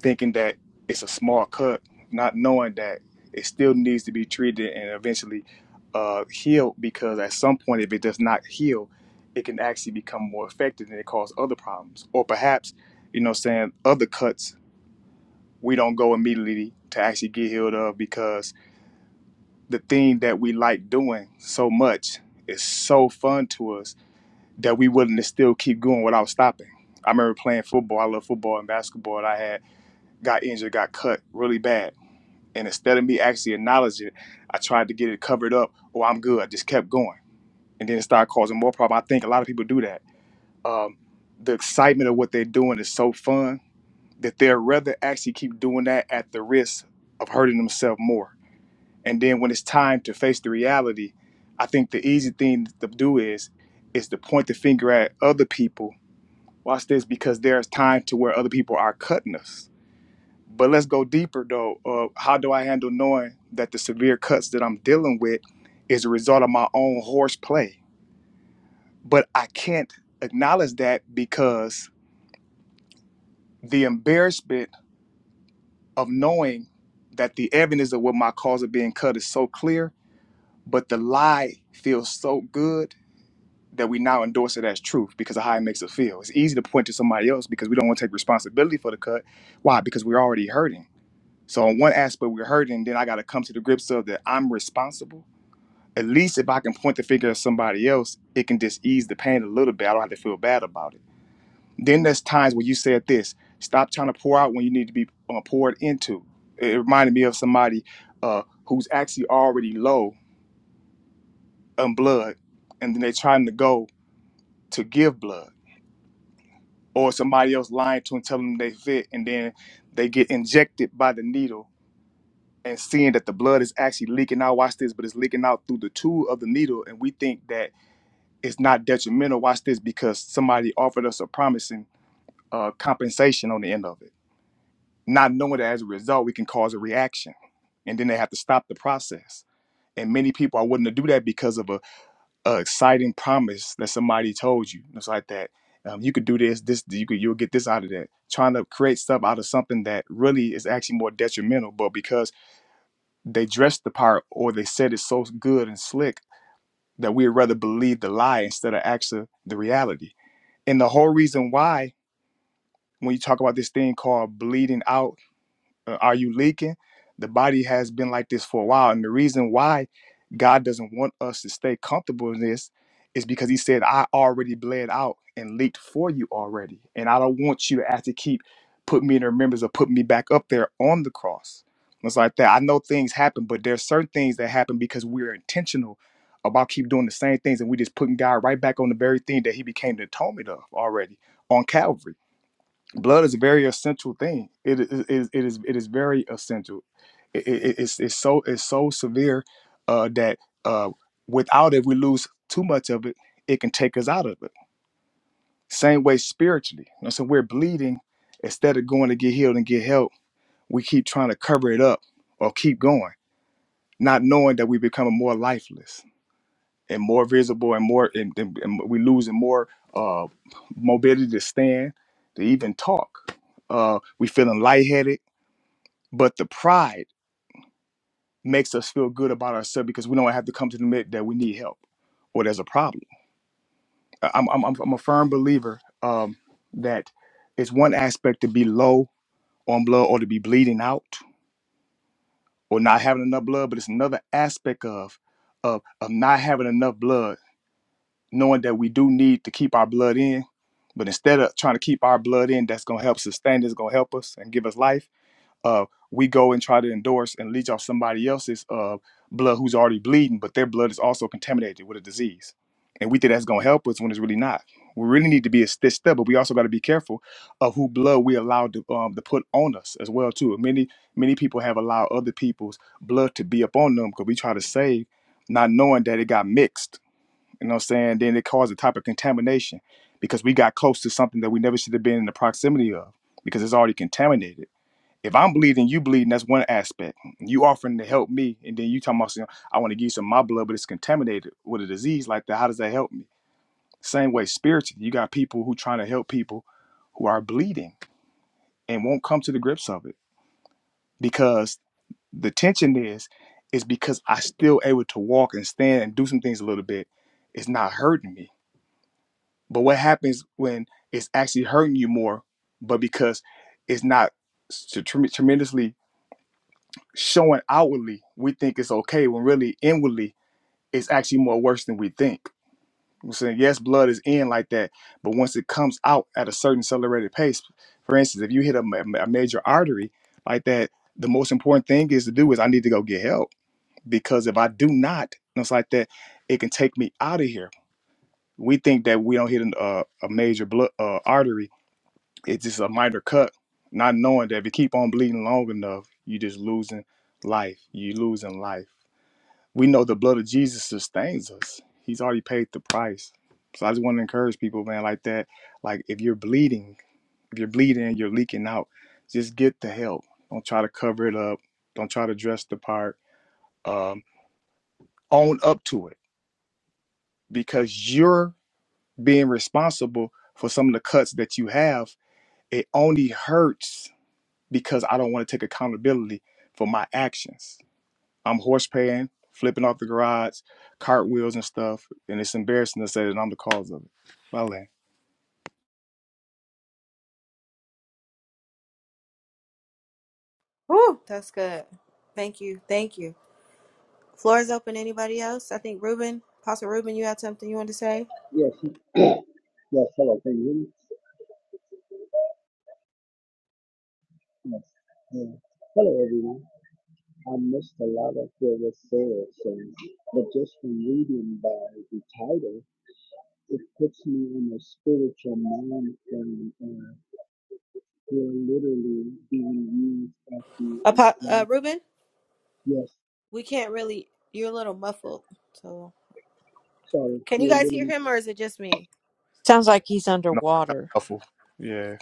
Speaker 2: thinking that it's a small cut, not knowing that it still needs to be treated and eventually uh, healed because at some point, if it does not heal, it can actually become more effective and it cause other problems. Or perhaps, you know, saying other cuts we don't go immediately to actually get healed of because the thing that we like doing so much is so fun to us that we willing to still keep going without stopping. I remember playing football. I love football and basketball. And I had got injured, got cut really bad and instead of me actually acknowledging it, I tried to get it covered up. Oh, I'm good. I just kept going. And then it started causing more problem. I think a lot of people do that. Um, the excitement of what they're doing is so fun that they'd rather actually keep doing that at the risk of hurting themselves more. And then when it's time to face the reality, I think the easy thing to do is is to point the finger at other people. Watch this, because there's time to where other people are cutting us but let's go deeper though. Uh, how do I handle knowing that the severe cuts that I'm dealing with is a result of my own horseplay? But I can't acknowledge that because the embarrassment of knowing that the evidence of what my cause of being cut is so clear, but the lie feels so good that we now endorse it as truth because of how it makes us feel. It's easy to point to somebody else because we don't want to take responsibility for the cut. Why? Because we're already hurting So on one aspect we're hurting, then I gotta come to the grips of that I'm responsible. At least if I can point the finger at somebody else, it can just ease the pain a little bit. I don't have to feel bad about it. Then there's times where you said this, stop trying to pour out when you need to be uh, poured into. It reminded me of somebody uh, who's actually already low on blood, and then they're trying to go to give blood, or somebody else lying to them, telling them they fit, and then they get injected by the needle and seeing that the blood is actually leaking out, watch this, but it's leaking out through the tube of the needle, and we think that it's not detrimental, watch this, because somebody offered us a promising uh, compensation on the end of it. Not knowing that as a result, we can cause a reaction, and then they have to stop the process. And many people are willing to do that because of a, a exciting promise that somebody told you. It's like that. Um, you could do this, this, you could, you'll get this out of that. Trying to create stuff out of something that really is actually more detrimental, but because they dressed the part or they said it so good and slick that we'd rather believe the lie instead of actually the reality. And the whole reason why, when you talk about this thing called bleeding out uh, are you leaking? The body has been like this for a while. And the reason why God doesn't want us to stay comfortable in this is because He said, I already bled out and leaked for you already. And I don't want you to have to keep put me in the remembrance or put me back up there on the cross. It's like that. I know things happen, but there's certain things that happen because we're intentional about keep doing the same things and we just putting God right back on the very thing that he became the atonement of already on Calvary blood is a very essential thing. It is it is it is, it is very essential. It, it, it's it's so it's so severe uh, that uh, without it, we lose too much of it. It can take us out of it. Same way spiritually. You know, so we're bleeding instead of going to get healed and get help. We keep trying to cover it up or keep going, not knowing that we become more lifeless and more visible and more and, and, and we losing more uh, mobility to stand to even talk. Uh, we feeling lightheaded But the pride makes us feel good about ourselves because we don't have to come to admit that we need help or there's a problem. I- I'm, I'm, I'm a firm believer um, that it's one aspect to be low on blood or to be bleeding out or not having enough blood, but it's another aspect of, of, of not having enough blood, knowing that we do need to keep our blood in. But instead of trying to keep our blood in, that's going to help sustain, it's going to help us and give us life uh, we go and try to endorse and leech off somebody else's uh, blood who's already bleeding, but their blood is also contaminated with a disease. And we think that's going to help us when it's really not. We really need to be a stitched step, but we also got to be careful of who blood we allow to, um, to put on us as well too. Many many people have allowed other people's blood to be up on them because we try to save, not knowing that it got mixed. You know what I'm saying? Then it caused a type of contamination because we got close to something that we never should have been in the proximity of because it's already contaminated if I'm bleeding, you bleeding, that's one aspect. You offering to help me, and then you talking about saying, I want to give you some of my blood, but it's contaminated with a disease like that. How does that help me? Same way, spiritually, you got people who trying to help people who are bleeding and won't come to the grips of it because the tension is, is because I still able to walk and stand and do some things a little bit. It's not hurting me. But what happens when it's actually hurting you more, but because it's not s- tre- tremendously showing outwardly we think it's okay when really inwardly it's actually more worse than we think. I'm saying yes, blood is in like that, but once it comes out at a certain accelerated pace, for instance, if you hit a, ma- a major artery like that, the most important thing is to do is I need to go get help because if I do not, and it's like that, it can take me out of here. We think that we don't hit an, uh, a major blood uh, artery; it's just a minor cut, not knowing that if you keep on bleeding long enough, you just losing life. You losing life we know the blood of Jesus sustains us. He's already paid the price. So I just want to encourage people, man, like that. Like if you're bleeding, if you're bleeding and you're leaking out, just get the help. Don't try to cover it up. Don't try to dress the part. Um, own up to it because you're being responsible for some of the cuts that you have. It only hurts because I don't want to take accountability for my actions I'm horse paying, flipping off the garage, cartwheels and stuff, and it's embarrassing to say that I'm the cause of it. My land.
Speaker 1: Woo, that's good. Thank you. Thank you. Floor is open. Anybody else? I think Ruben, Apostle Ruben, you had something you wanted to say?
Speaker 17: Yes, yes, hello. Can you hear me? Yes. Yeah. Hello, everyone. I missed a lot of what was said, so, but just from reading by the title, it puts me in a spiritual mind frame, and we're literally being used as the
Speaker 1: Apo- uh,
Speaker 17: example.
Speaker 1: Ruben?
Speaker 17: Yes,
Speaker 1: We can't really. You're a little muffled. So,
Speaker 17: sorry,
Speaker 1: can you
Speaker 17: we're
Speaker 1: guys hear
Speaker 17: literally.
Speaker 1: him or is it just me?
Speaker 13: Sounds like he's
Speaker 2: No, i
Speaker 13: underwater.
Speaker 2: awful. Yeah.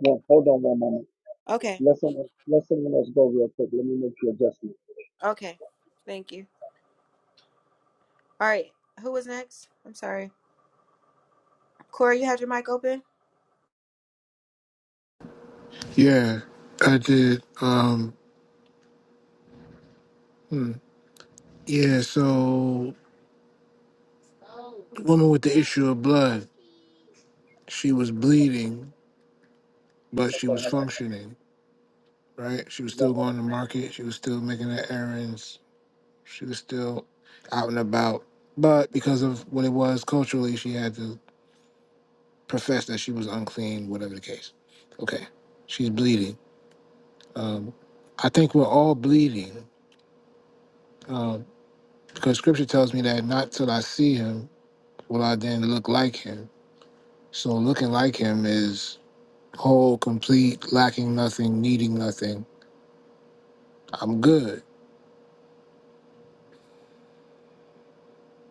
Speaker 17: Well, hold on one moment.
Speaker 1: Okay.
Speaker 17: Let someone, let someone else go real quick. Let me make the adjustment.
Speaker 1: Okay. Thank you. All right. Who was next? I'm sorry. Corey, you had your mic open?
Speaker 6: Yeah, I did. Um, hmm. yeah, so woman with the issue of blood, she was bleeding, but she
Speaker 17: Okay,
Speaker 6: was
Speaker 17: hello.
Speaker 6: functioning, right? She was
Speaker 17: Is that
Speaker 6: still
Speaker 17: better?
Speaker 6: going to market. She was still making her errands. She was still out and about. But because of what it was culturally, she had to profess that she was unclean, whatever the case. Okay, she's bleeding. Um, I think we're all bleeding. Um, Because scripture tells me that not till I see him will I then look like him. So looking like him is whole, complete, lacking nothing, needing nothing. I'm good.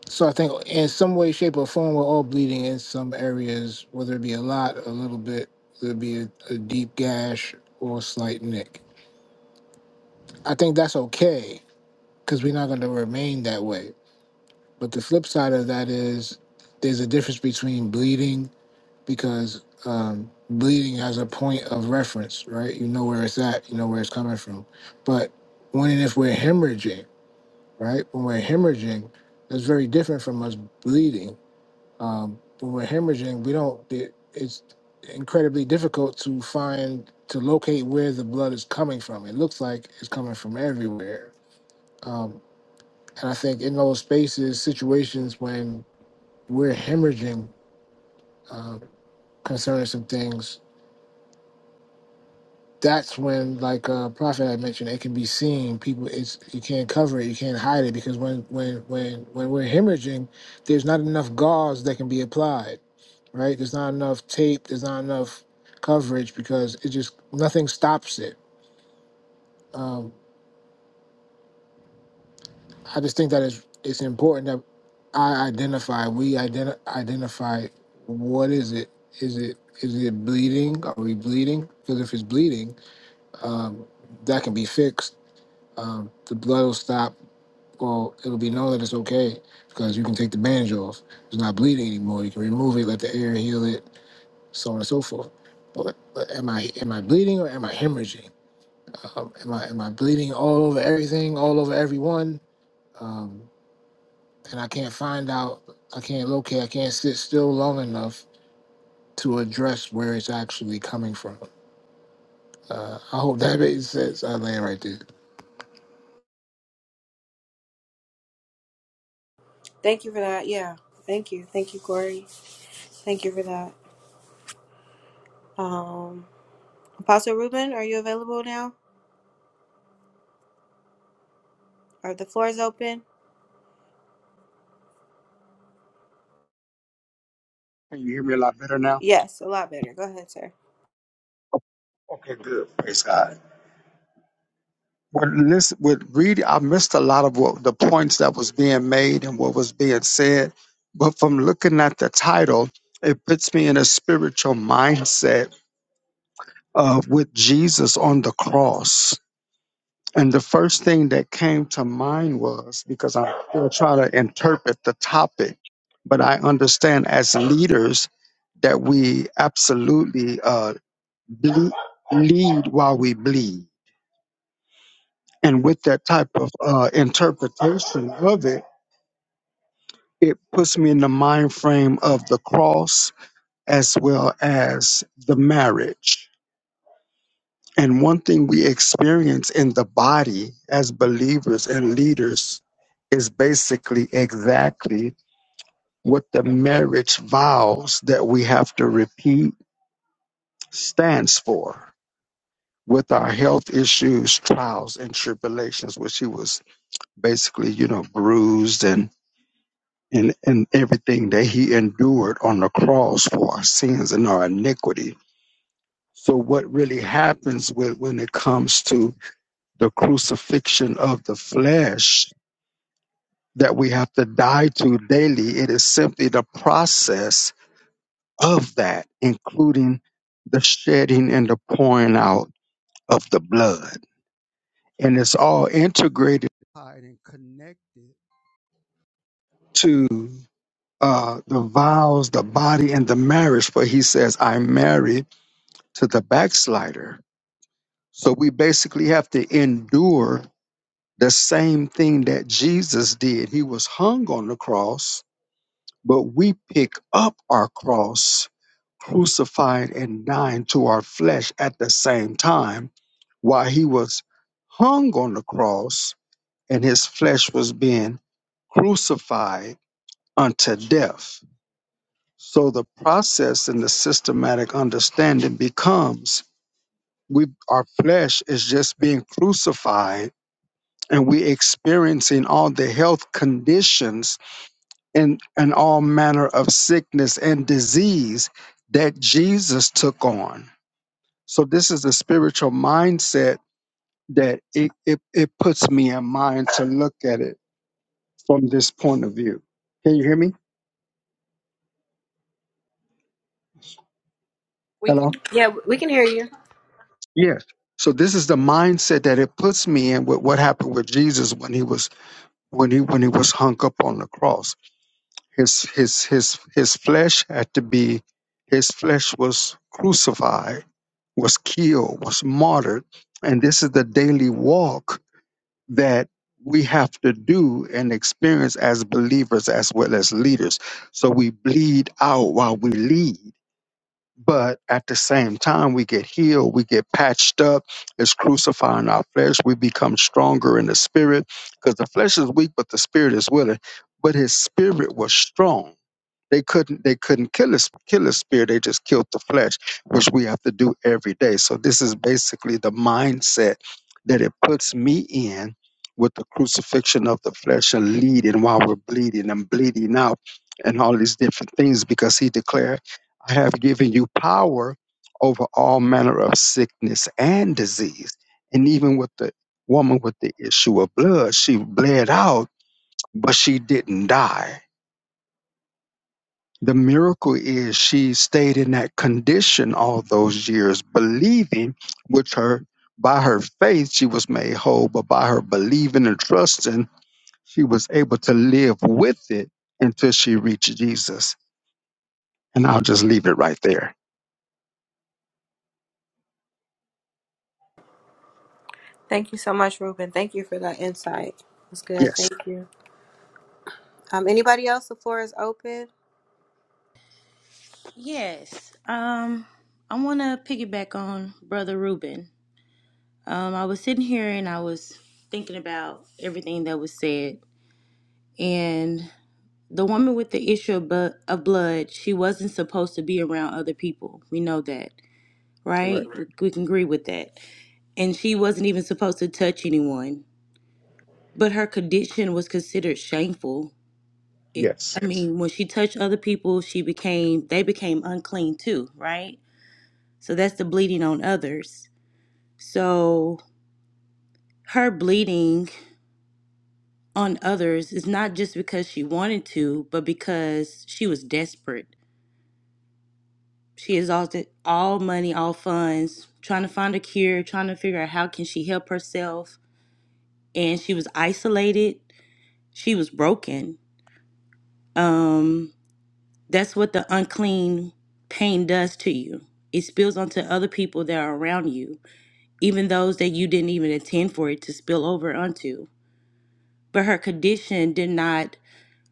Speaker 6: So I think in some way, shape, or form, we're all bleeding in some areas, whether it be a lot, a little bit, whether it be a, a deep gash or a slight nick. I think that's okay because we're not going to remain that way. But the flip side of that is there's a difference between bleeding because um, bleeding has a point of reference, right? You know where it's at, you know where it's coming from. But when and if we're hemorrhaging, right? When we're hemorrhaging, that's very different from us bleeding. Um, when we're hemorrhaging, we don't. It, it's incredibly difficult to find to locate where the blood is coming from. It looks like it's coming from everywhere. Um, and I think in those spaces, situations when we're hemorrhaging uh, concerning some things, that's when like uh prophet had mentioned it can be seen people it's you can't cover it you can't hide it because when when when when we're hemorrhaging there's not enough gauze that can be applied right there's not enough tape there's not enough coverage because it just nothing stops it um i just think that it's it's important that i identify we identi- identify what is it is it is it bleeding are we bleeding because if it's bleeding um that can be fixed um, the blood will stop. Well, it'll be known that it's okay because you can take the bandage off. It's not bleeding anymore. You can remove it, let the air heal it, so on and so forth. But, but am I am I bleeding or am I hemorrhaging? Um, am I am I bleeding all over everything, all over everyone? Um, and I can't find out. I can't locate. I can't sit still long enough to address where it's actually coming from. Uh, I hope that makes sense. I land right there.
Speaker 1: Thank you for that. Yeah. Thank you. Thank you, Corey. Thank you for that. Um, Apostle Ruben, are you available now? Are the floors open?
Speaker 17: Can you hear me a lot better now?
Speaker 1: Yes. A lot better. Go ahead, sir.
Speaker 17: Okay, good. Praise God. with listen with reading i missed a lot of what the points that was being made and what was being said but from looking at the title it puts me in a spiritual mindset uh, with jesus on the cross and the first thing that came to mind was because i'm still trying to interpret the topic but i understand as leaders that we absolutely uh, ble- lead while we bleed And with that type of uh, interpretation of it, it puts me in the mind frame of the cross as well as the marriage. And one thing we experience in the body as believers and leaders is basically exactly what the marriage vows that we have to repeat stands for with our health issues, trials, and tribulations, which he was basically, you know, bruised and and, and everything that he endured on the cross for our sins and our iniquity. So, what really happens with, when it comes to the crucifixion of the flesh that we have to die to daily, it is simply the process of that, including the shedding and the pouring out of the blood. And it's all integrated tied and connected to uh, the vows, the body, and the marriage. For he says, I married to the backslider. So we basically have to endure the same thing that Jesus did. He was hung on the cross, but we pick up our cross, crucified and dying to our flesh at the same time, while he was hung on the cross and his flesh was being crucified unto death. So the process and the systematic understanding becomes we our flesh is just being crucified and we experiencing all the health conditions and and all manner of sickness and disease that Jesus took on. So this is a spiritual mindset that it, it, it puts me in mind to look at it from this point of view. Can you hear me?
Speaker 18: We can
Speaker 17: Hello?
Speaker 1: Yeah, we can hear you.
Speaker 17: Yes. So this is the mindset that it puts me in with what happened with Jesus when he was when he when he was hung up on the cross His his his his flesh had to be his flesh was crucified, was killed, was martyred. And this is the daily walk that we have to do and experience as believers as well as leaders. So we bleed out while we lead. But at the same time, we get healed, we get patched up, it's crucifying our flesh. We become stronger in the spirit because the flesh is weak, but the spirit is willing. But his spirit was strong. They couldn't they couldn't kill a, kill a spirit. They just killed the flesh, which we have to do every day. So this is basically the mindset that it puts me in with the crucifixion of the flesh and leading while we're bleeding and bleeding out and all these different things because he declared, I have given you power over all manner of sickness and disease. And even with the woman with the issue of blood, she bled out, but she didn't die the miracle is she stayed in that condition all those years, believing, which her by her faith she was made whole, but by her believing and trusting, she was able to live with it until she reached Jesus. And I'll just leave it right there.
Speaker 1: Thank you so much, Ruben. Thank you for that insight. That's good.
Speaker 17: Yes,
Speaker 1: Thank you. Um, anybody else? The floor is open.
Speaker 15: Yes, um, I want to piggyback on Brother Ruben. Um, I was sitting here and I was thinking about everything that was said, and the woman with the issue of, bu- of blood, she wasn't supposed to be around other people. We know that, right?
Speaker 17: correct.
Speaker 15: We, we can agree with that. And she wasn't even supposed to touch anyone But her condition was considered shameful. It,
Speaker 17: Yes.
Speaker 15: I Yes. mean, when she touched other people, she became they became unclean too, right? So that's the bleeding on others. So her bleeding on others is not just because she wanted to, but because she was desperate. She exhausted all money, all funds, trying to find a cure, trying to figure out how can she help herself, and she was isolated. She was broken. Um That's what the unclean pain does to you. It spills onto other people that are around you, even those that you didn't even intend for it to spill over onto. But her condition did not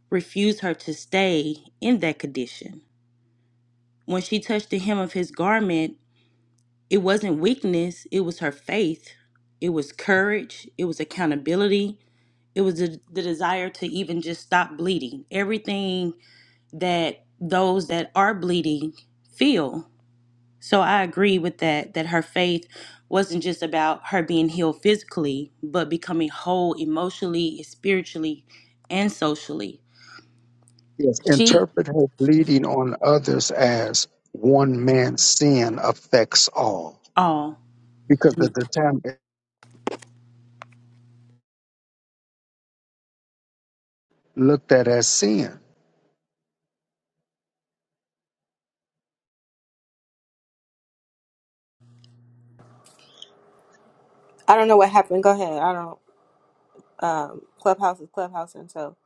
Speaker 15: refuse her to stay in that condition. When she touched the hem of his garment, it wasn't weakness, it was her faith, it was courage, it was accountability, it was the, the desire to even just stop bleeding. Everything that those that are bleeding feel So I agree with that, that her faith wasn't just about her being healed physically, but becoming whole emotionally, spiritually, and socially.
Speaker 17: Yes,
Speaker 15: She,
Speaker 17: interpret her bleeding on others as one man's sin affects all.
Speaker 15: oh,
Speaker 17: Because at the time it looked at as sin.
Speaker 1: I don't know what happened. Go ahead. I don't. um, Clubhouse is Clubhouse, and so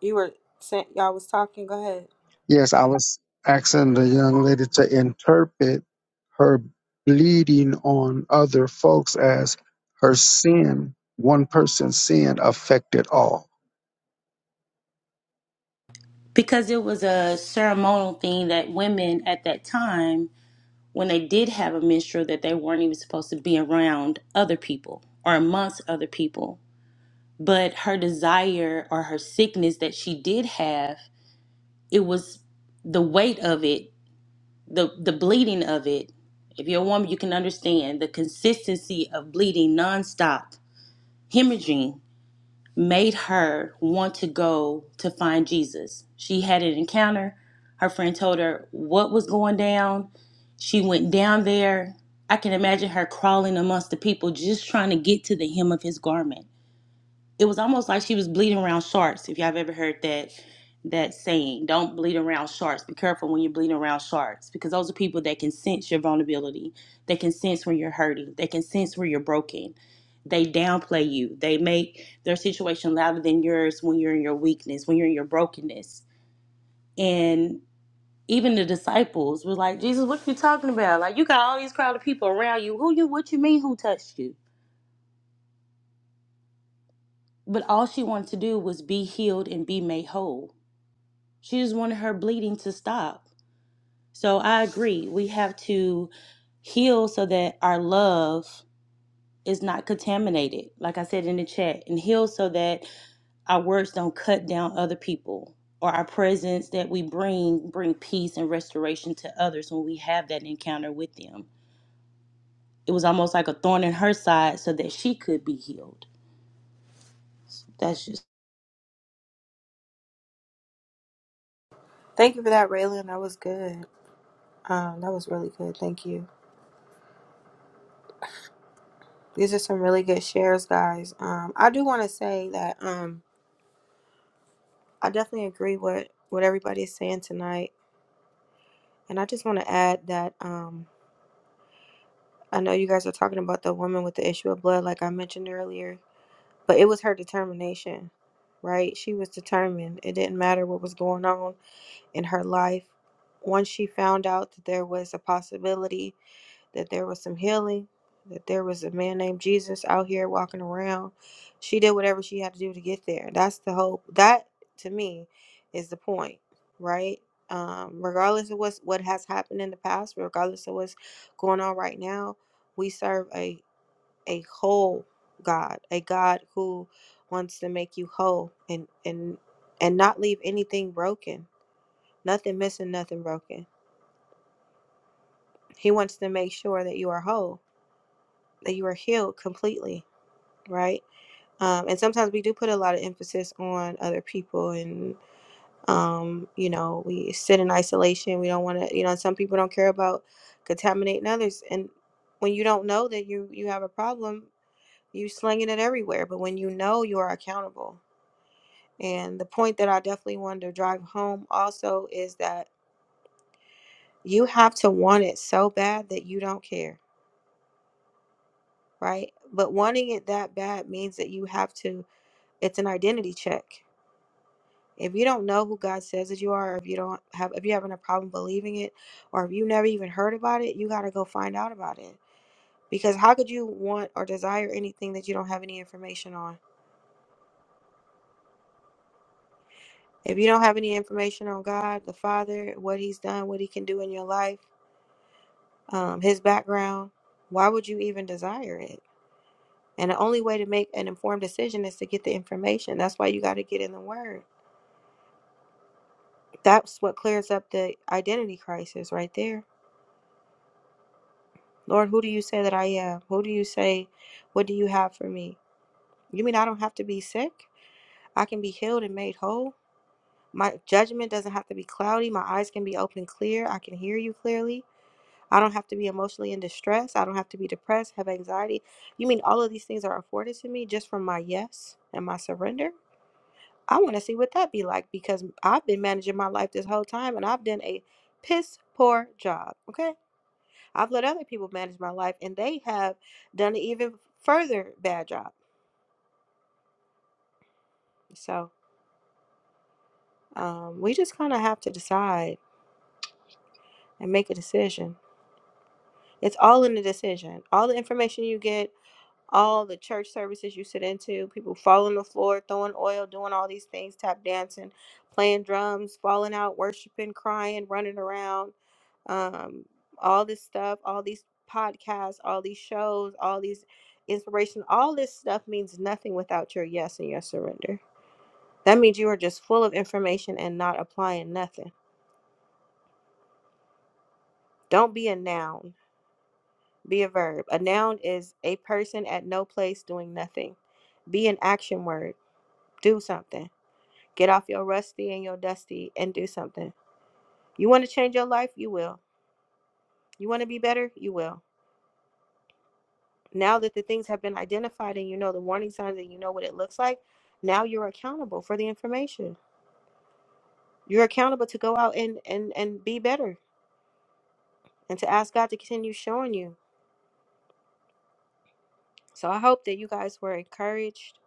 Speaker 1: you were sent. Y'all was talking. Go ahead.
Speaker 17: Yes, I was asking the young lady to interpret her bleeding on other folks as her sin, one person's sin affected all.
Speaker 15: because it was a ceremonial thing that women at that time, when they did have a menstrual, that they weren't even supposed to be around other people or amongst other people. But her desire or her sickness that she did have, it was the weight of it the the bleeding of it. If you're a woman, you can understand the consistency of bleeding nonstop, hemorrhaging, made her want to go to find Jesus. She had an encounter. Her friend told her what was going down. She went down there. I can imagine her crawling amongst the people, just trying to get to the hem of his garment it was almost like she was bleeding around sharks. If y'all have ever heard that that saying, don't bleed around sharks. Be careful when you're bleeding around sharks because those are people that can sense your vulnerability. They can sense when you're hurting. They can sense where you're broken. They downplay you. They make their situation louder than yours when you're in your weakness, when you're in your brokenness. And even the disciples were like, Jesus, what are you talking about? Like you got all these crowd of people around you. Who you what you mean who touched you? But all she wanted to do was be healed and be made whole She just wanted her bleeding to stop. So I agree. We have to heal so that our love is not contaminated, like I said in the chat, and heal so that our words don't cut down other people or our presence that we bring bring peace and restoration to others when we have that encounter with them. It was almost like a thorn in her side so that she could be healed. That's just
Speaker 1: Thank you for that, Raylan. That was good. Um, that was really good. Thank you. These are some really good shares, guys. Um, I do want to say that um, I definitely agree with what everybody is saying tonight, and I just want to add that um, I know you guys are talking about the woman with the issue of blood, like I mentioned earlier, but it was her determination, right? She was determined. It didn't matter what was going on in her life. Once she found out that there was a possibility that there was some healing, that there was a man named Jesus out here walking around, she did whatever she had to do to get there. That's the hope. That to me is the point, right? Um, regardless of what's, what has happened in the past, regardless of what's going on right now, we serve a a whole God, a God who wants to make you whole and and and not leave anything broken nothing missing, nothing broken. He wants to make sure that you are whole, that you are healed completely, right? Um, and sometimes we do put a lot of emphasis on other people and um, you know, we sit in isolation. We don't want to, you know, some people don't care about contaminating others. And when you don't know that you you have a problem, you slinging it everywhere. But when you know, you are accountable. And the point that I definitely wanted to drive home also is that you have to want it so bad that you don't care right? But wanting it that bad means that you have to, it's an identity check. If you don't know who God says that you are, or if you don't have, if you're having a problem believing it, or if you never even heard about it, you got to go find out about it. Because how could you want or desire anything that you don't have any information on? If you don't have any information on God, the Father, what He's done, what He can do in your life, um, His background, why would you even desire it? And the only way to make an informed decision is to get the information. That's why you got to get in the Word That's what clears up the identity crisis right there. Lord, who do you say that I am? Who do you say, what do you have for me? You mean I don't have to be sick? I can be healed and made whole. My judgment doesn't have to be cloudy. My eyes can be open clear. I can hear you clearly. I don't have to be emotionally in distress. I don't have to be depressed, have anxiety. You mean all of these things are afforded to me just from my yes and my surrender? I want to see what that be like because I've been managing my life this whole time and I've done a piss poor job. Okay. I've let other people manage my life, and they have done an even further bad job. So um, we just kind of have to decide and make a decision. It's all in the decision. All the information you get all the church services you sit into, people falling on the floor, throwing oil, doing all these things, tap dancing, playing drums, falling out, worshiping, crying, running around, um, all this stuff, all these podcasts, all these shows, all these inspiration, all this stuff means nothing without your yes and your surrender. That means you are just full of information and not applying nothing. Don't be a noun, be a verb. A noun is a person at no place doing nothing. Be an action word, do something Get off your rusty and your dusty and do something. You want to change your life? You will. You want to be better? You will. Now that the things have been identified and you know the warning signs and you know what it looks like, now you're accountable for the information. You're accountable to go out and and and be better and to ask God to continue showing you. So I hope that you guys were encouraged.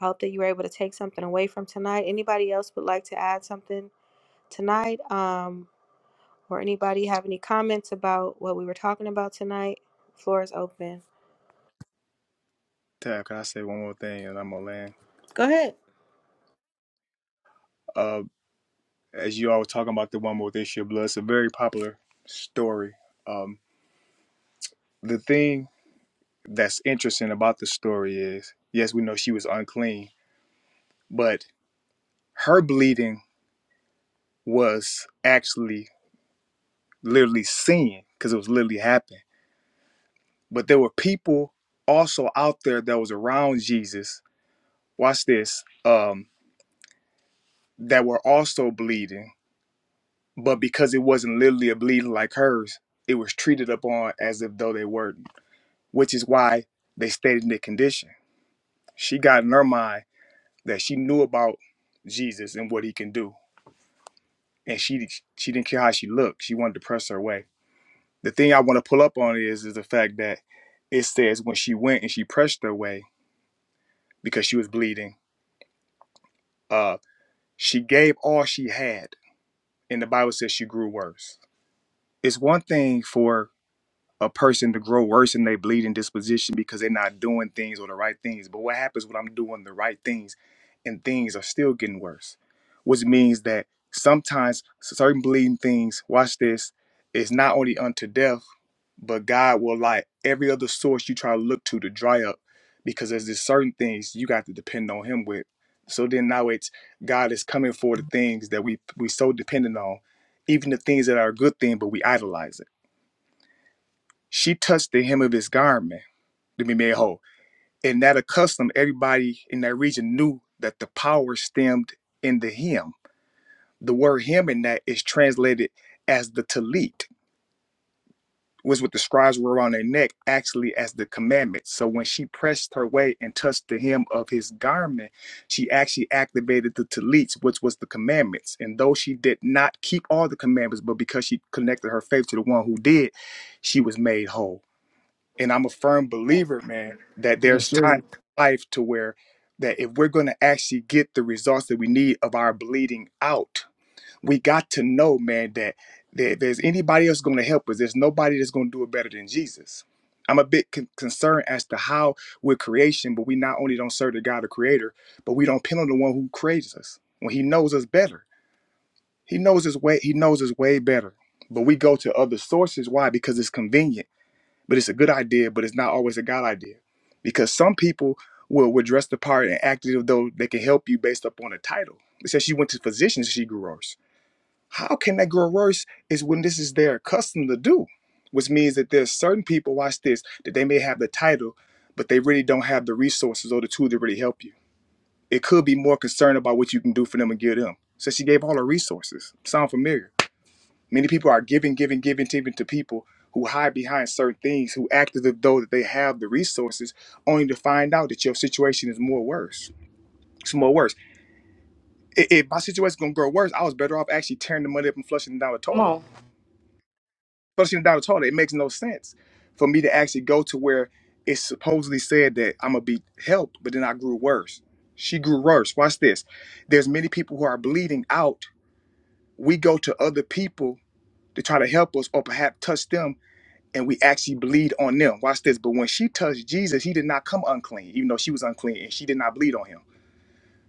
Speaker 1: I hope that you were able to take something away from tonight. Anybody else would like to add something tonight? Um, or anybody have any comments about what we were talking about tonight? Floor is open.
Speaker 2: Tab, can I say one more thing and I'm gonna land?
Speaker 1: Go ahead.
Speaker 2: Uh, as you all were talking about the one more this year, blood, it's a very popular story. Um, the thing that's interesting about the story is, yes, we know she was unclean, but her bleeding was actually literally seen because it was literally happening but there were people also out there that was around Jesus. Watch this. Um, that were also bleeding, but because it wasn't literally a bleeding like hers, it was treated upon as if though they weren't, which is why they stayed in the condition. She got in her mind that she knew about Jesus and what he can do, and she she didn't care how she looked. She wanted to press her way. The thing I want to pull up on is is the fact that it says when she went and she pressed her way because she was bleeding. uh, She gave all she had, and the Bible says she grew worse. It's one thing for a person to grow worse in their bleeding disposition because they're not doing things or the right things. But what happens when I'm doing the right things and things are still getting worse? Which means that sometimes certain bleeding things, watch this, is not only unto death but God will light every other source you try to look to to dry up because there's just certain things you got to depend on Him with. So then now it's God is coming for the things that we we so dependent on, even the things that are a good thing, but we idolize it. She touched the hem of his garment to be made whole, and that accustomed everybody in that region knew that the power stemmed in the hem. The word hem in that is translated as the talit was what the scribes were on their neck actually as the commandment. So when she pressed her way and touched the hem of his garment, she actually activated the talits, which was the commandments. And though she did not keep all the commandments, but because she connected her faith to the one who did, she was made whole. And I'm a firm believer, man, that
Speaker 6: Yes,
Speaker 2: there's
Speaker 6: sir.
Speaker 2: time in life to where that if we're going to actually get the results that we need of our bleeding out, we got to know, man, that that if there's anybody else going to help us, there's nobody that's going to do it better than Jesus. I'm a bit con- concerned as to how we're creation, but we not only don't serve the God, the Creator, but we don't pin on the one who creates us when He knows us better. He knows His way. He knows us way better. But we go to other sources. Why? Because it's convenient. But it's a good idea. But it's not always a God idea, because some people will will dress the part and act as though they can help you based upon a title. It says she went to physicians. She grew worse. How can that grow worse is when this is their custom to do, which means that there's certain people, watch this, that they may have the title, but they really don't have the resources or the tools to really help you. It could be more concerned about what you can do for them and give them. So she gave all her resources. Sound familiar? Many people are giving, giving, giving, giving to people who hide behind certain things, who act as though that they have the resources, only to find out that your situation is more worse. It's more worse. If my situation's gonna grow worse, I was better off actually tearing the money up and flushing it down the
Speaker 15: come
Speaker 2: toilet
Speaker 15: on.
Speaker 2: especially in Dallas Hall, it makes no sense for me to actually go to where it supposedly said that I'm gonna be helped, but then I grew worse. She grew worse. Watch this. There's many people who are bleeding out. We go to other people to try to help us or perhaps touch them, and we actually bleed on them. Watch this. But when she touched Jesus, he did not come unclean, even though she was unclean, and she did not bleed on him.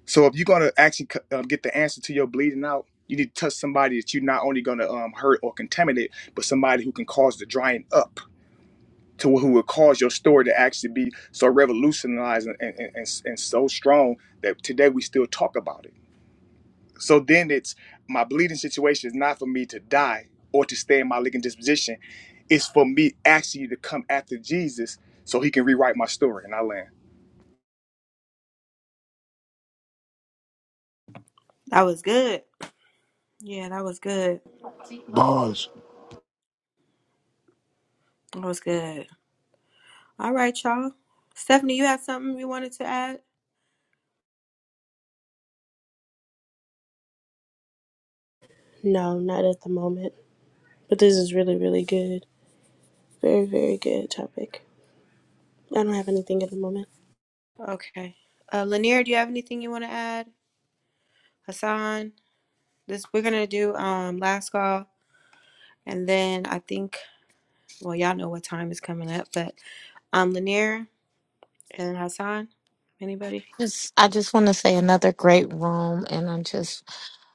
Speaker 2: So if you're gonna actually uh, get the answer to your bleeding out, you need to touch somebody that you're not only gonna um, hurt or contaminate, but somebody who can cause the drying up to who would cause your story to actually be so revolutionized and, and, and, and so strong that today we still talk about it. So then it's my bleeding situation is not for me to die or to stay in my leaking disposition. It's for me actually to come after Jesus so he can rewrite my story and I land.
Speaker 1: That was good. Yeah, that was good.
Speaker 6: Bars.
Speaker 1: That was good. All right, y'all. Stephanie, you have something you wanted to add?
Speaker 9: No, not at the moment. But this is really, really good. Very, very good topic. I don't have anything at the moment.
Speaker 1: Okay. Uh, Lanier, do you have anything you want to add? Hassan, this we're gonna do um last call, and then I think well y'all know what time is coming up, but um Lanier and Hassan, anybody?
Speaker 8: Just, I just want to say another great room, and I just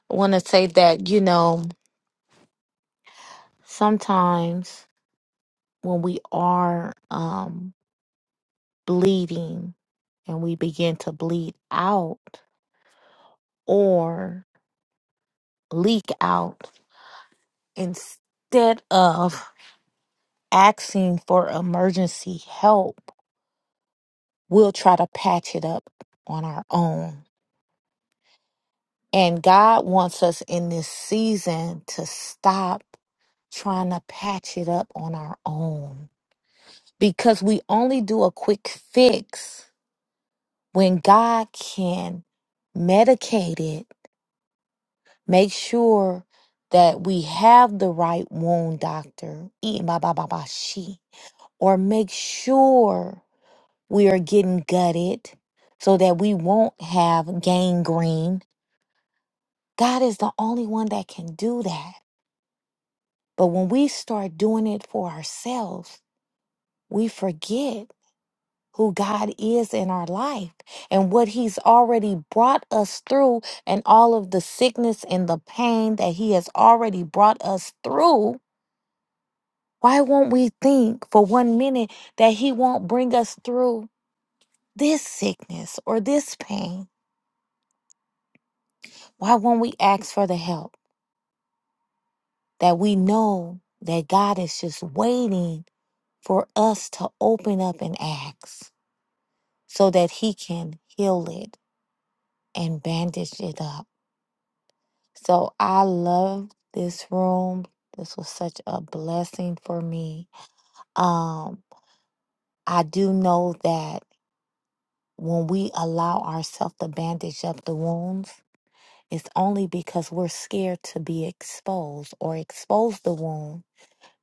Speaker 8: want to say that you know sometimes when we are um, bleeding and we begin to bleed out or leak out, instead of asking for emergency help, we'll try to patch it up on our own. And God wants us in this season to stop trying to patch it up on our own because we only do a quick fix when God can medicate it, make sure that we have the right wound doctor, E ba ba ba ba she, or make sure we are getting gutted so that we won't have gangrene. God is the only one that can do that. But when we start doing it for ourselves, we forget who God is in our life and what He's already brought us through, and all of the sickness and the pain that He has already brought us through. Why won't we think for one minute that He won't bring us through this sickness or this pain? Why won't we ask for the help that we know that God is just waiting for us to open up and ask so that He can heal it and bandage it up? So I love this room. This was such a blessing for me. Um, I do know that when we allow ourselves to bandage up the wounds, it's only because we're scared to be exposed or expose the wound.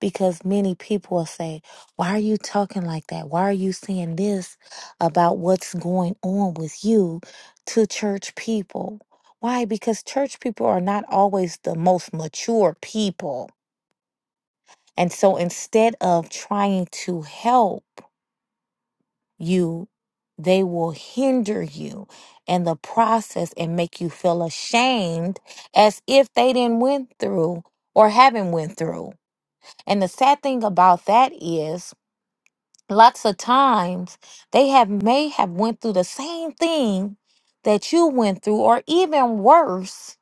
Speaker 8: Because many people will say, Why are you talking like that? Why are you saying this about what's going on with you to church people? Why? Because church people are not always the most mature people. And so instead of trying to help you, they will hinder you in the process and make you feel ashamed as if they didn't went through or haven't went through. And the sad thing about that is lots of times they have may have went through the same thing that you went through or even worse,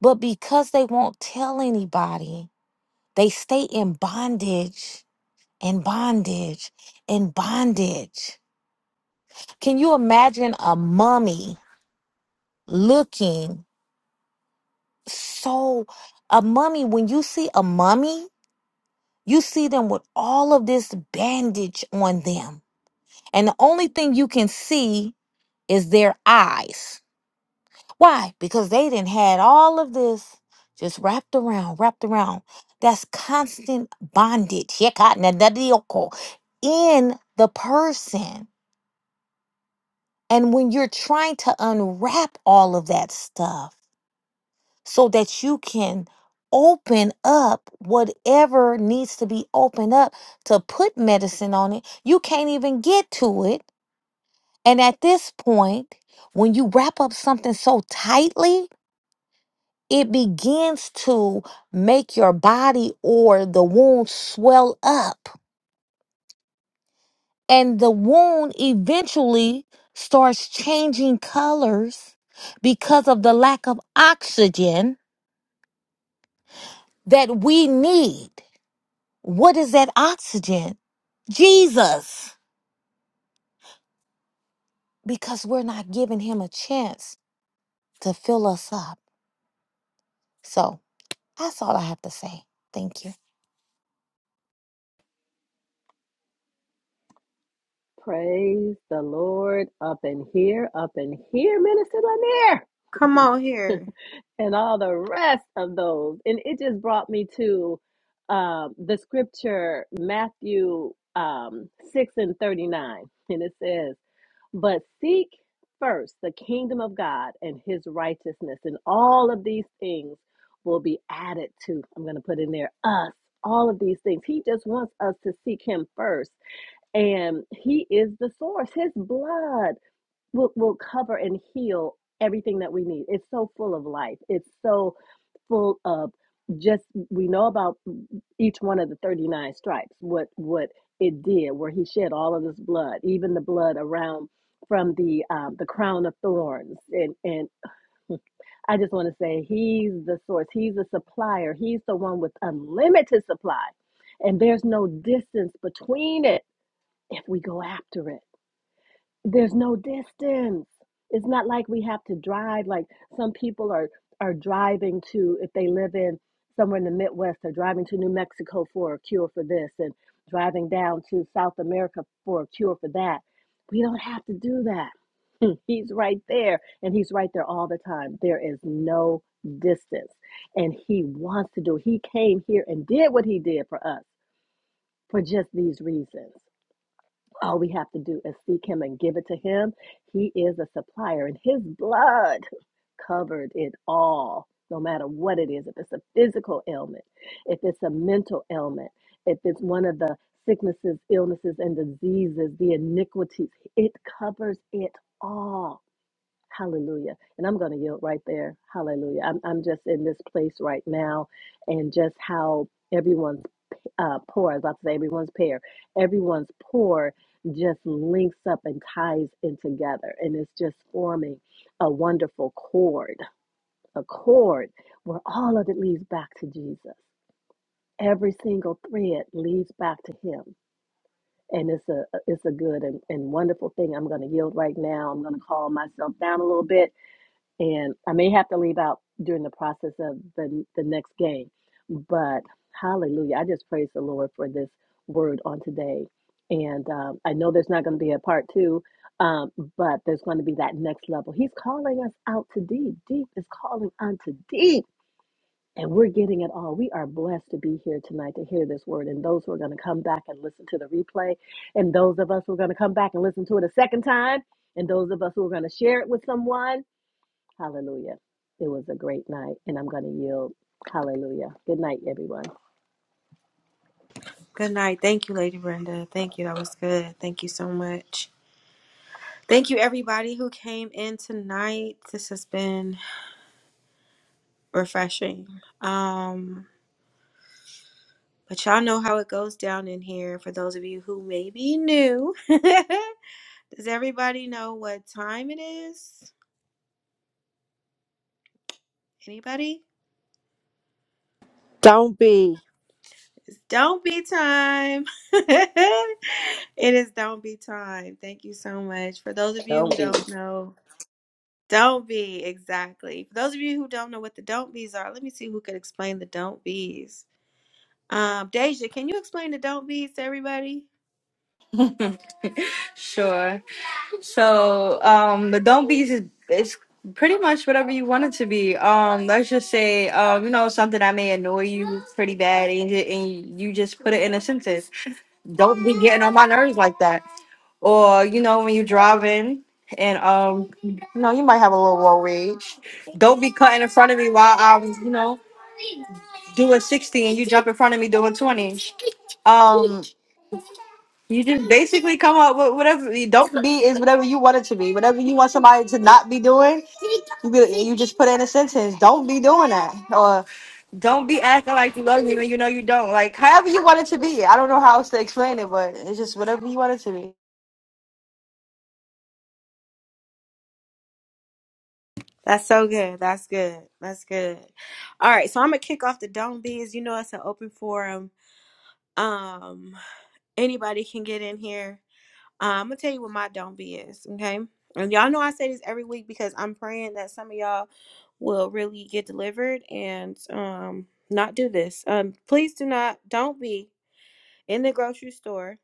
Speaker 8: but because they won't tell anybody, they stay in bondage in bondage, in bondage. Can you imagine a mummy looking so? A mummy, when you see a mummy, you see them with all of this bandage on them. And the only thing you can see is their eyes. Why? Because they didn't had all of this just wrapped around, wrapped around. That's constant bondage. Yekanadadioko, In the person. And when you're trying to unwrap all of that stuff so that you can open up whatever needs to be opened up to put medicine on it, you can't even get to it. And at this point, when you wrap up something so tightly, it begins to make your body or the wound swell up and the wound eventually starts changing colors because of the lack of oxygen that we need. What is that oxygen? Jesus, because we're not giving him a chance to fill us up. So that's all I have to say. Thank you.
Speaker 16: Praise the Lord up in here, up in here, Minister Lanier,
Speaker 1: Come on here.
Speaker 16: and all the rest of those. And it just brought me to um, the scripture, Matthew um, 6 and 39. And it says, But seek first the kingdom of God and his righteousness, and all of these things will be added to. I'm going to put in there us, all of these things. He just wants us to seek him first. And he is the source. His blood will, will cover and heal everything that we need. It's so full of life. It's so full of just we know about each one of the 39 stripes what what it did where he shed all of his blood even the blood around from the um, the crown of thorns and and i just want to say he's the source he's the supplier he's the one with unlimited supply and there's no distance between it if we go after it there's no distance it's not like we have to drive like some people are are driving to if they live in somewhere in the midwest they're driving to new mexico for a cure for this and driving down to south america for a cure for that we don't have to do that he's right there and he's right there all the time there is no distance and he wants to do he came here and did what he did for us for just these reasons all we have to do is seek him and give it to him. He is a supplier, and his blood covered it all, no matter what it is. If it's a physical ailment, if it's a mental ailment, if it's one of the sicknesses, illnesses, and diseases, the iniquities, it covers it all. Hallelujah. And I'm going to yield right there. Hallelujah. I'm, I'm just in this place right now and just how everyone's uh, poor. I was about to say everyone's pair. Everyone's poor just links up and ties in together, and it's just forming a wonderful chord, a chord where all of it leads back to Jesus. Every single thread leads back to Him, and it's a it's a good and, and wonderful thing. I'm going to yield right now. I'm going to calm myself down a little bit and I may have to leave out during the process of the the next game. But hallelujah, I just praise the Lord for this word on today. And um, I know there's not going to be a part two, um, but there's going to be that next level. He's calling us out to deep. Deep is calling unto deep. And we're getting it all. We are blessed to be here tonight to hear this word. And those who are going to come back and listen to the replay, and those of us who are going to come back and listen to it a second time, and those of us who are going to share it with someone, Hallelujah. It was a great night, and I'm going to yield. Hallelujah. Good night, everyone.
Speaker 1: Good night. Thank you, Lady Brenda. Thank you. That was good. Thank you so much. Thank you, everybody who came in tonight. This has been refreshing. Um, but y'all know how it goes down in here for those of you who may be new. Does everybody know what time it is? Anybody?
Speaker 13: Don't be.
Speaker 1: It's don't be time. it is don't be time. Thank you so much. For those of you who
Speaker 16: Don't be.
Speaker 1: don't know, don't be exactly. For those of you who don't know what the don't be's are, let me see who could explain the don't be's. Um, Deja, can you explain the don't be's to everybody?
Speaker 19: Sure. So, um, the don't be's is, is pretty much whatever you want it to be. Um, let's just say, um, you know, something that may annoy you pretty bad, and you, and you just put it in a sentence. Don't be getting on my nerves like that. Or you know, when you're driving, and um, you know, you might have a little road rage. Don't be cutting in front of me while I'm, you know, doing sixty, and you jump in front of me doing twenty. Um, You just basically come up with whatever. you Don't be is whatever you want it to be. Whatever you want somebody to not be doing, you be, you just put in a sentence. Don't be doing that, or don't be acting like you love me when you know you don't. Like however you want it to be. I don't know how else to explain it, but it's just whatever you want it to be.
Speaker 1: That's so good. That's good. That's good. All right, so I'm gonna kick off the Don't be's. You know it's an open forum. Um, anybody can get in here. Uh, I'm gonna tell you what my Don't Be is, okay? And y'all know I say this every week because I'm praying that some of y'all will really get delivered and um not do this. Um, please do not. Don't be in the grocery store.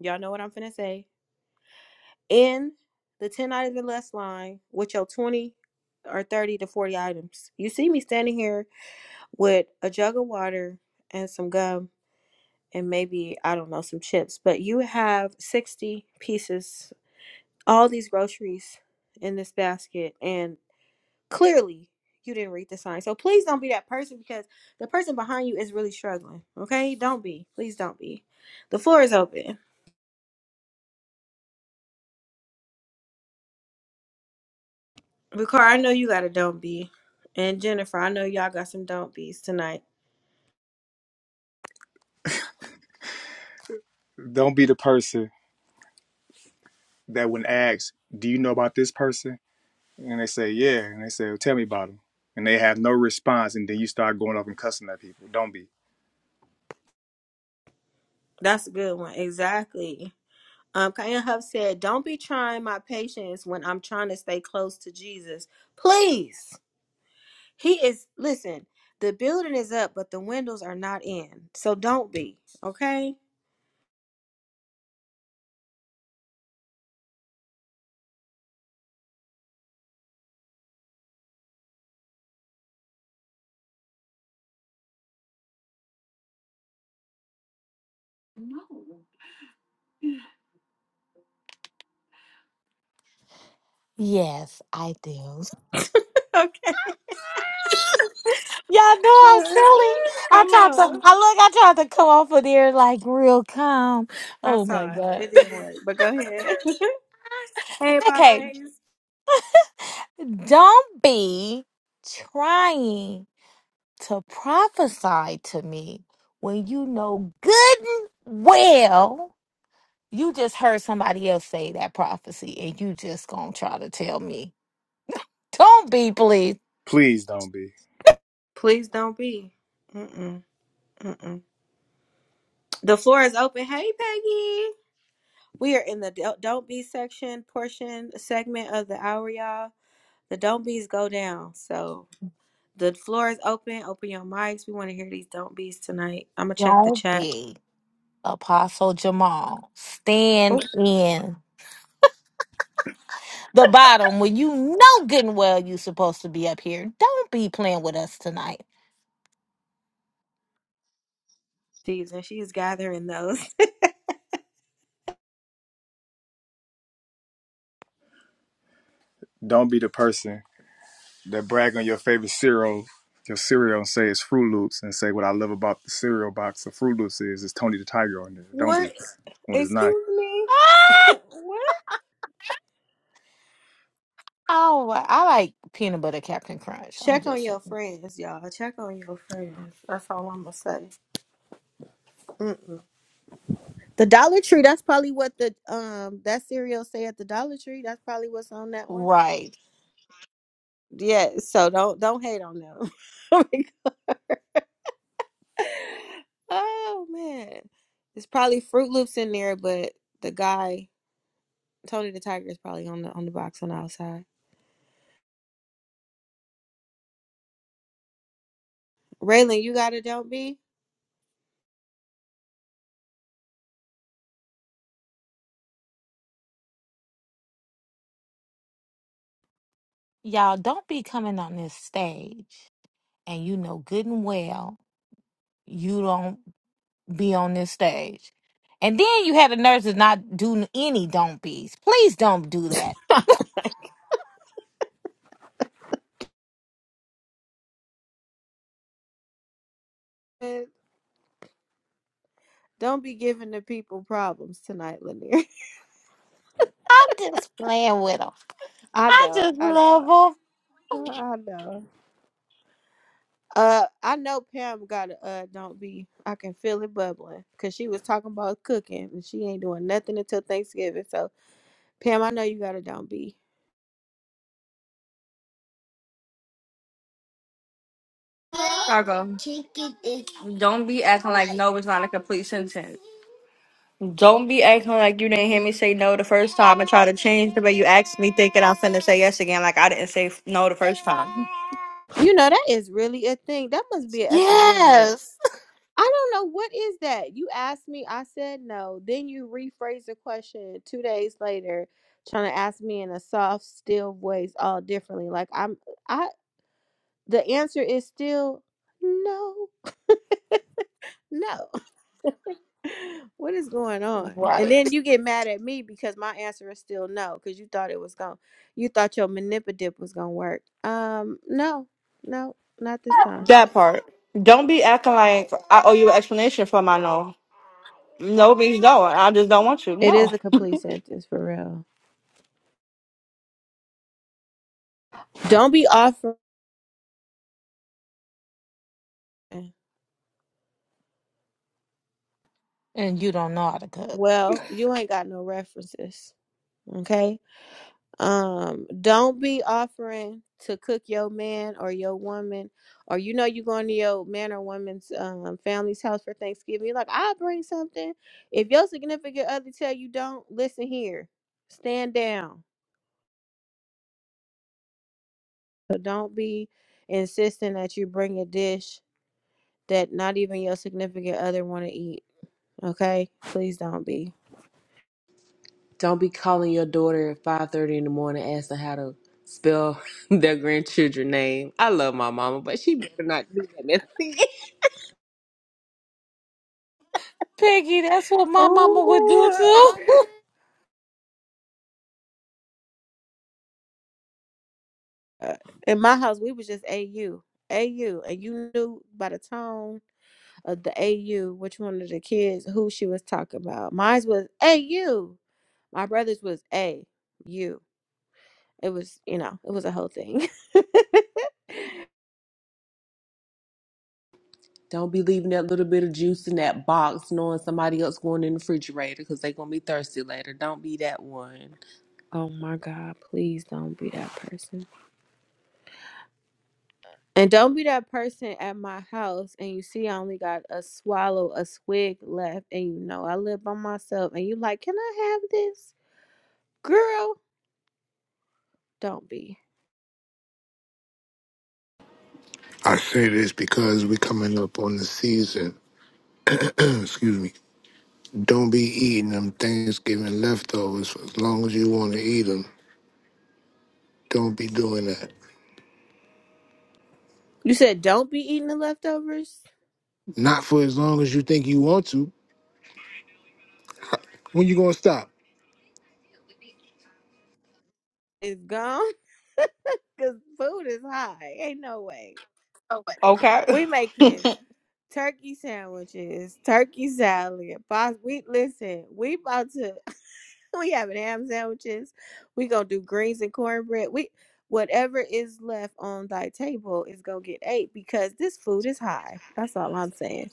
Speaker 1: Y'all know what I'm finna say. In the 10 items or less line with your 20 or 30 to 40 items. You see me standing here with a jug of water and some gum and maybe I don't know some chips, but you have 60 pieces, all these groceries in this basket and clearly you didn't read the sign. So please don't be that person because the person behind you is really struggling. Okay? Don't be. Please don't be. The floor is open. Ricard, I know you got a don't be. And Jennifer, I know y'all got some don't be's tonight.
Speaker 2: Don't be the person that when asked, Do you know about this person? And they say, Yeah. And they say, well, Tell me about him. And they have no response. And then you start going off and cussing at people. Don't be.
Speaker 1: That's a good one. Exactly. Um, Kaya Huff said, Don't be trying my patience when I'm trying to stay close to Jesus. Please. He is, listen, the building is up, but the windows are not in. So don't be, okay?
Speaker 8: Yes, I do.
Speaker 1: Okay.
Speaker 8: Y'all know I'm silly. I
Speaker 1: Come
Speaker 8: tried to. I look.
Speaker 1: on.
Speaker 8: I tried to come off of there like real calm.
Speaker 1: I
Speaker 8: Oh my
Speaker 1: saw it.
Speaker 8: god.
Speaker 1: It didn't work, but go ahead. hey, Apostle
Speaker 8: okay,
Speaker 1: Hayes.
Speaker 8: Don't be trying to prophesy to me when you know good and well you just heard somebody else say that prophecy and you just gonna try to tell me. Don't be, please.
Speaker 2: Please don't be.
Speaker 1: Please don't be. Mm-mm, mm-mm. The floor is open. Hey, Peggy. We are in the don't don't be section portion segment of the hour, y'all. The don't bees go down. So the floor is open. Open your mics. We want to hear these don't bees tonight. I'm gonna check the
Speaker 8: Don't
Speaker 1: chat.
Speaker 8: be. Apostle Jamal,
Speaker 1: Oh,
Speaker 8: stand in the bottom when you know good and well you supposed to be up here. Don't be playing with us tonight.
Speaker 1: season. She's gathering those.
Speaker 2: Don't be the person that brag on your favorite cereal, your cereal, and say it's Fruit Loops, and say what I love about the cereal box of Fruit Loops is it's Tony the Tiger on there. Don't be
Speaker 1: what?
Speaker 2: when it's not.
Speaker 1: Excuse me. what?
Speaker 8: Oh, well, I like peanut butter Captain Crunch. I'm
Speaker 1: Check on
Speaker 8: just
Speaker 1: your friends, y'all. Check on your friends. That's all I'm gonna say. Mm-mm. The Dollar Tree. That's probably what the um that cereal say at the Dollar Tree. That's probably what's on that one.
Speaker 8: right.
Speaker 1: Yeah. So don't don't hate on them Oh man, it's probably Fruit Loops in there, but the guy Tony the Tiger is probably on the on the box on the outside. Raylan, you gotta don't be
Speaker 8: Y'all don't be coming on this stage and you know good and well you don't be on this stage. And then you had the nerves to not do any don't be's. Please don't do that.
Speaker 1: uh, don't be giving the people problems tonight, Lanier.
Speaker 8: I'm just playing with them.
Speaker 1: I
Speaker 8: I
Speaker 1: know,
Speaker 8: just
Speaker 1: I know,
Speaker 8: love them.
Speaker 1: I know. Uh, I know Pam got a uh, don't be. I can feel it bubbling because she was talking about cooking and she ain't doing nothing until Thanksgiving. So Pam, I know you got a don't be.
Speaker 19: Cargo. Don't be acting like no is not a complete sentence. Don't be acting like you didn't hear me say no the first time and try to change the way you asked me, thinking I'm finna say yes again, like I didn't say no the first time.
Speaker 1: You know that is really a thing. That must be an epidemic.
Speaker 8: Yes.
Speaker 1: I don't know what is that. You asked me, I said no. Then you rephrase the question two days later, trying to ask me in a soft, still voice, all differently. Like I'm, I. The answer is still no, no. what is going on? And
Speaker 8: Right.
Speaker 1: then you get mad at me because my answer is still no, because you thought it was going, to you thought your manipulative was gonna work. Um, no, no, not this time.
Speaker 19: That part. Don't be acting like I owe you an explanation for my no. No means no. I just don't want you.
Speaker 1: It is
Speaker 19: No.
Speaker 1: a complete sentence for real. Don't be offering.
Speaker 8: And you don't know how to cook.
Speaker 1: Well, you ain't got no references. Okay. Um, don't be offering to cook your man or your woman, or you know you going to your man or woman's um family's house for Thanksgiving. You're like, I'll bring something. If your significant other tell you don't, listen here. Stand down. So don't be insisting that you bring a dish that not even your significant other want to eat. Okay? Please don't be.
Speaker 20: Don't be calling your daughter at five thirty in the morning asking how to spell their grandchildren name. I love my mama, but she better not do that. messy.
Speaker 8: Piggy, that's what my mama would do
Speaker 1: Oh.
Speaker 8: too.
Speaker 1: uh, in my house we was just a u a u, and you knew by the tone of the AU which one of the kids who she was talking about. Mine was AU. My brother's was A U. It was, you know, it was a whole thing.
Speaker 20: Don't be leaving that little bit of juice in that box, knowing somebody else going in the refrigerator because they're gonna be thirsty later. Don't be that one.
Speaker 1: oh my God, please don't be that person. And don't be that person at my house and you see I only got a swallow, a swig left, and you know I live by myself and you like, Can I have this? Girl, don't be.
Speaker 6: I say this because we coming up on the season. Excuse me. Don't be eating them Thanksgiving leftovers for as long as you want to eat them. Don't be doing that.
Speaker 1: You said don't be eating the leftovers.
Speaker 6: Not for as long as you think you want to. When you gonna stop?
Speaker 1: It's gone because food is high. Ain't no way.
Speaker 19: Okay.
Speaker 1: We making turkey sandwiches, turkey salad, pos- We listen. We about to. We having ham sandwiches. We gonna do greens and cornbread. We whatever is left on thy table is gonna get ate because this food is high. That's all I'm saying.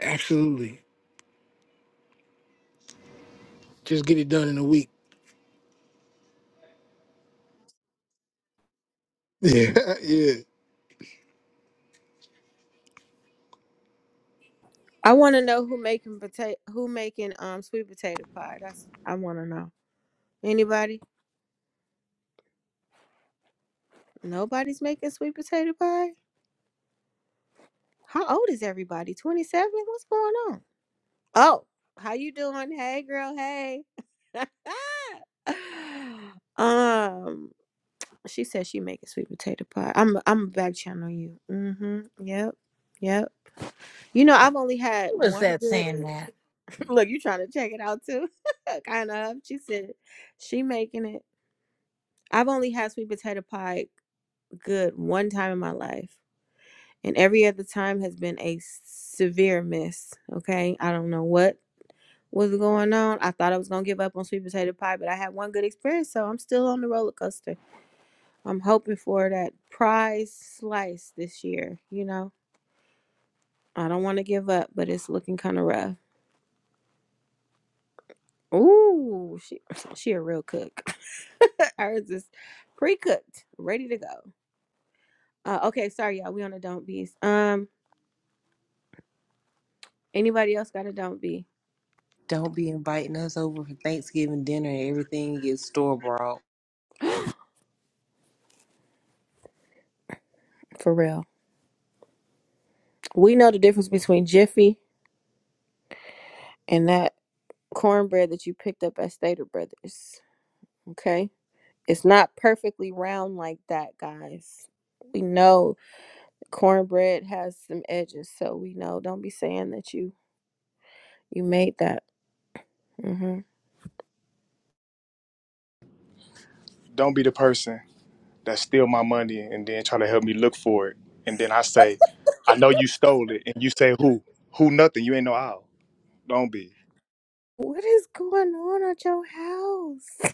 Speaker 6: Absolutely. Just get it done in a week. Yeah, yeah.
Speaker 1: I want to know who making potato, who making um sweet potato pie. That's I want to know. Anybody? Nobody's making sweet potato pie. How old is everybody? 27? What's going on? Oh, how you doing? Hey girl, hey. um, she said she making sweet potato pie. I'm I'm back channel you. Mm-hmm. Yep. Yep. You know, I've only had
Speaker 8: Who was
Speaker 1: one
Speaker 8: that
Speaker 1: good
Speaker 8: saying that?
Speaker 1: look, you trying to check it out too. kind of. She said she making it. I've only had sweet potato pie good one time in my life. and every other time has been a severe miss. Okay, I don't know what was going on. I thought I was gonna give up on sweet potato pie, but I had one good experience, so I'm still on the roller coaster. I'm hoping for that prize slice this year. You know, I don't want to give up, but it's looking kind of rough. Ooh, she she a real cook. Ours is pre-cooked, ready to go. Uh, okay, sorry y'all, we on a don't be's. Um, anybody else got a don't be?
Speaker 20: Don't be inviting us over for Thanksgiving dinner and everything gets store bought.
Speaker 1: For real, we know the difference between Jiffy and that cornbread that you picked up at Stater Brothers. Okay? It's not perfectly round like that, guys. We know cornbread has some edges, so we know. Don't be saying that you you made that. hmm
Speaker 2: Don't be the person that steal my money and then try to help me look for it, and then I say, I know you stole it, and you say who? Who? Nothing. You ain't no owl. Don't be.
Speaker 1: What is going on at your house?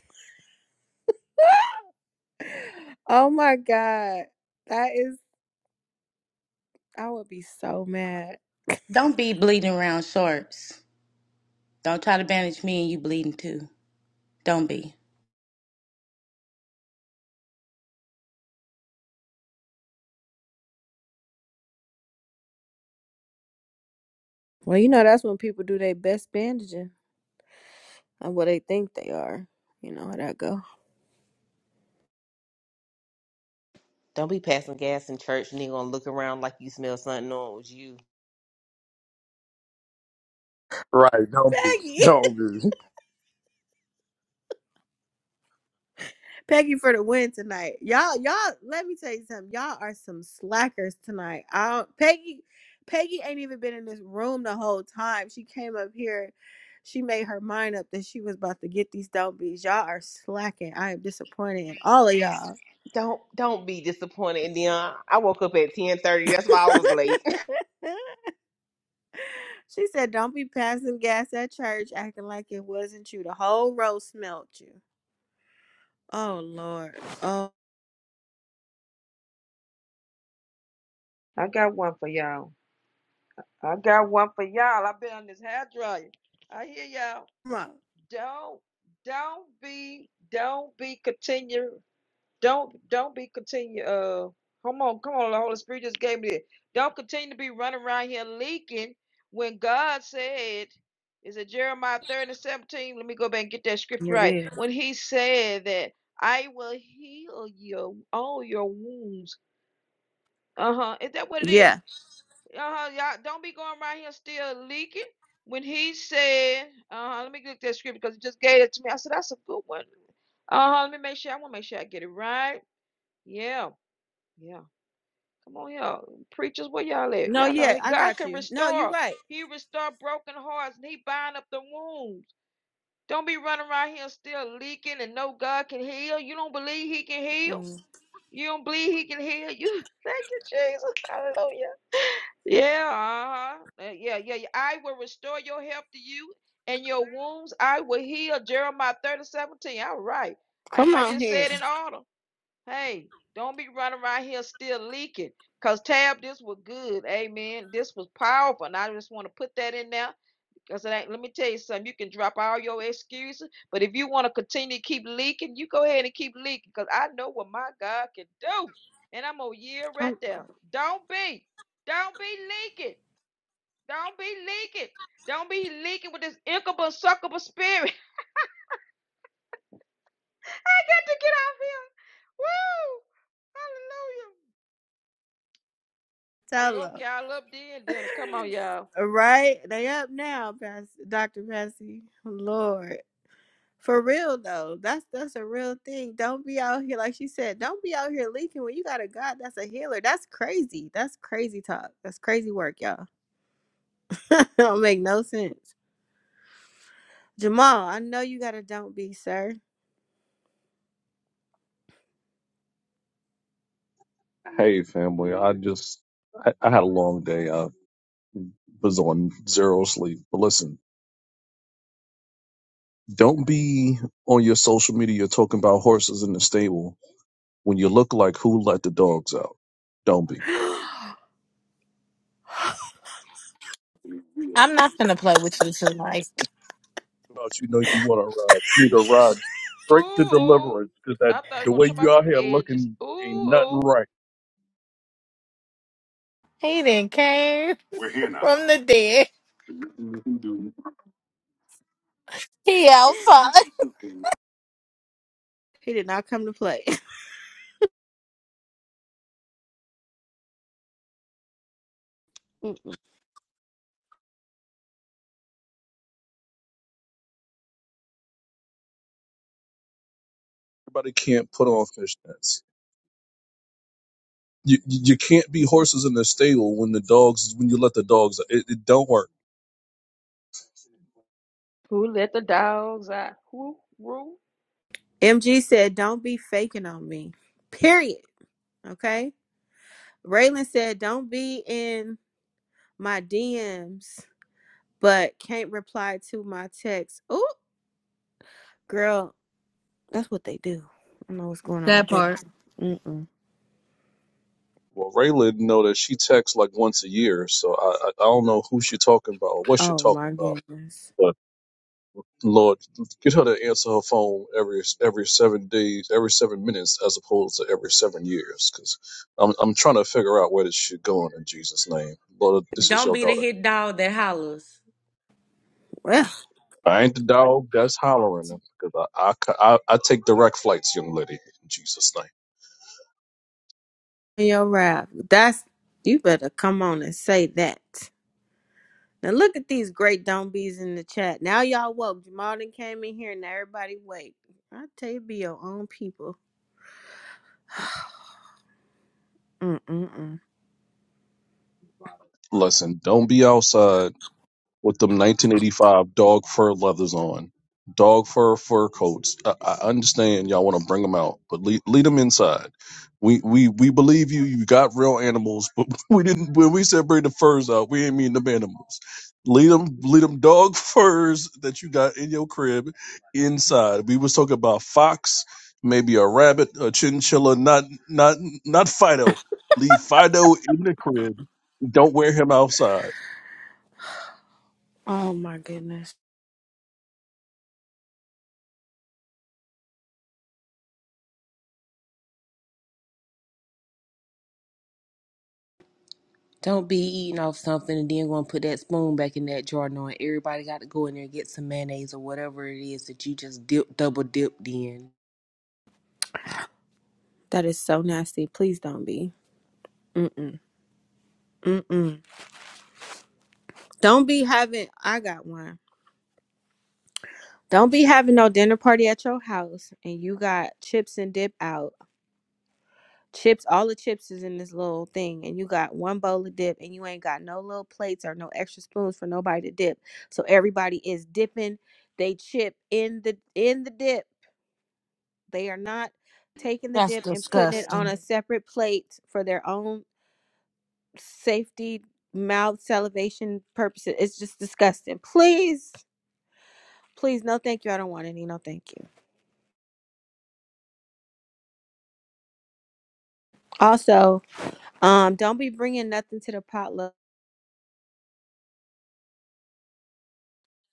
Speaker 1: oh my god, that is. I would be so mad.
Speaker 15: Don't be bleeding around shorts. Don't try to bandage me and you bleeding too. Don't be.
Speaker 1: Well, you know that's when people do their best bandaging, or what they think they are. You know how that go.
Speaker 20: Don't be passing gas in church and then gonna look around like you smell something on it was you.
Speaker 2: Right. Don't be.
Speaker 1: Peggy.
Speaker 2: Don't be.
Speaker 1: Peggy for the win tonight. Y'all, y'all, let me tell you something. Y'all are some slackers tonight. I don't, Peggy, Peggy ain't even been in this room the whole time. She came up here. She made her mind up that she was about to get these dope beats. Y'all are slacking. I am disappointed in all of y'all.
Speaker 20: Don't don't be disappointed, Dion. I woke up at ten thirty. That's why I was late.
Speaker 1: she said, Don't be passing gas at church acting like it wasn't you. The whole row smelt you. Oh Lord. Oh
Speaker 21: I got one for y'all. I got one for y'all. I've been on this hair dryer. I hear y'all.
Speaker 1: my.
Speaker 21: Don't don't be don't be continue don't don't be continue uh come on come on the Holy Spirit just gave me this. Don't continue to be running around here leaking when God said is it Jeremiah 30 and 17? Let me go back and get that scripture right.
Speaker 1: It is.
Speaker 21: When he said that I will heal you all your wounds. Uh-huh. Is that what it is?
Speaker 1: Yeah.
Speaker 21: uh-huh, y'all don't be going around here still leaking. When he said, uh, let me look at that script because he just gave it to me. I said, that's a good one. Uh, let me make sure. I want to make sure I get it right. Yeah, yeah. Come on, y'all. Preachers, where y'all at?
Speaker 1: No,
Speaker 21: Y'all know
Speaker 1: yeah, I
Speaker 21: God
Speaker 1: got
Speaker 21: can
Speaker 1: you. No, you're
Speaker 21: restore.
Speaker 1: right.
Speaker 21: He restore broken hearts and he bind up the wounds. Don't be running around here still leaking and know God can heal. You don't believe he can heal?
Speaker 1: Mm.
Speaker 21: You don't believe he can heal you? Thank you, Jesus. Hallelujah. Yeah, uh-huh. Uh, yeah, yeah, yeah. I will restore your health to you and your wounds. I will heal. Jeremiah 30:17. All right. I
Speaker 1: Come
Speaker 21: might
Speaker 1: on
Speaker 21: just say
Speaker 1: here.
Speaker 21: it in order. Hey, don't be running around here still leaking. Because Tab, this was good. Amen. This was powerful. And I just want to put that in there. Cause it ain't, let me tell you something. You can drop all your excuses, but if you want to continue to keep leaking, you go ahead and keep leaking. Cause I know what my God can do, and I'm a year right
Speaker 1: do
Speaker 21: there. Don't be, don't be leaking, don't be leaking, don't be leaking with this incubus succubus spirit. I got to get off here. Woo! Hallelujah! I
Speaker 1: Tell
Speaker 21: woke
Speaker 1: them.
Speaker 21: y'all up then, then come on, y'all.
Speaker 1: right? They up now, Pas- Dr. Patsy. Lord. For real though. That's that's a real thing. Don't be out here, like she said, don't be out here leaking when you got a God that's a healer. That's crazy. That's crazy talk. That's crazy work, y'all. don't make no sense. Jamal, I know you got a don't be, sir.
Speaker 22: Hey, family. I just I, I had a long day. I was on zero sleep. But listen, don't be on your social media talking about horses in the stable when you look like who let the dogs out. Don't be.
Speaker 1: he
Speaker 8: I'm not gonna play with you tonight.
Speaker 22: About you know you want to ride. You need to ride straight to
Speaker 21: Ooh, ooh.
Speaker 22: deliverance because that
Speaker 21: I thought we were
Speaker 22: the
Speaker 21: gonna
Speaker 22: way
Speaker 21: talk
Speaker 22: you
Speaker 21: about
Speaker 22: out
Speaker 21: them
Speaker 22: here
Speaker 21: edges.
Speaker 22: looking
Speaker 21: Ooh,
Speaker 22: ain't nothing
Speaker 21: ooh.
Speaker 22: right.
Speaker 8: He didn't came from the dead. He outside.
Speaker 1: did not come to play.
Speaker 22: Everybody can't put on fishnets. You you you can't be horses in the stable when the dogs when you let the dogs. It, it don't work.
Speaker 21: Who let the dogs out? Who, who?
Speaker 1: MG said, Don't be faking on me. Period. Okay? Raylan said, Don't be in my DMs, but can't reply to my text. Ooh, girl, that's what they do. I don't know what's going on with
Speaker 19: That
Speaker 1: that.
Speaker 19: part.
Speaker 1: Mm-mm.
Speaker 22: Well, Raylan know that she texts like once a year, so I, I I don't know who she talking about or what she
Speaker 1: Oh my
Speaker 22: talking about.
Speaker 1: goodness.
Speaker 22: But Lord, get her to answer her phone every every seven days, every seven minutes, as opposed to every seven years. Because I'm I'm trying to figure out where this shit going in Jesus' name, Lord. This is
Speaker 15: Don't
Speaker 22: your
Speaker 15: be the
Speaker 22: daughter.
Speaker 15: hit dog that hollers.
Speaker 1: Well,
Speaker 22: I ain't the dog that's hollering them because I, I, ca- I, I take direct flights, young lady, in Jesus' name.
Speaker 1: your rap. That's you better come on and say that. Now look at these great don't be's in the chat. Now y'all woke. Jamal done came in here and everybody wake. I tell you, be your own people. Mm-mm-mm.
Speaker 22: Listen, don't be outside with them 1985 dog fur leathers on, dog fur fur coats. I, I understand y'all want to bring them out, but lead, lead them inside. We we we believe you. You got real animals, but we didn't. When we said bring the furs out, we ain't mean them animals. Lead them, lead them dog furs that you got in your crib inside. We was talking about fox, maybe a rabbit, a chinchilla, not not not Fido. Leave Fido in the crib. Don't wear him outside
Speaker 1: Oh my goodness.
Speaker 20: Don't be eating off something and then gonna put that spoon back in that jar knowing everybody got to go in there and get some mayonnaise or whatever it is that you just dip double dipped in.
Speaker 1: That is so nasty. Please don't be. Mm-mm. Mm-mm. Don't be having. I got one. Don't be having no dinner party at your house, and you got chips and dip out. Chips, all the chips is in this little thing, and you got one bowl of dip, and you ain't got no little plates or no extra spoons for nobody to dip. So everybody is dipping they chip in the in the dip. They are not taking the
Speaker 8: That's
Speaker 1: dip and putting it on
Speaker 8: disgusting.
Speaker 1: a separate plate for their own safety, mouth salivation purposes. It's just disgusting. Please Please, no, thank you. I don't want any. No, thank you. Also, um, don't be bringing nothing to the potluck.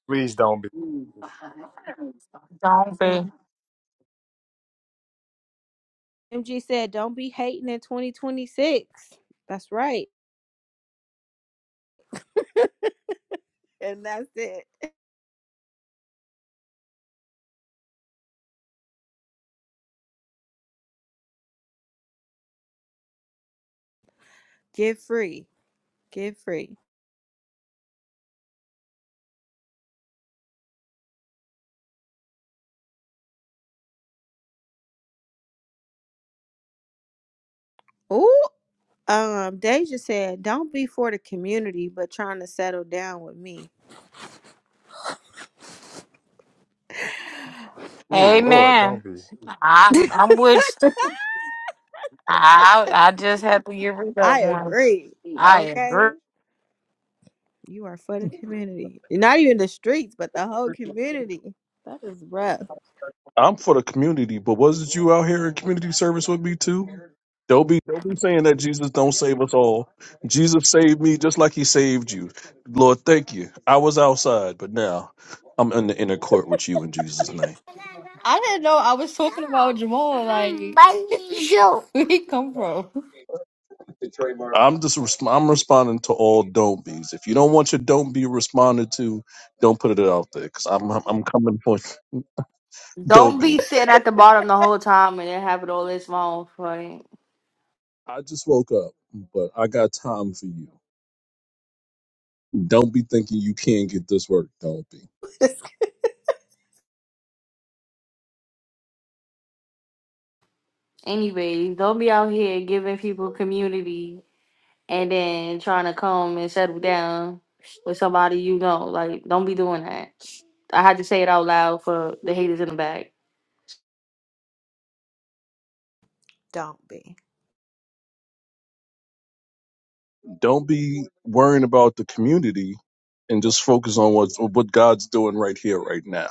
Speaker 2: Please don't be.
Speaker 8: Don't be.
Speaker 1: MG said, don't be hating in 2026. That's right. And that's it. Give free. Give free. Ooh. Um, Deja said, don't be for the community, but trying to settle down with me.
Speaker 2: Oh Lord, don't
Speaker 8: Amen.
Speaker 2: be.
Speaker 8: I'm I'm with you. I I just had to get rid of
Speaker 1: I
Speaker 8: one.
Speaker 1: agree.
Speaker 8: I agree.
Speaker 1: Okay. You are for the community. Not even the streets, but the whole community. That is rough.
Speaker 22: I'm for the community, but wasn't you out here in community service with me too? Don't be don't be saying that Jesus don't save us all. Jesus saved me just like he saved you. Lord, thank you. I was outside, but now I'm in the inner court with you in Jesus' name.
Speaker 19: I didn't know I was talking about Jamal. Like, where he come from?
Speaker 22: I'm just resp- I'm responding to all don't be's. If you don't want your don't be responded to, don't put it out there because I'm I'm I'm coming for don't
Speaker 19: Don't
Speaker 22: be.
Speaker 19: be sitting at the bottom the whole time and then having all this wrong funny.
Speaker 22: I just woke up, but I got time for you. Don't be thinking you can't get this work. Don't be.
Speaker 19: Anyways, don't be out here giving people community and then trying to come and settle down with somebody you know. Like, don't be doing that. I had to say it out loud for the haters in the back.
Speaker 1: don't be.
Speaker 22: Don't be worrying about the community and just focus on what what God's doing right here, right now.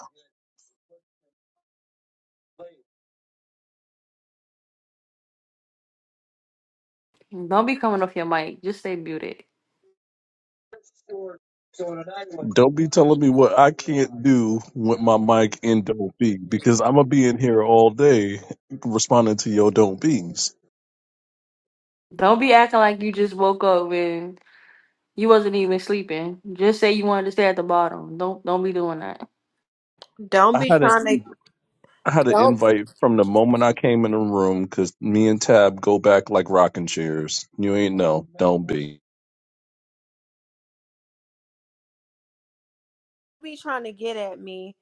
Speaker 19: Don't be coming off your mic. Just stay muted.
Speaker 22: Don't be telling me what I can't do with my mic and don't be because I'm gonna be in here all day responding to your don't be's.
Speaker 19: Don't be acting like you just woke up and you wasn't even sleeping. Just say you wanted to stay at the bottom. Don't don't be doing that.
Speaker 1: Don't
Speaker 22: I
Speaker 1: be
Speaker 22: had a
Speaker 1: trying to
Speaker 22: I had an
Speaker 1: don't
Speaker 22: invite from the moment I came in the room because me and Tab go back like rocking chairs. You ain't know, don't be.
Speaker 1: be trying to get at me.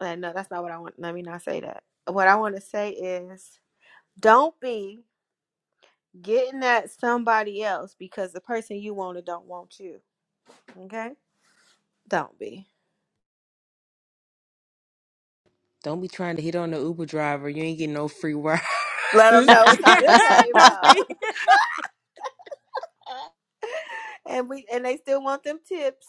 Speaker 1: Uh, no, that's not what I want. Let me not say that. What I want to say is don't be getting at somebody else because the person you wanted don't want you. Okay? Don't be.
Speaker 20: Don't be trying to hit on the Uber driver. You ain't getting no free rides.
Speaker 1: Let them know it's already paid
Speaker 15: Don't
Speaker 1: for.
Speaker 15: be.
Speaker 1: and we and they still want them tips.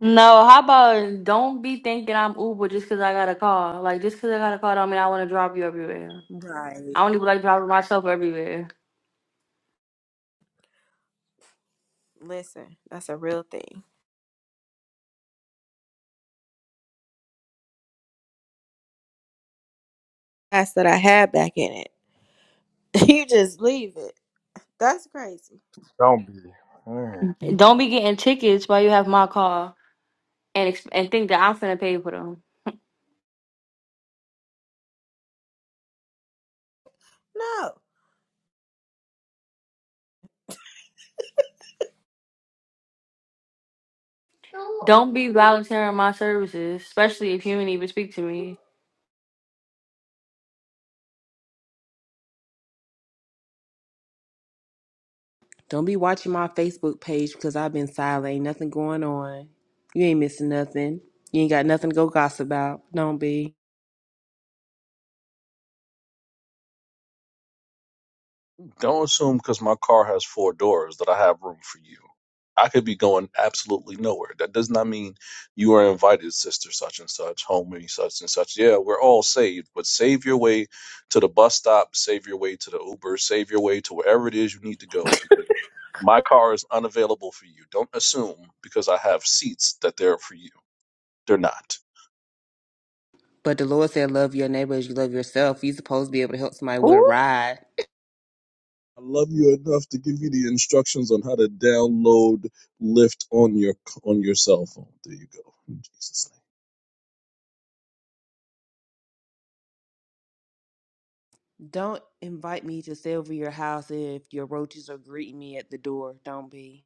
Speaker 19: no, how about don't be thinking I'm Uber just 'cause I got a car. Like just 'cause I got a car don't mean I want to drop you everywhere.
Speaker 20: Right.
Speaker 19: I don't even like driving myself everywhere.
Speaker 1: Listen, that's a real thing. That's that I had back in it. you just leave it. That's crazy.
Speaker 2: Don't be. Mm.
Speaker 19: Don't be getting tickets while you have my car and ex- and think that I'm finna pay for them.
Speaker 1: No.
Speaker 19: Don't be volunteering my services, especially if you ain't even speak to me.
Speaker 20: Don't be watching my Facebook page because I've been silent. Ain't nothing going on. You ain't missing nothing. You ain't got nothing to go gossip about. Don't be.
Speaker 22: Don't assume because my car has four doors that I have room for you. I could be going absolutely nowhere. That does not mean you are invited, sister such and such, homie such and such. Yeah, we're all saved, but save your way to the bus stop, save your way to the Uber, save your way to wherever it is you need to go because my car is unavailable for you. Don't assume because I have seats that they're for you. They're not.
Speaker 20: But the Lord said, love your neighbor as you love yourself. You supposed to be able to help somebody with a
Speaker 1: Ooh.
Speaker 20: ride.
Speaker 22: I love you enough to give you the instructions on how to download Lyft on your on your cell phone. There you go. In Jesus'
Speaker 20: Don't invite me to stay over your house if your roaches are greeting me at the door. Don't be.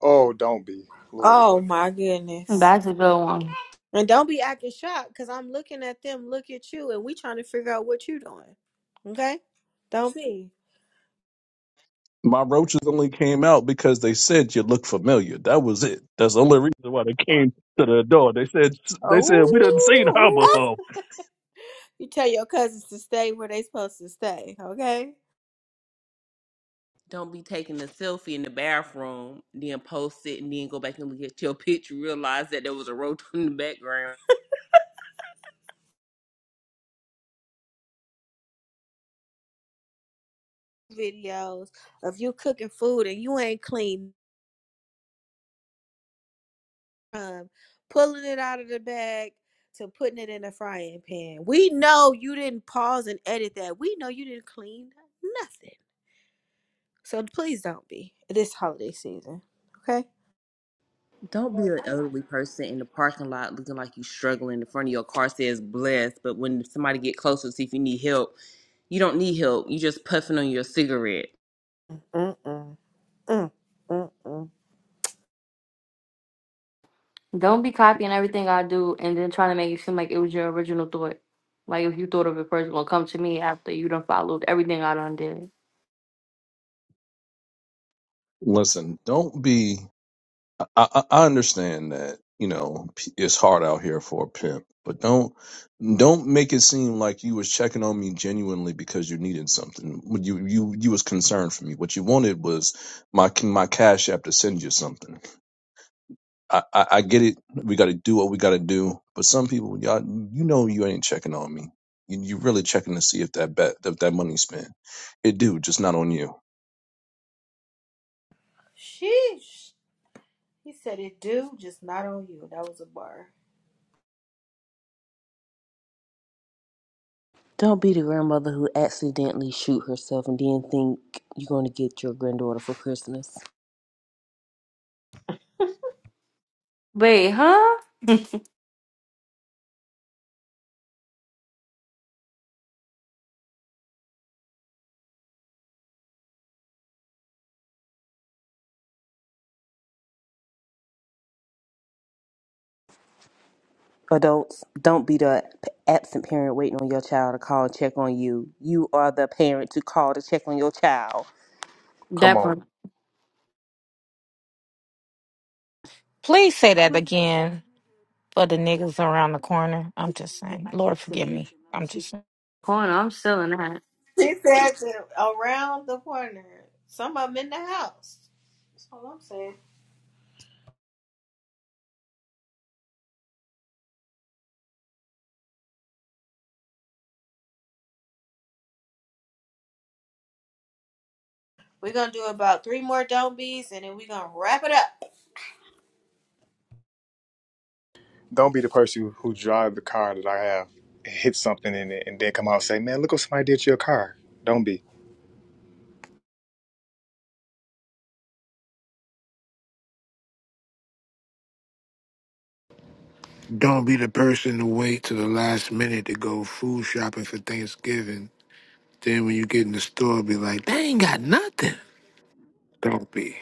Speaker 2: Oh, don't be. Lord, no.
Speaker 1: Oh my goodness.
Speaker 19: That's a good one.
Speaker 1: And don't be acting shocked because I'm looking at them, look at you, and we trying to figure out what you doing. Okay? Don't be.
Speaker 22: name. My roaches only came out because they said you look familiar. That was it. That's the only reason why they came to the door. They said they said we didn't seen her
Speaker 21: Oh.
Speaker 22: before.
Speaker 1: You tell your cousins to stay where they supposed to stay, okay?
Speaker 20: Don't be taking a selfie in the bathroom, then post it, and then go back and look at your picture, realize that there was a roach in the background.
Speaker 1: Videos of you cooking food and you ain't clean from pulling it out of the bag to putting it in the frying pan. We know you didn't pause and edit that. We know you didn't clean nothing. So please don't be this holiday season, okay?
Speaker 20: Don't be an elderly person in the parking lot looking like you struggling. The front of your car says blessed, but when somebody get closer to see if you need help, you don't need help. You just puffing on your cigarette.
Speaker 1: Mm-mm-mm. Mm-mm-mm.
Speaker 19: Don't be copying everything I do and then trying to make it seem like it was your original thought. Like if you thought of it first, it's gonna come to me after you done followed everything I done did.
Speaker 22: Listen, don't be. I, I I understand that you know p- it's hard out here for a pimp, but don't don't make it seem like you was checking on me genuinely because you needed something. When You you you was concerned for me. What you wanted was my my cash app to send you something. I I, I get it. We got to do what we got to do. But some people, y'all, you know, you ain't checking on me. You, you really checking to see if that bet if that money spent. It do just not on you.
Speaker 1: Sheesh. He said it do, just not on you. That was a bar.
Speaker 20: Don't be the grandmother who accidentally shoot herself and then think you're going to get your granddaughter for Christmas.
Speaker 19: Wait, huh?
Speaker 20: Adults, don't be the p- absent parent waiting on your child to call and check on you. You are the parent to call to check on your child.
Speaker 2: come
Speaker 19: That
Speaker 2: on
Speaker 19: part.
Speaker 8: Please say that again for the niggas around the corner. I'm just saying. Lord forgive me. I'm just saying.
Speaker 19: Corner, I'm still in that.
Speaker 1: She said that around the corner. Some of them in the house. That's all I'm saying. We're gonna do about three more don't be's and then we're gonna wrap it up.
Speaker 2: Don't be the person who drive the car that I have and hit something in it and then come out and say, "Man, look what somebody did to your car." Don't be.
Speaker 6: Don't be the person to wait to the last minute to go food shopping for Thanksgiving. Then when you get in the store, be like, they ain't got nothing. Don't be.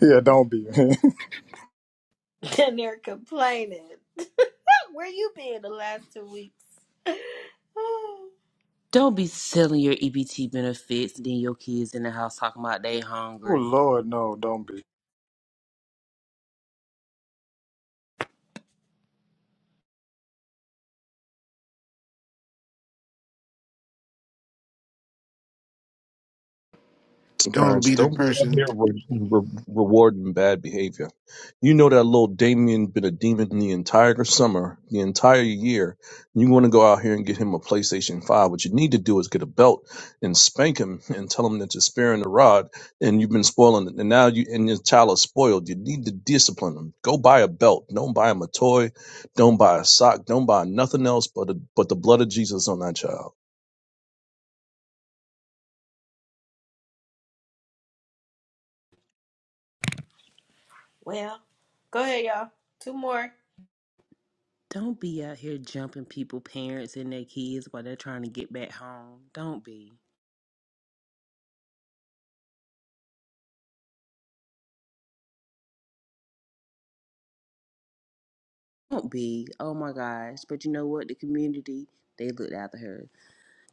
Speaker 2: Yeah, don't be.
Speaker 1: and they're complaining. Where you been the last two weeks?
Speaker 20: Don't be selling your EBT benefits, then your kids in the house talking about they
Speaker 2: oh
Speaker 20: hungry.
Speaker 2: Lord, no, don't be.
Speaker 6: Don't
Speaker 22: Parents,
Speaker 6: be the
Speaker 22: don't be out
Speaker 6: person.
Speaker 22: here re- re- rewarding bad behavior. You know that little Damien been a demon the entire summer, the entire year. You want to go out here and get him a PlayStation 5. What you need to do is get a belt and spank him and tell him that you're sparing the rod and you've been spoiling it. And now you and your child is spoiled. You need to discipline him. Go buy a belt. Don't buy him a toy. Don't buy a sock. Don't buy nothing else but, a, but the blood of Jesus on that child.
Speaker 1: well, go ahead, y'all. Two more.
Speaker 20: Don't be out here jumping people, parents and their kids while they're trying to get back home. Don't be. Don't be. Oh my gosh. But you know what? The community, they looked after her.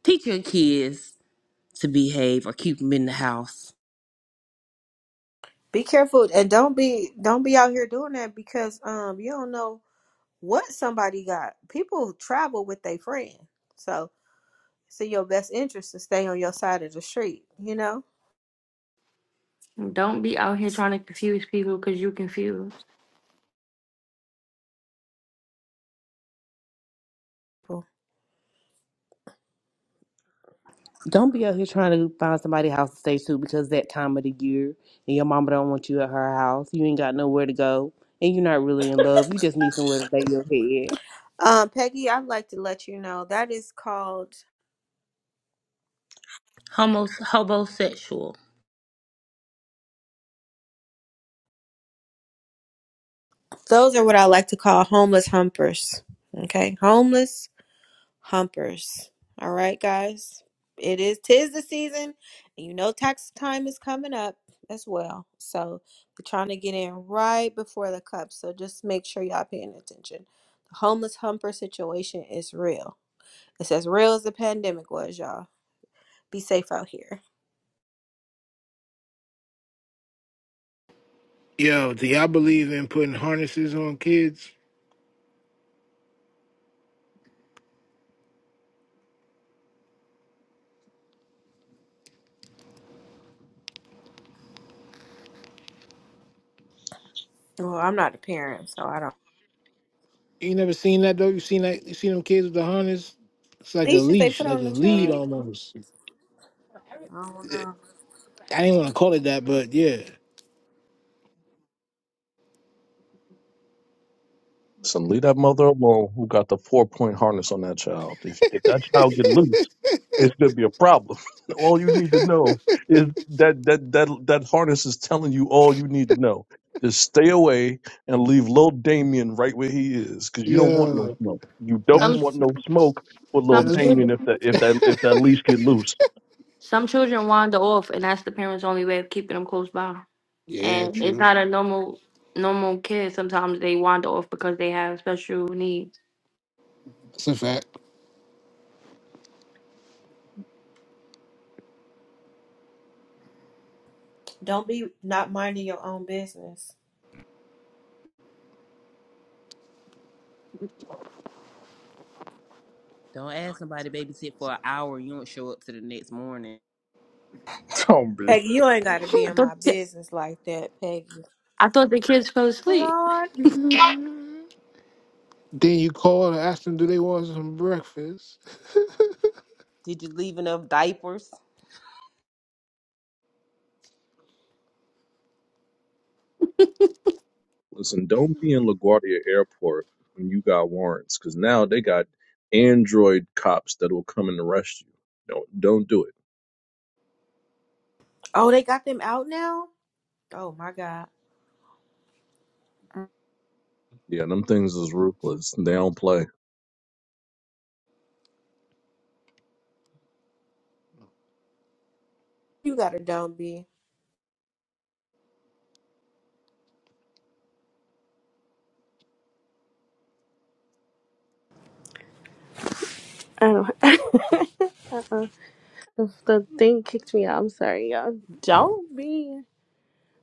Speaker 20: Teach your kids to behave or keep them in the house.
Speaker 1: Be careful and don't be don't be out here doing that because um you don't know what somebody got. People travel with their friend. So It's in your best interest to stay on your side of the street, you know?
Speaker 19: Don't be out here trying to confuse people because you confused.
Speaker 1: Cool.
Speaker 20: Don't be out here trying to find somebody house to stay to because that time of the year and your mama don't want you at her house. You ain't got nowhere to go and you're not really in love. You just need somewhere to lay your head.
Speaker 1: Um, Peggy, I'd like to let you know that is called,
Speaker 15: Homo hobosexual.
Speaker 1: those are what I like to call homeless humpers. Okay. Homeless humpers. All right, guys. It is, tis the season. And you know, tax time is coming up as well. So we're trying to get in right before the cup. So just make sure y'all paying attention. The homeless humper situation is real. It's as real as the pandemic was, y'all. Be safe out here.
Speaker 6: Yo, do y'all believe in putting harnesses on kids?
Speaker 1: Well, I'm not a parent, so I don't.
Speaker 6: You never seen that though. You seen that? You seen them kids with the harness? It's like a
Speaker 1: Leashes they
Speaker 6: leash,
Speaker 1: put
Speaker 6: like
Speaker 1: on
Speaker 6: a
Speaker 1: the
Speaker 6: lead
Speaker 1: children.
Speaker 6: almost.
Speaker 1: I don't know.
Speaker 6: I didn't want to call it that, but yeah,
Speaker 22: Listen, leave that mother alone who got the four point harness on that child. If, if that child get loose, it's gonna be a problem. all you need to know is that that that that harness is telling you all you need to know. Just stay away and leave little Damien right where he is, because you don't want
Speaker 6: yeah,
Speaker 22: no smoke. You don't
Speaker 19: Some
Speaker 22: want
Speaker 6: that's
Speaker 22: no smoke with little
Speaker 19: some
Speaker 6: that's
Speaker 22: Damien if
Speaker 19: children
Speaker 22: that if that if that leash get loose.
Speaker 19: some children wander off and that's the parents' only way of keeping them close by.
Speaker 6: yeah,
Speaker 19: And Mhm. it's
Speaker 6: true.
Speaker 19: not a normal normal kid. Sometimes they wander off because they have special needs.
Speaker 6: That's a fact.
Speaker 1: Don't be not minding your own business.
Speaker 20: Don't ask somebody to babysit for an hour and you don't show up to the next morning.
Speaker 2: Don't be.
Speaker 1: Peggy, you ain't got to be
Speaker 19: I
Speaker 1: in
Speaker 19: thought
Speaker 1: my business like that, Peggy.
Speaker 19: I thought the kids fell asleep.
Speaker 1: Lord.
Speaker 6: Then you call and ask them, do they want some breakfast?
Speaker 20: Did you leave enough diapers?
Speaker 22: Listen, don't be in LaGuardia Airport when you got warrants, because now they got Android cops that will come and arrest you. Don't don't do it
Speaker 1: Oh, they got them out now? Oh, my God.
Speaker 22: Yeah, them things is ruthless. They don't play.
Speaker 1: You got to don't be.
Speaker 9: I don't if the thing kicked me out, I'm sorry, y'all. Don't be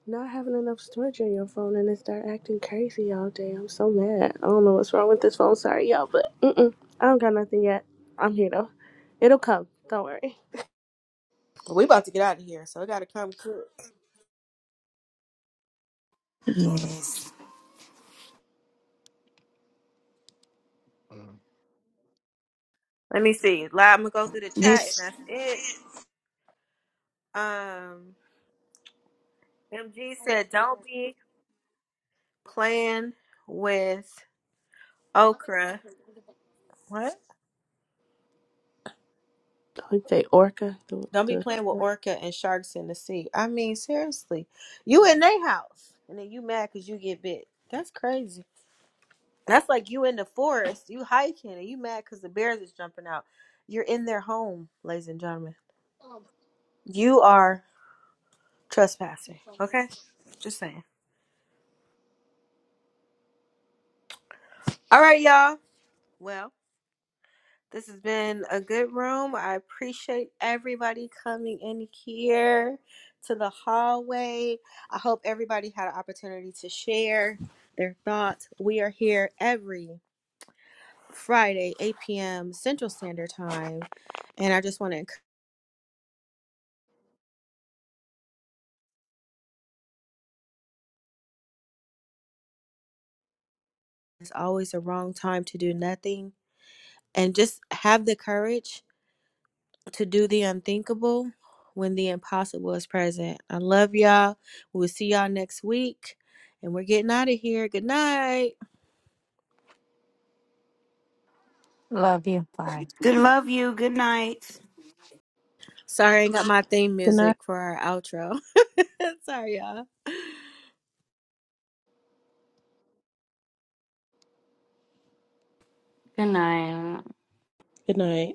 Speaker 9: not having enough storage on your phone and it start acting crazy all day. I'm so mad. I don't know what's wrong with this phone. Sorry, y'all, but mm-mm, I don't got nothing yet. I'm here though. It'll come. Don't worry.
Speaker 1: We about to get out of here, so I gotta come cook.
Speaker 11: Yes.
Speaker 1: Let me see. Live, I'm going to go through the chat, and
Speaker 11: This
Speaker 1: that's it. Um, MG said, don't be playing with okra. What?
Speaker 9: Like they orca. the?
Speaker 1: Don't be
Speaker 9: the
Speaker 1: playing with orca and sharks in the sea. I mean, seriously, you in their house and then you mad because you get bit. That's crazy. That's like you in the forest, you hiking, and you mad because the bears is jumping out. You're in their home, ladies and gentlemen. You are trespassing. Okay, just saying. All right, y'all. Well. This has been a good room. I appreciate everybody coming in here to the hallway. I hope everybody had an opportunity to share their thoughts. We are here every Friday, 8 p.m. Central Standard Time. And I just want to encourage it's always the wrong time to do nothing. And just have the courage to do the unthinkable when the impossible is present. I love y'all. We'll see y'all next week. And we're getting out of here. Good night.
Speaker 8: Love you. Bye.
Speaker 11: good love you. Good night.
Speaker 1: Sorry, I ain't got my theme
Speaker 20: Good night.
Speaker 1: music for our outro. Sorry, y'all.
Speaker 19: Good night.
Speaker 20: Good night.